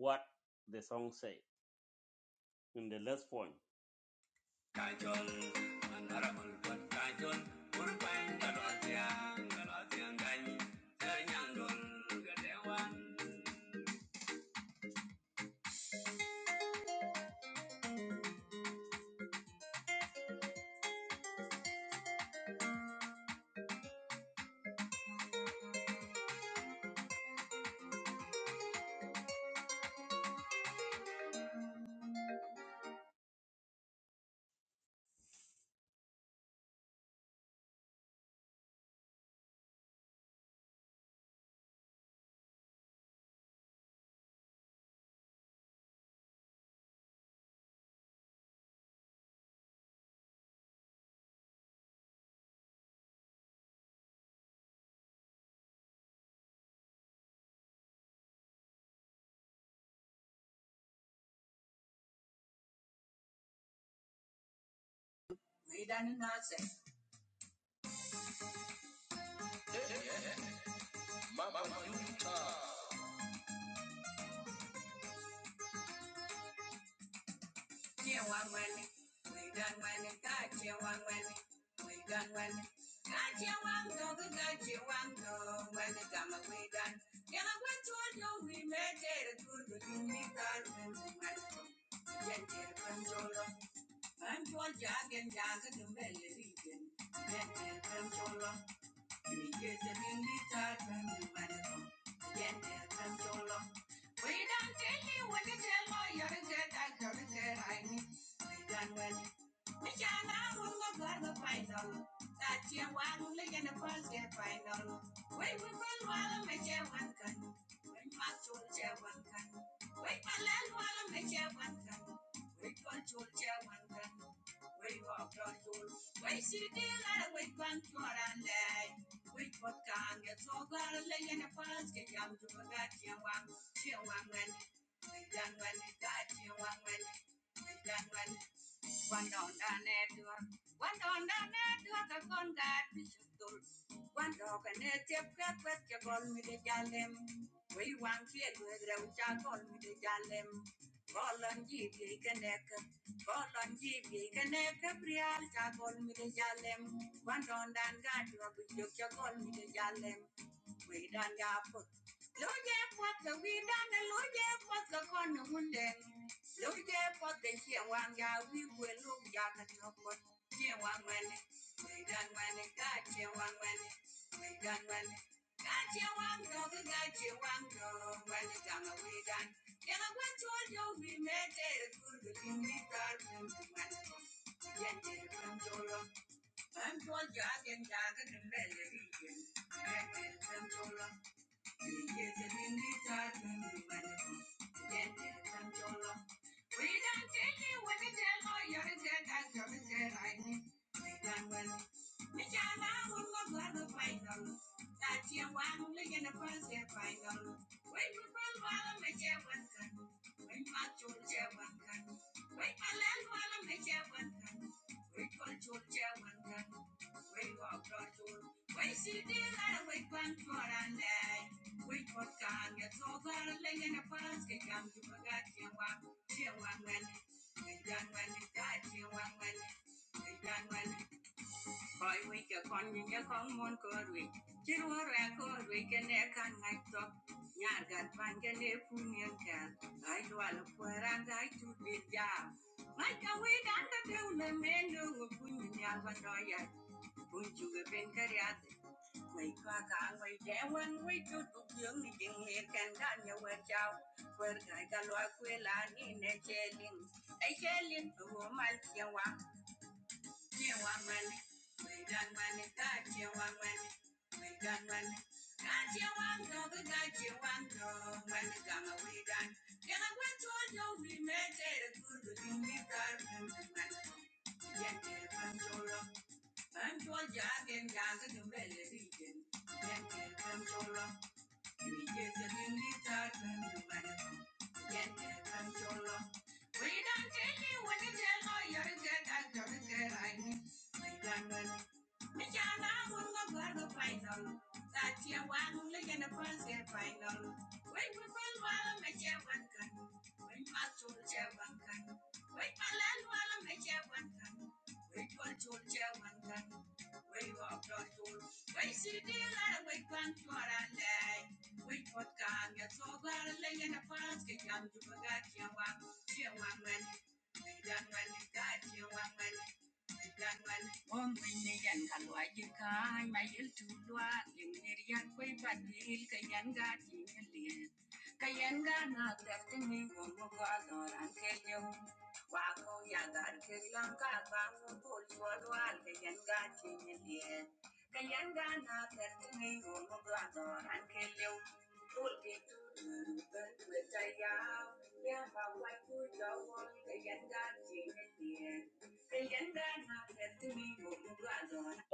what they say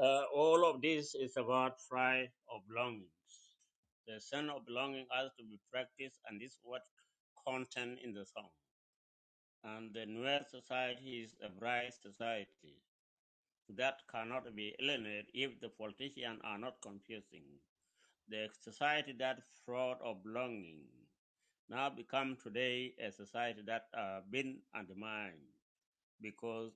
Uh, all of this is about pride of belongings. The sense of belonging has to be practiced, and this is what content in the song. And the new society is a bright society that cannot be alienated if the politicians are not confused. The society that fraud of belonging now become today a society that has uh, been undermined because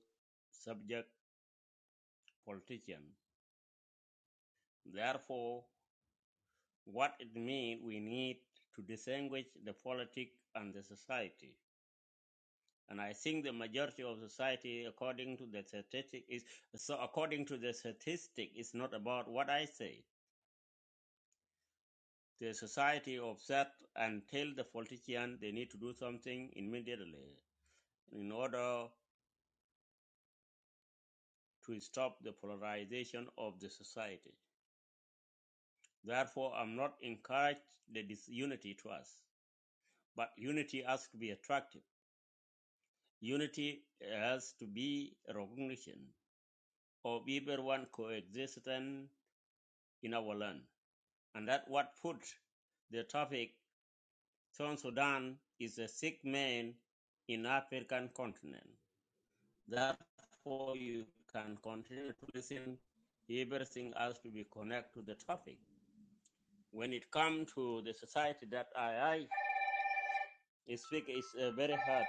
that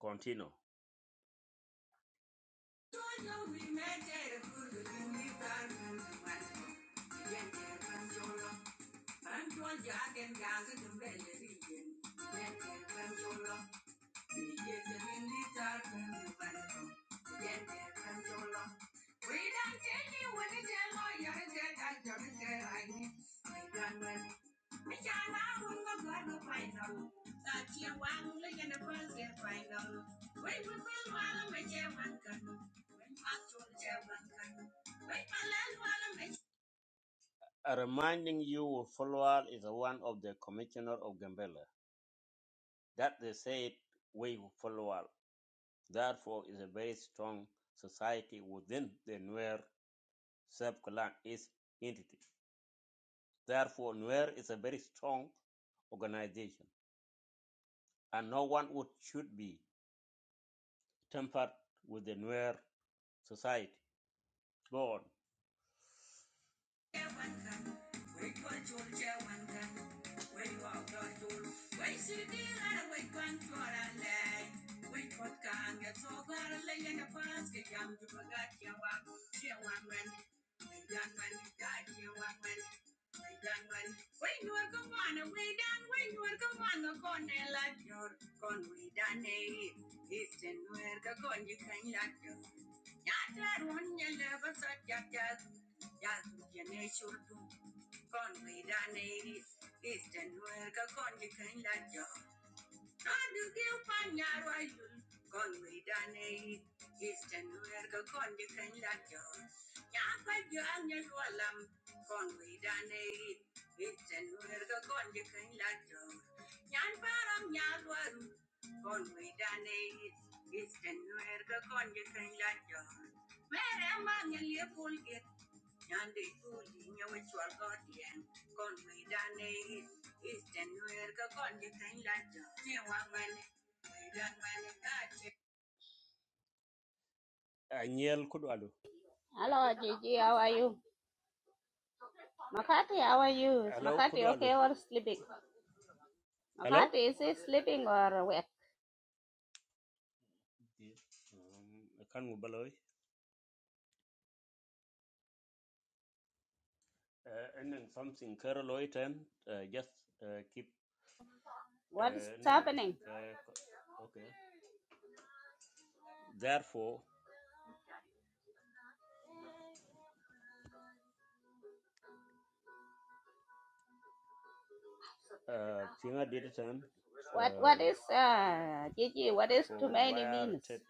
continue. For Nuer is a very strong organization, and no one would should be tempered with the Nuer society. God Hello, Gigi. How are you? Makati, how are you? Is Makati okay or sleeping? Makati, is he sleeping or awake? What is happening? What What is uh, Gigi? What is too many means?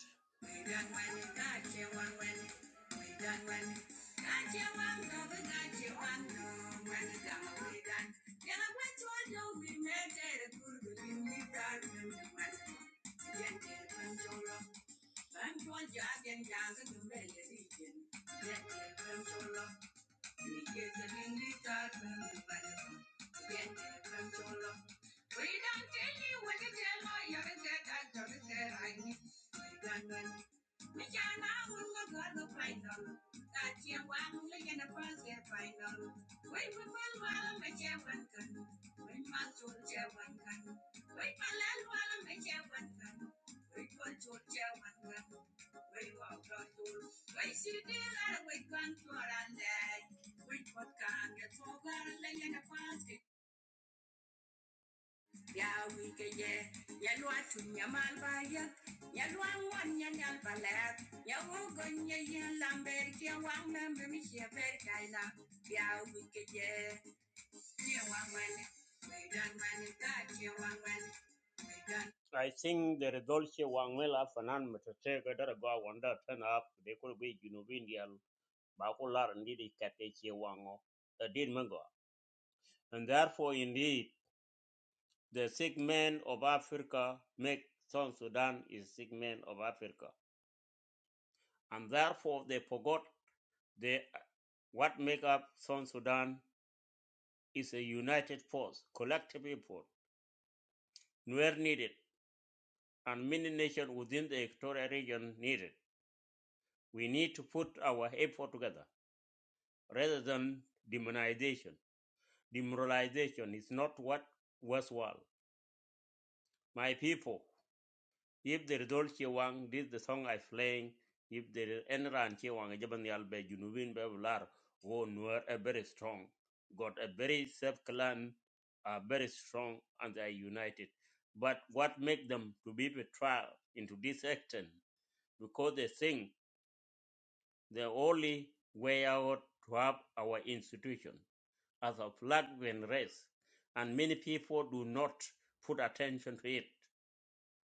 do not put attention to it.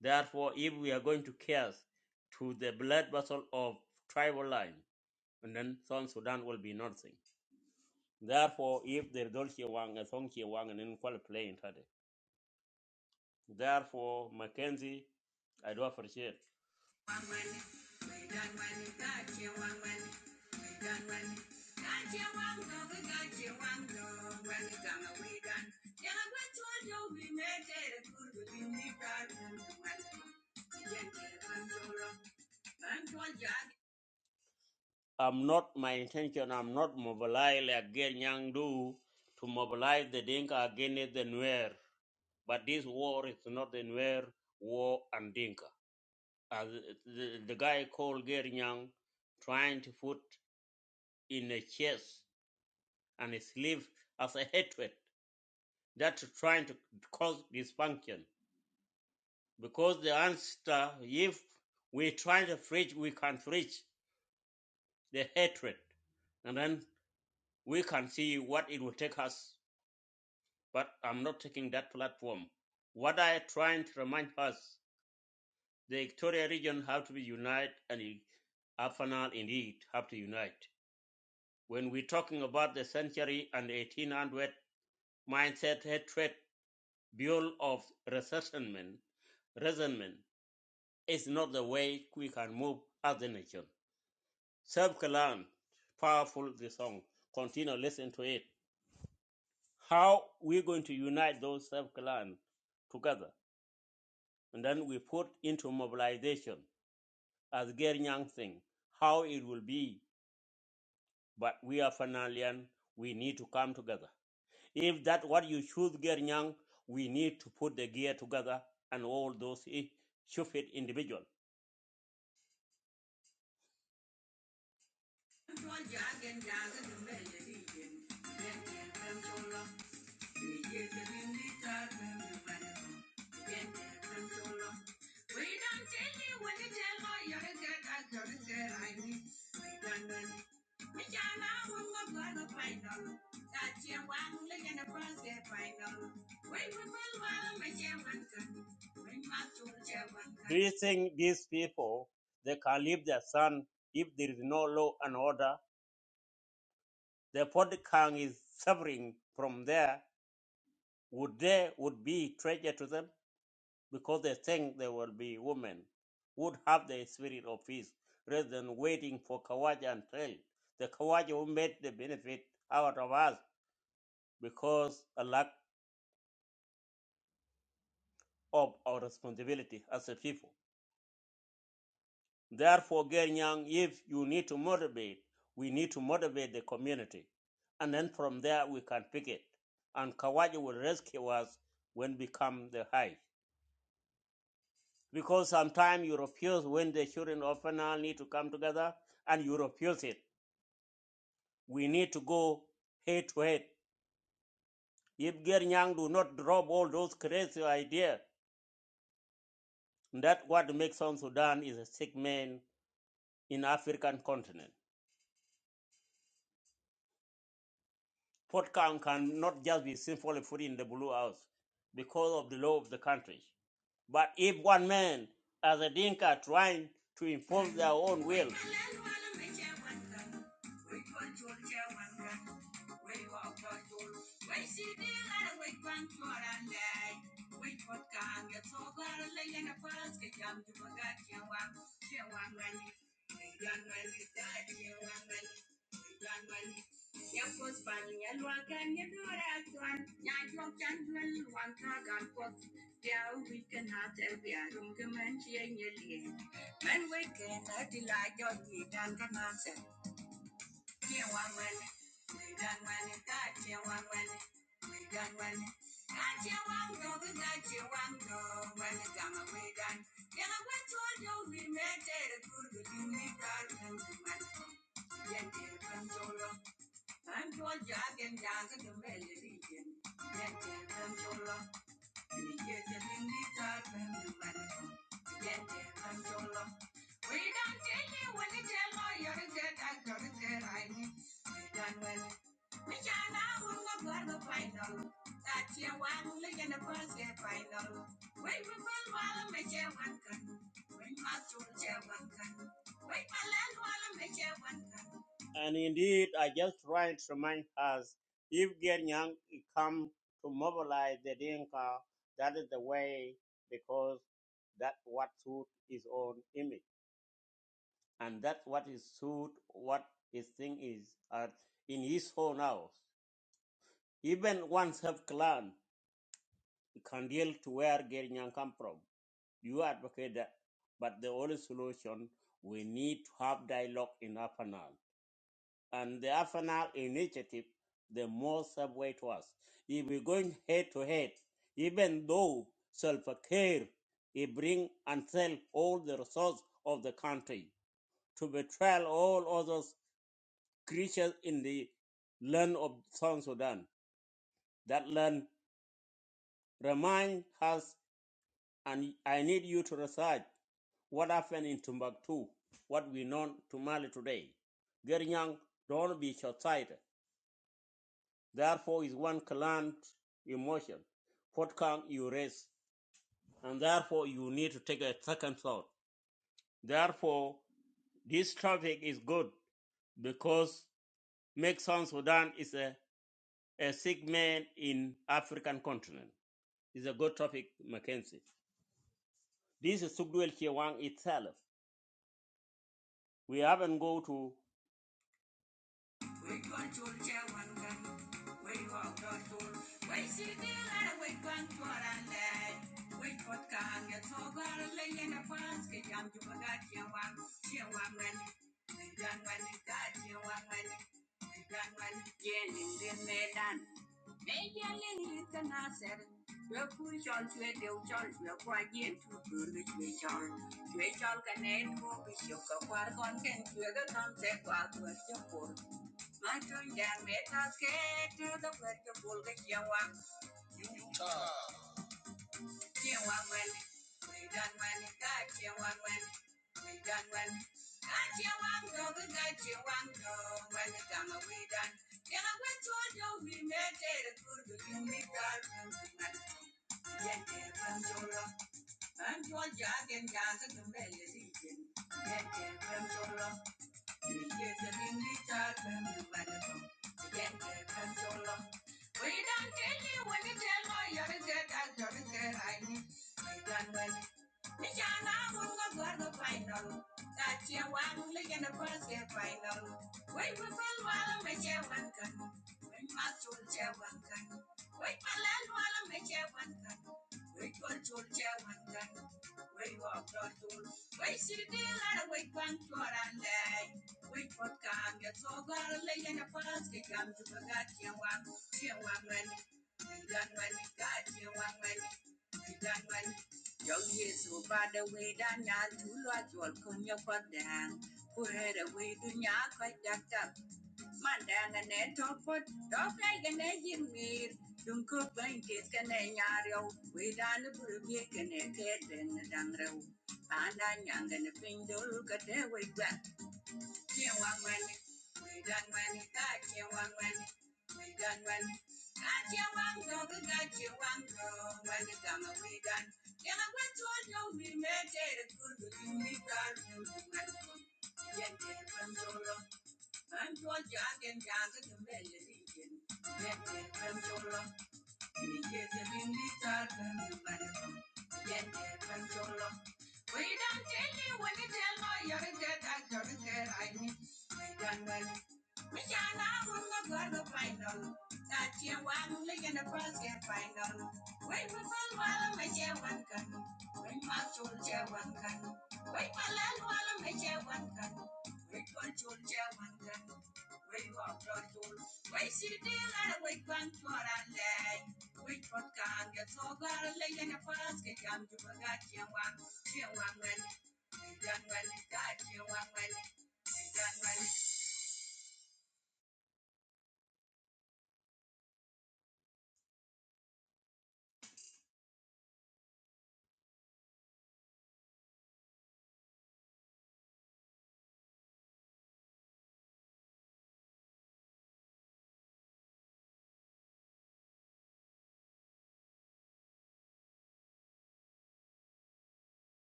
Therefore, if we are going to care to the blood vessel of tribal line, and then South Sudan will be nothing. Therefore, if the Dolce Wang and Song Wang and then play in Tade. Therefore, Mackenzie, I do appreciate.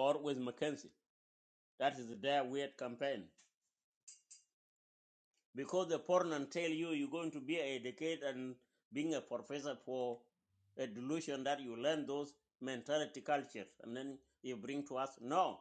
Or with Mackenzie. That is their weird campaign. because the foreigner tell you you're going to be educated and being a professor for a delusion that you learn those mentality cultures and then you bring to us no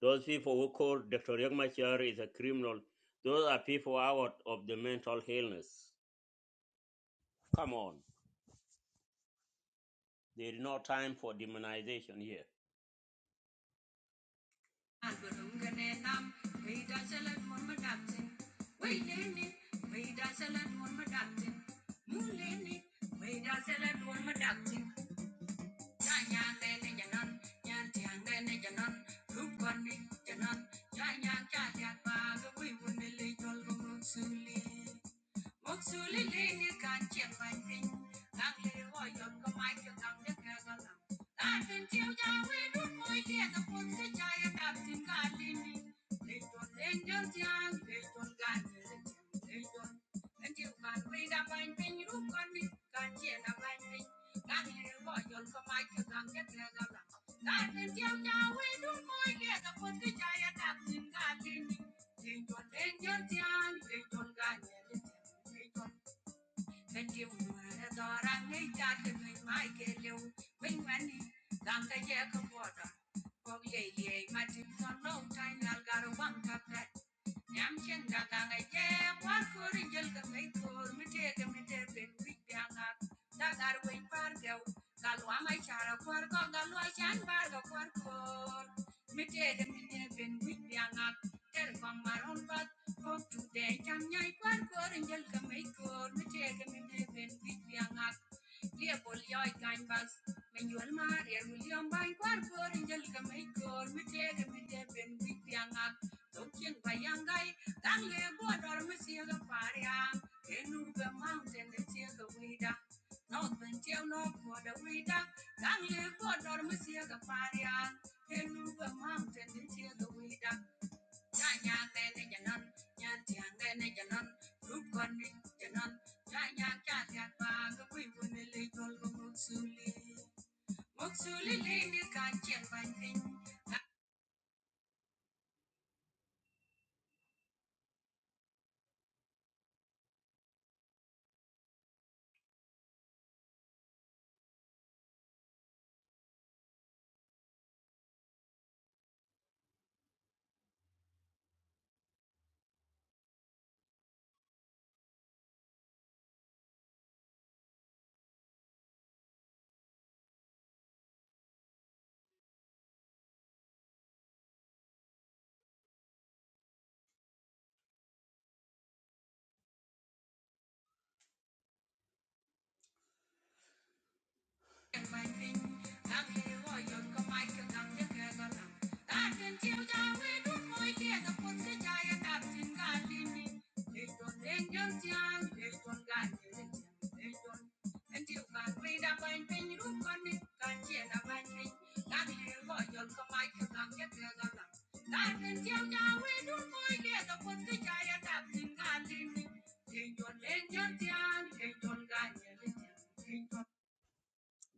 those who call dr Machar is a criminal those are people out of the mental illness come on they're here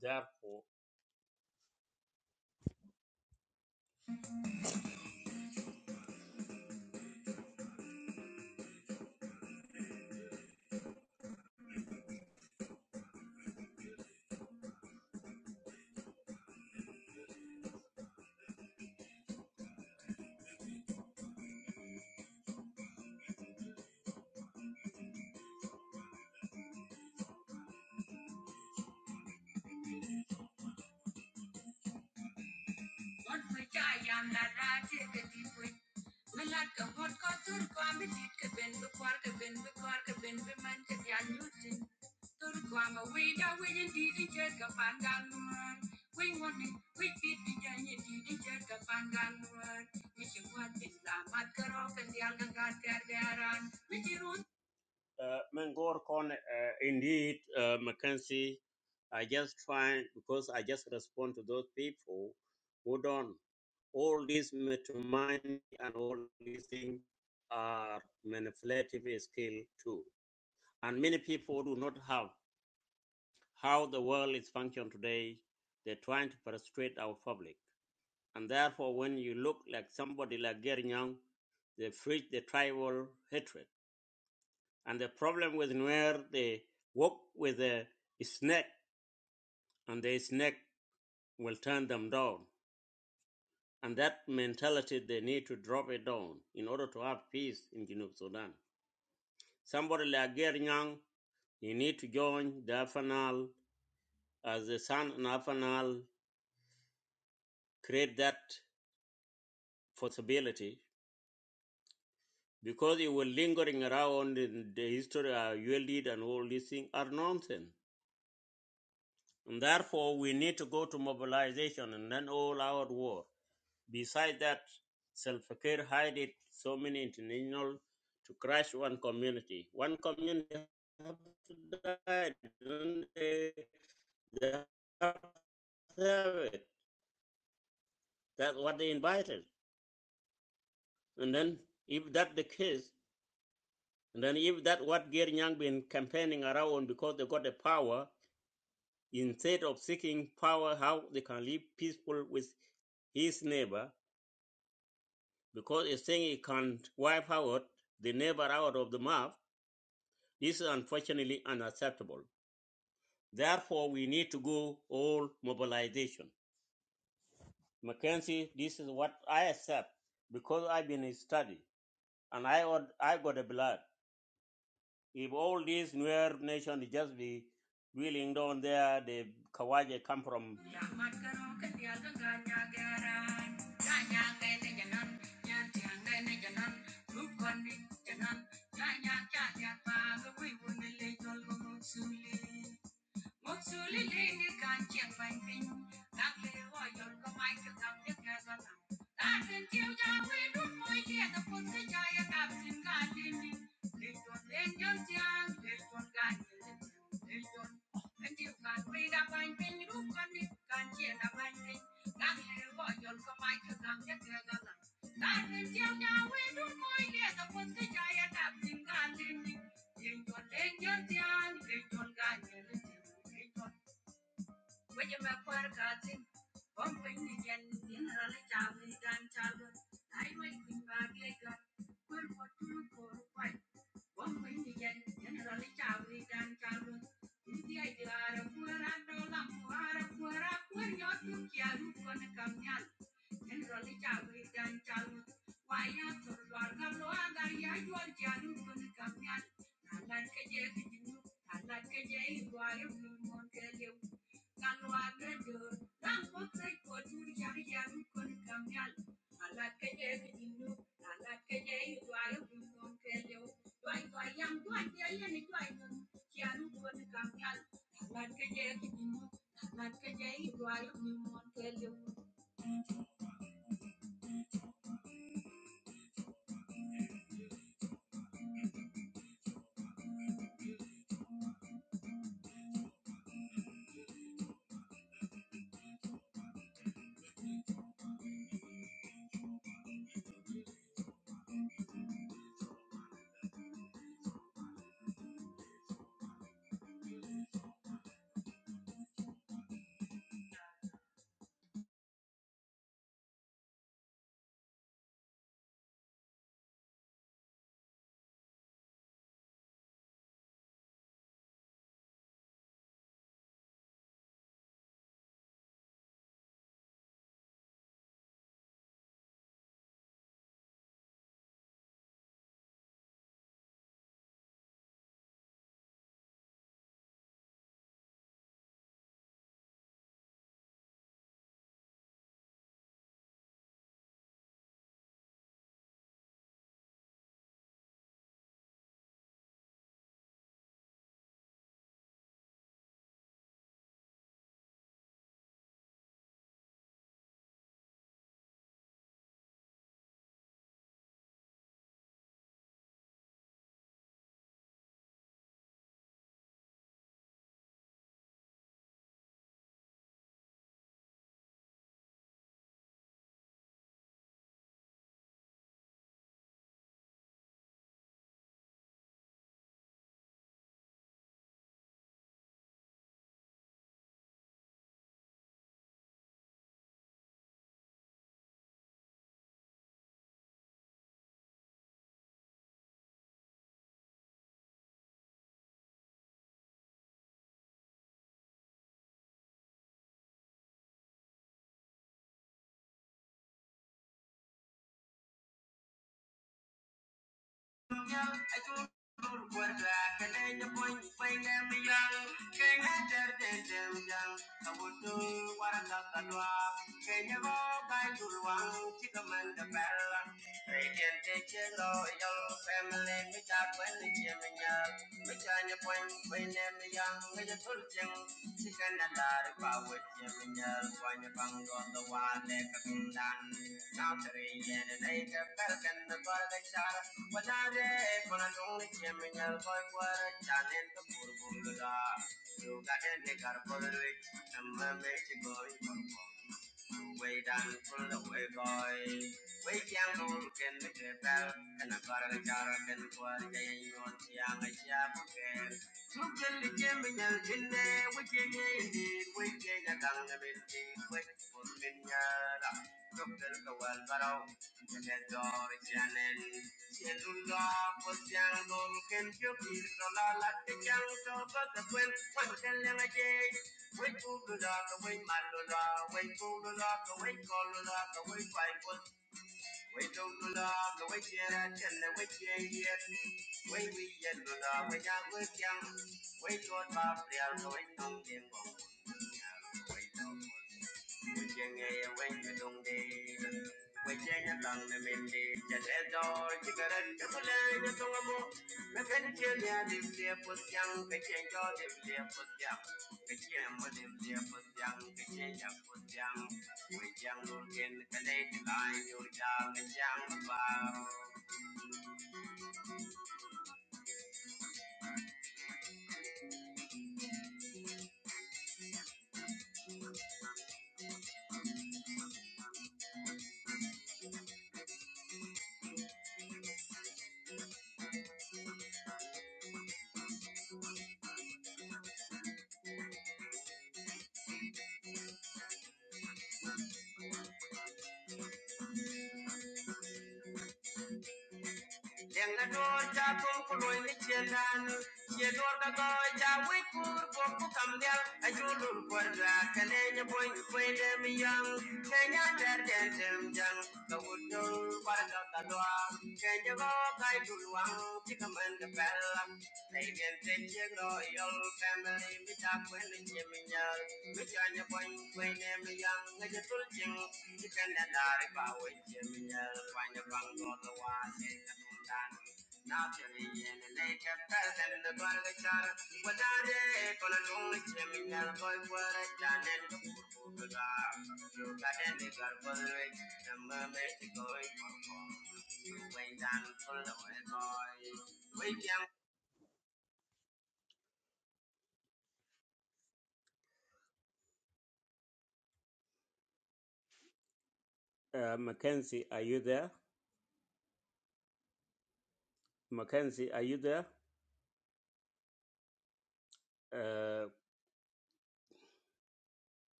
therefore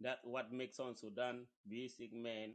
that what makes on sudan be sick men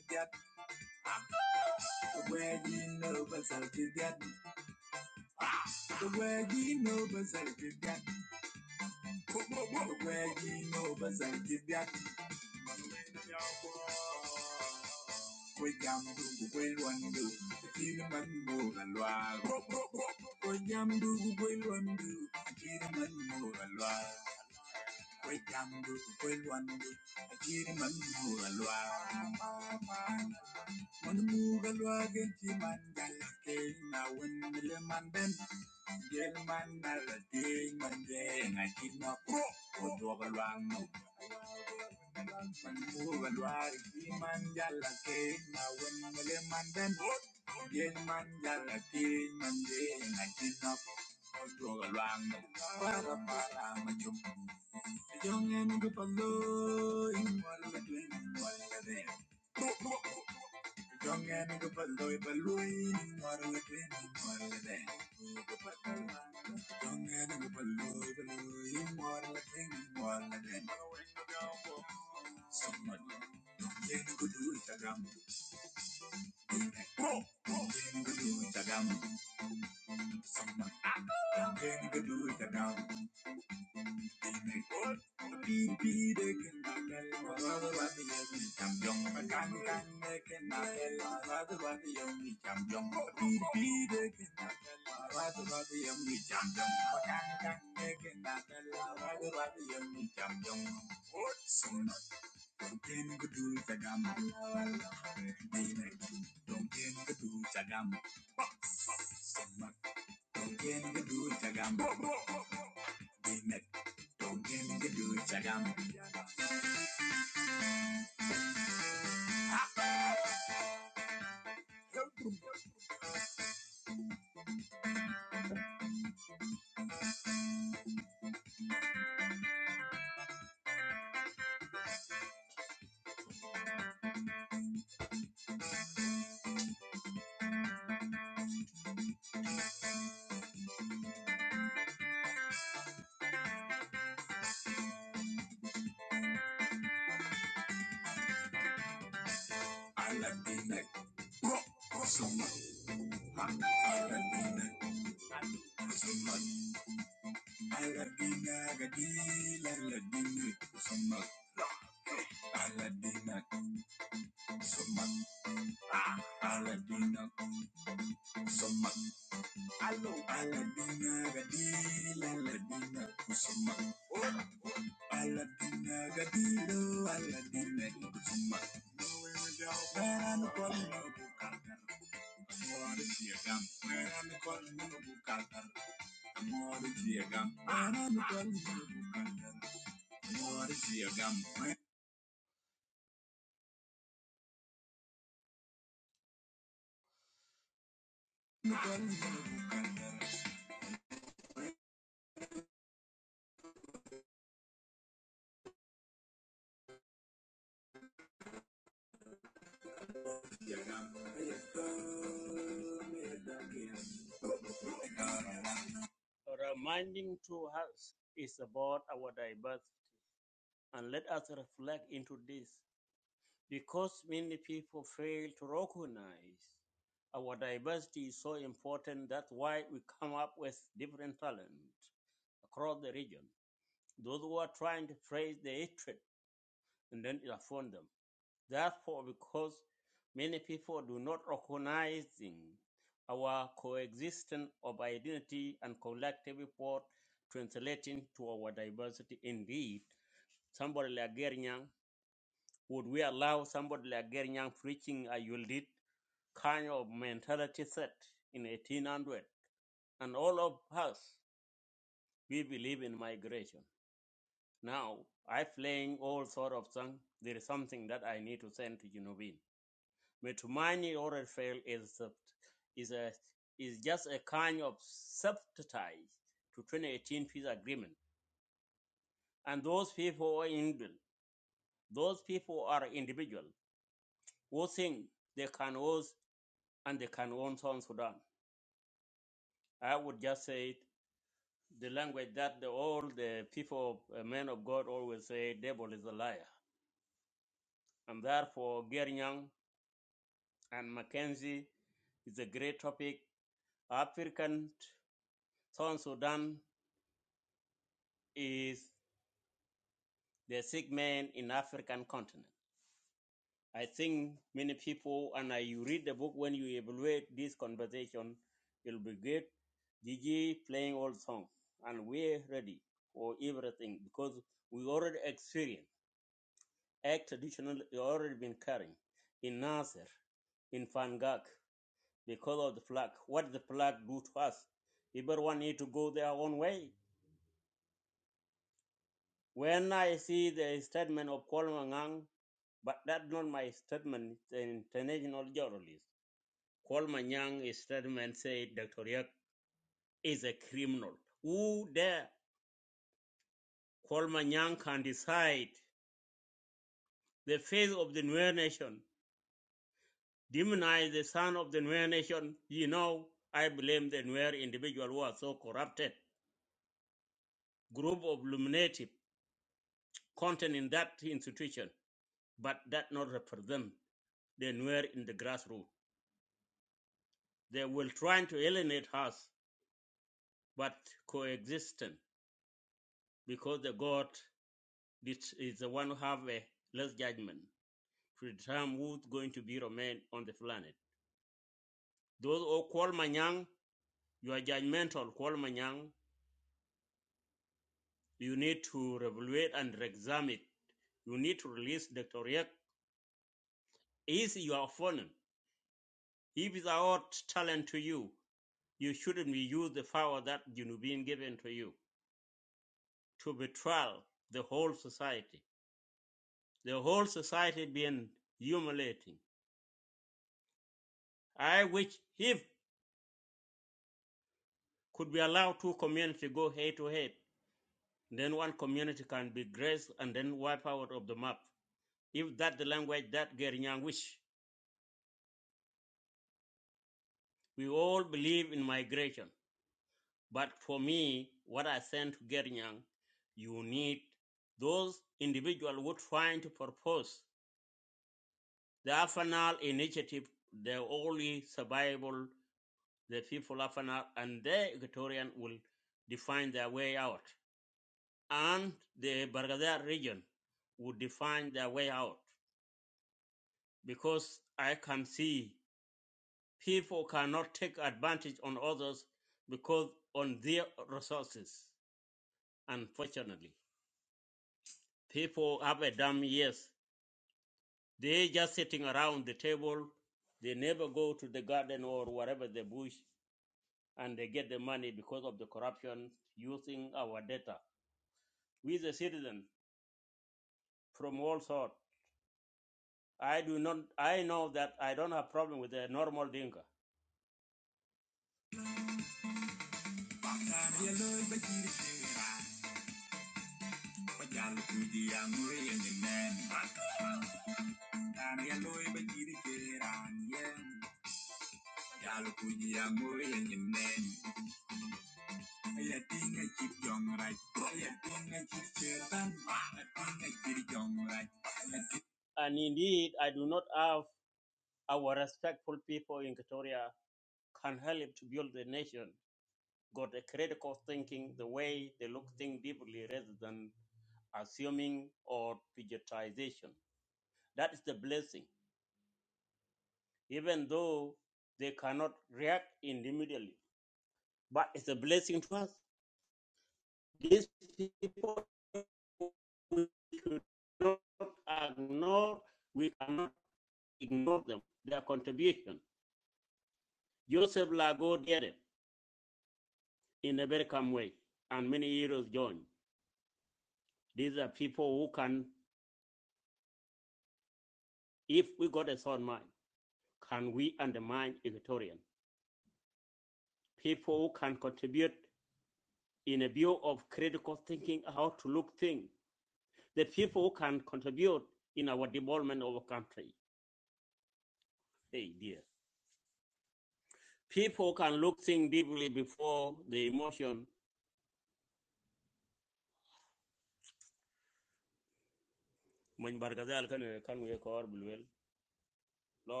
lord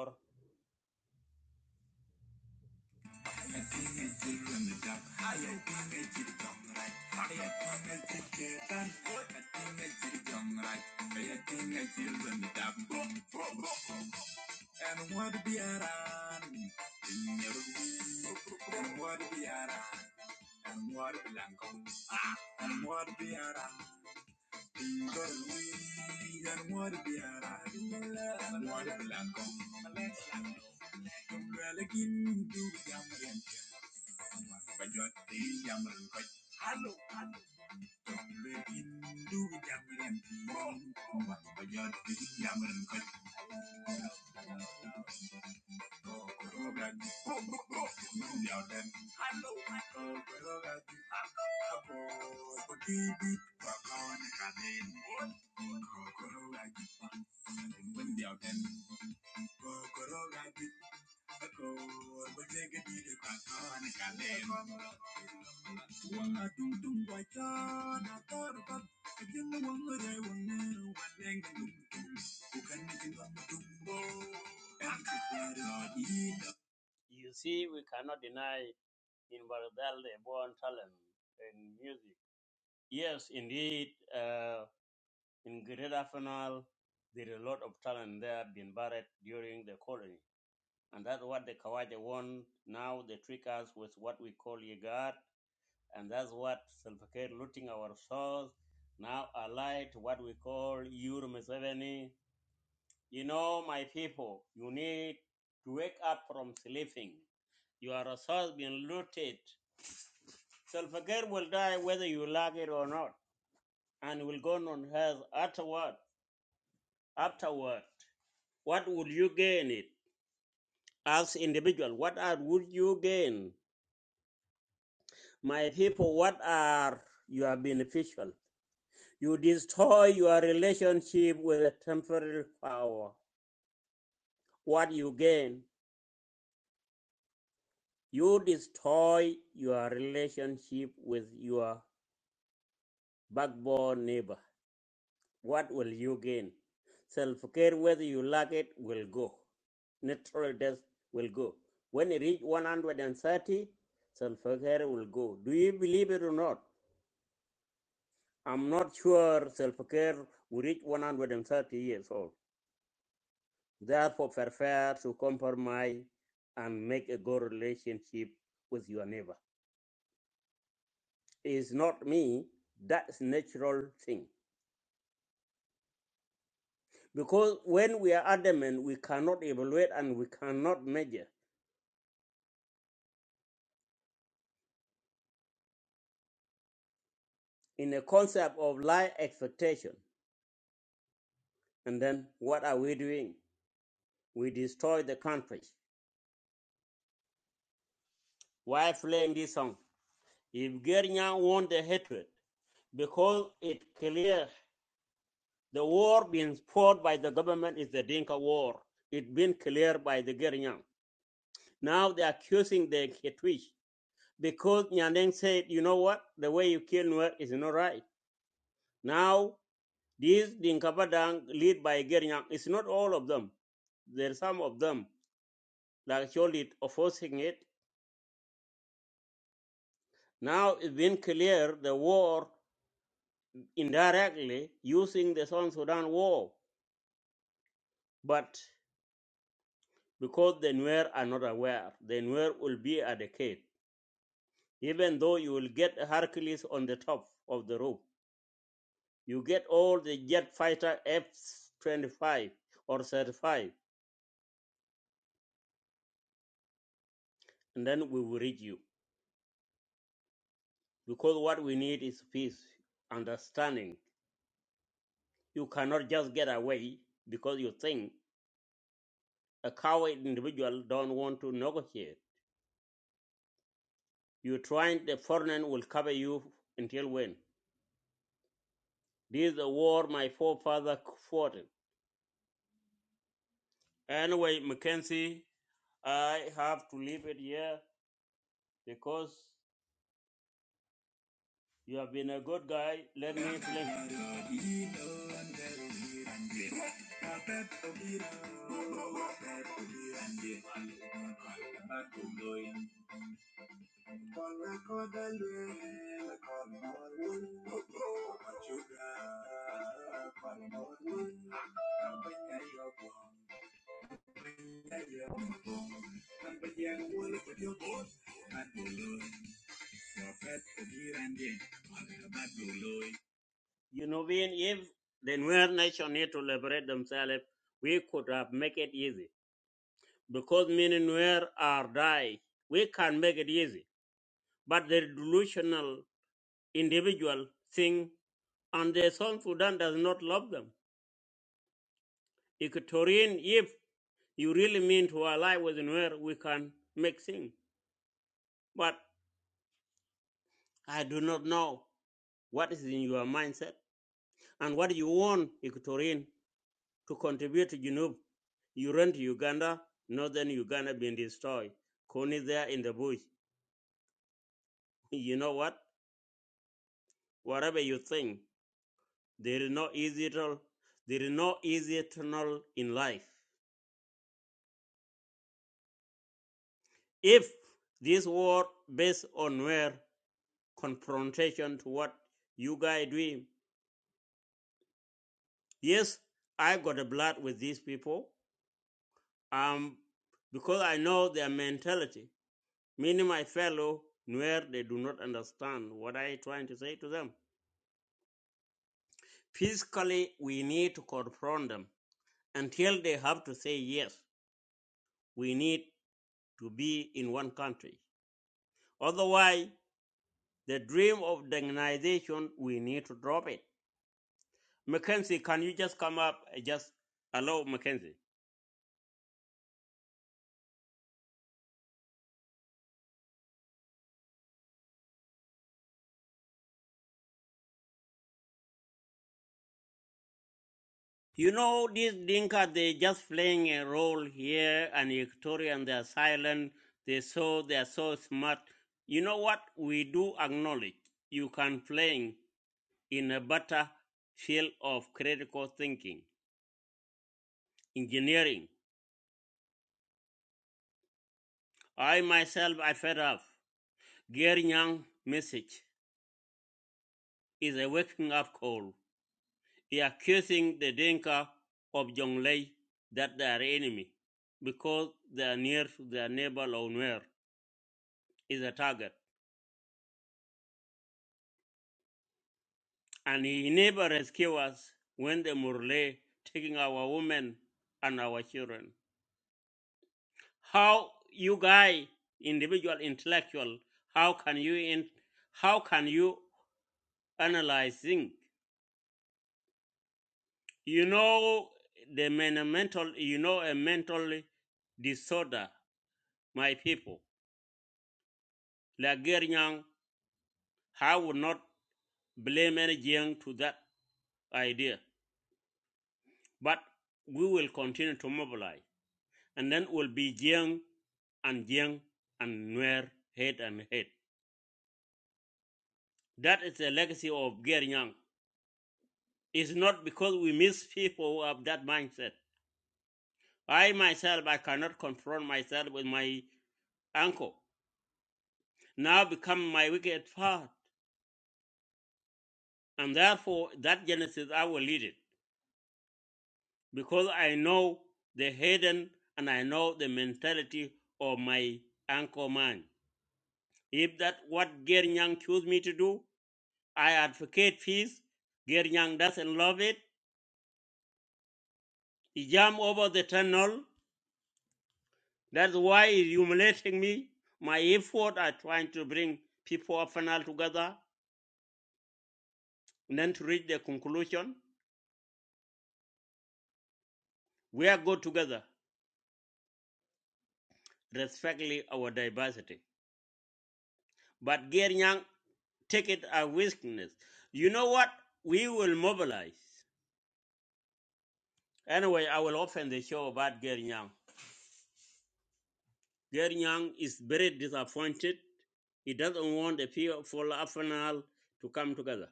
for afanal to come together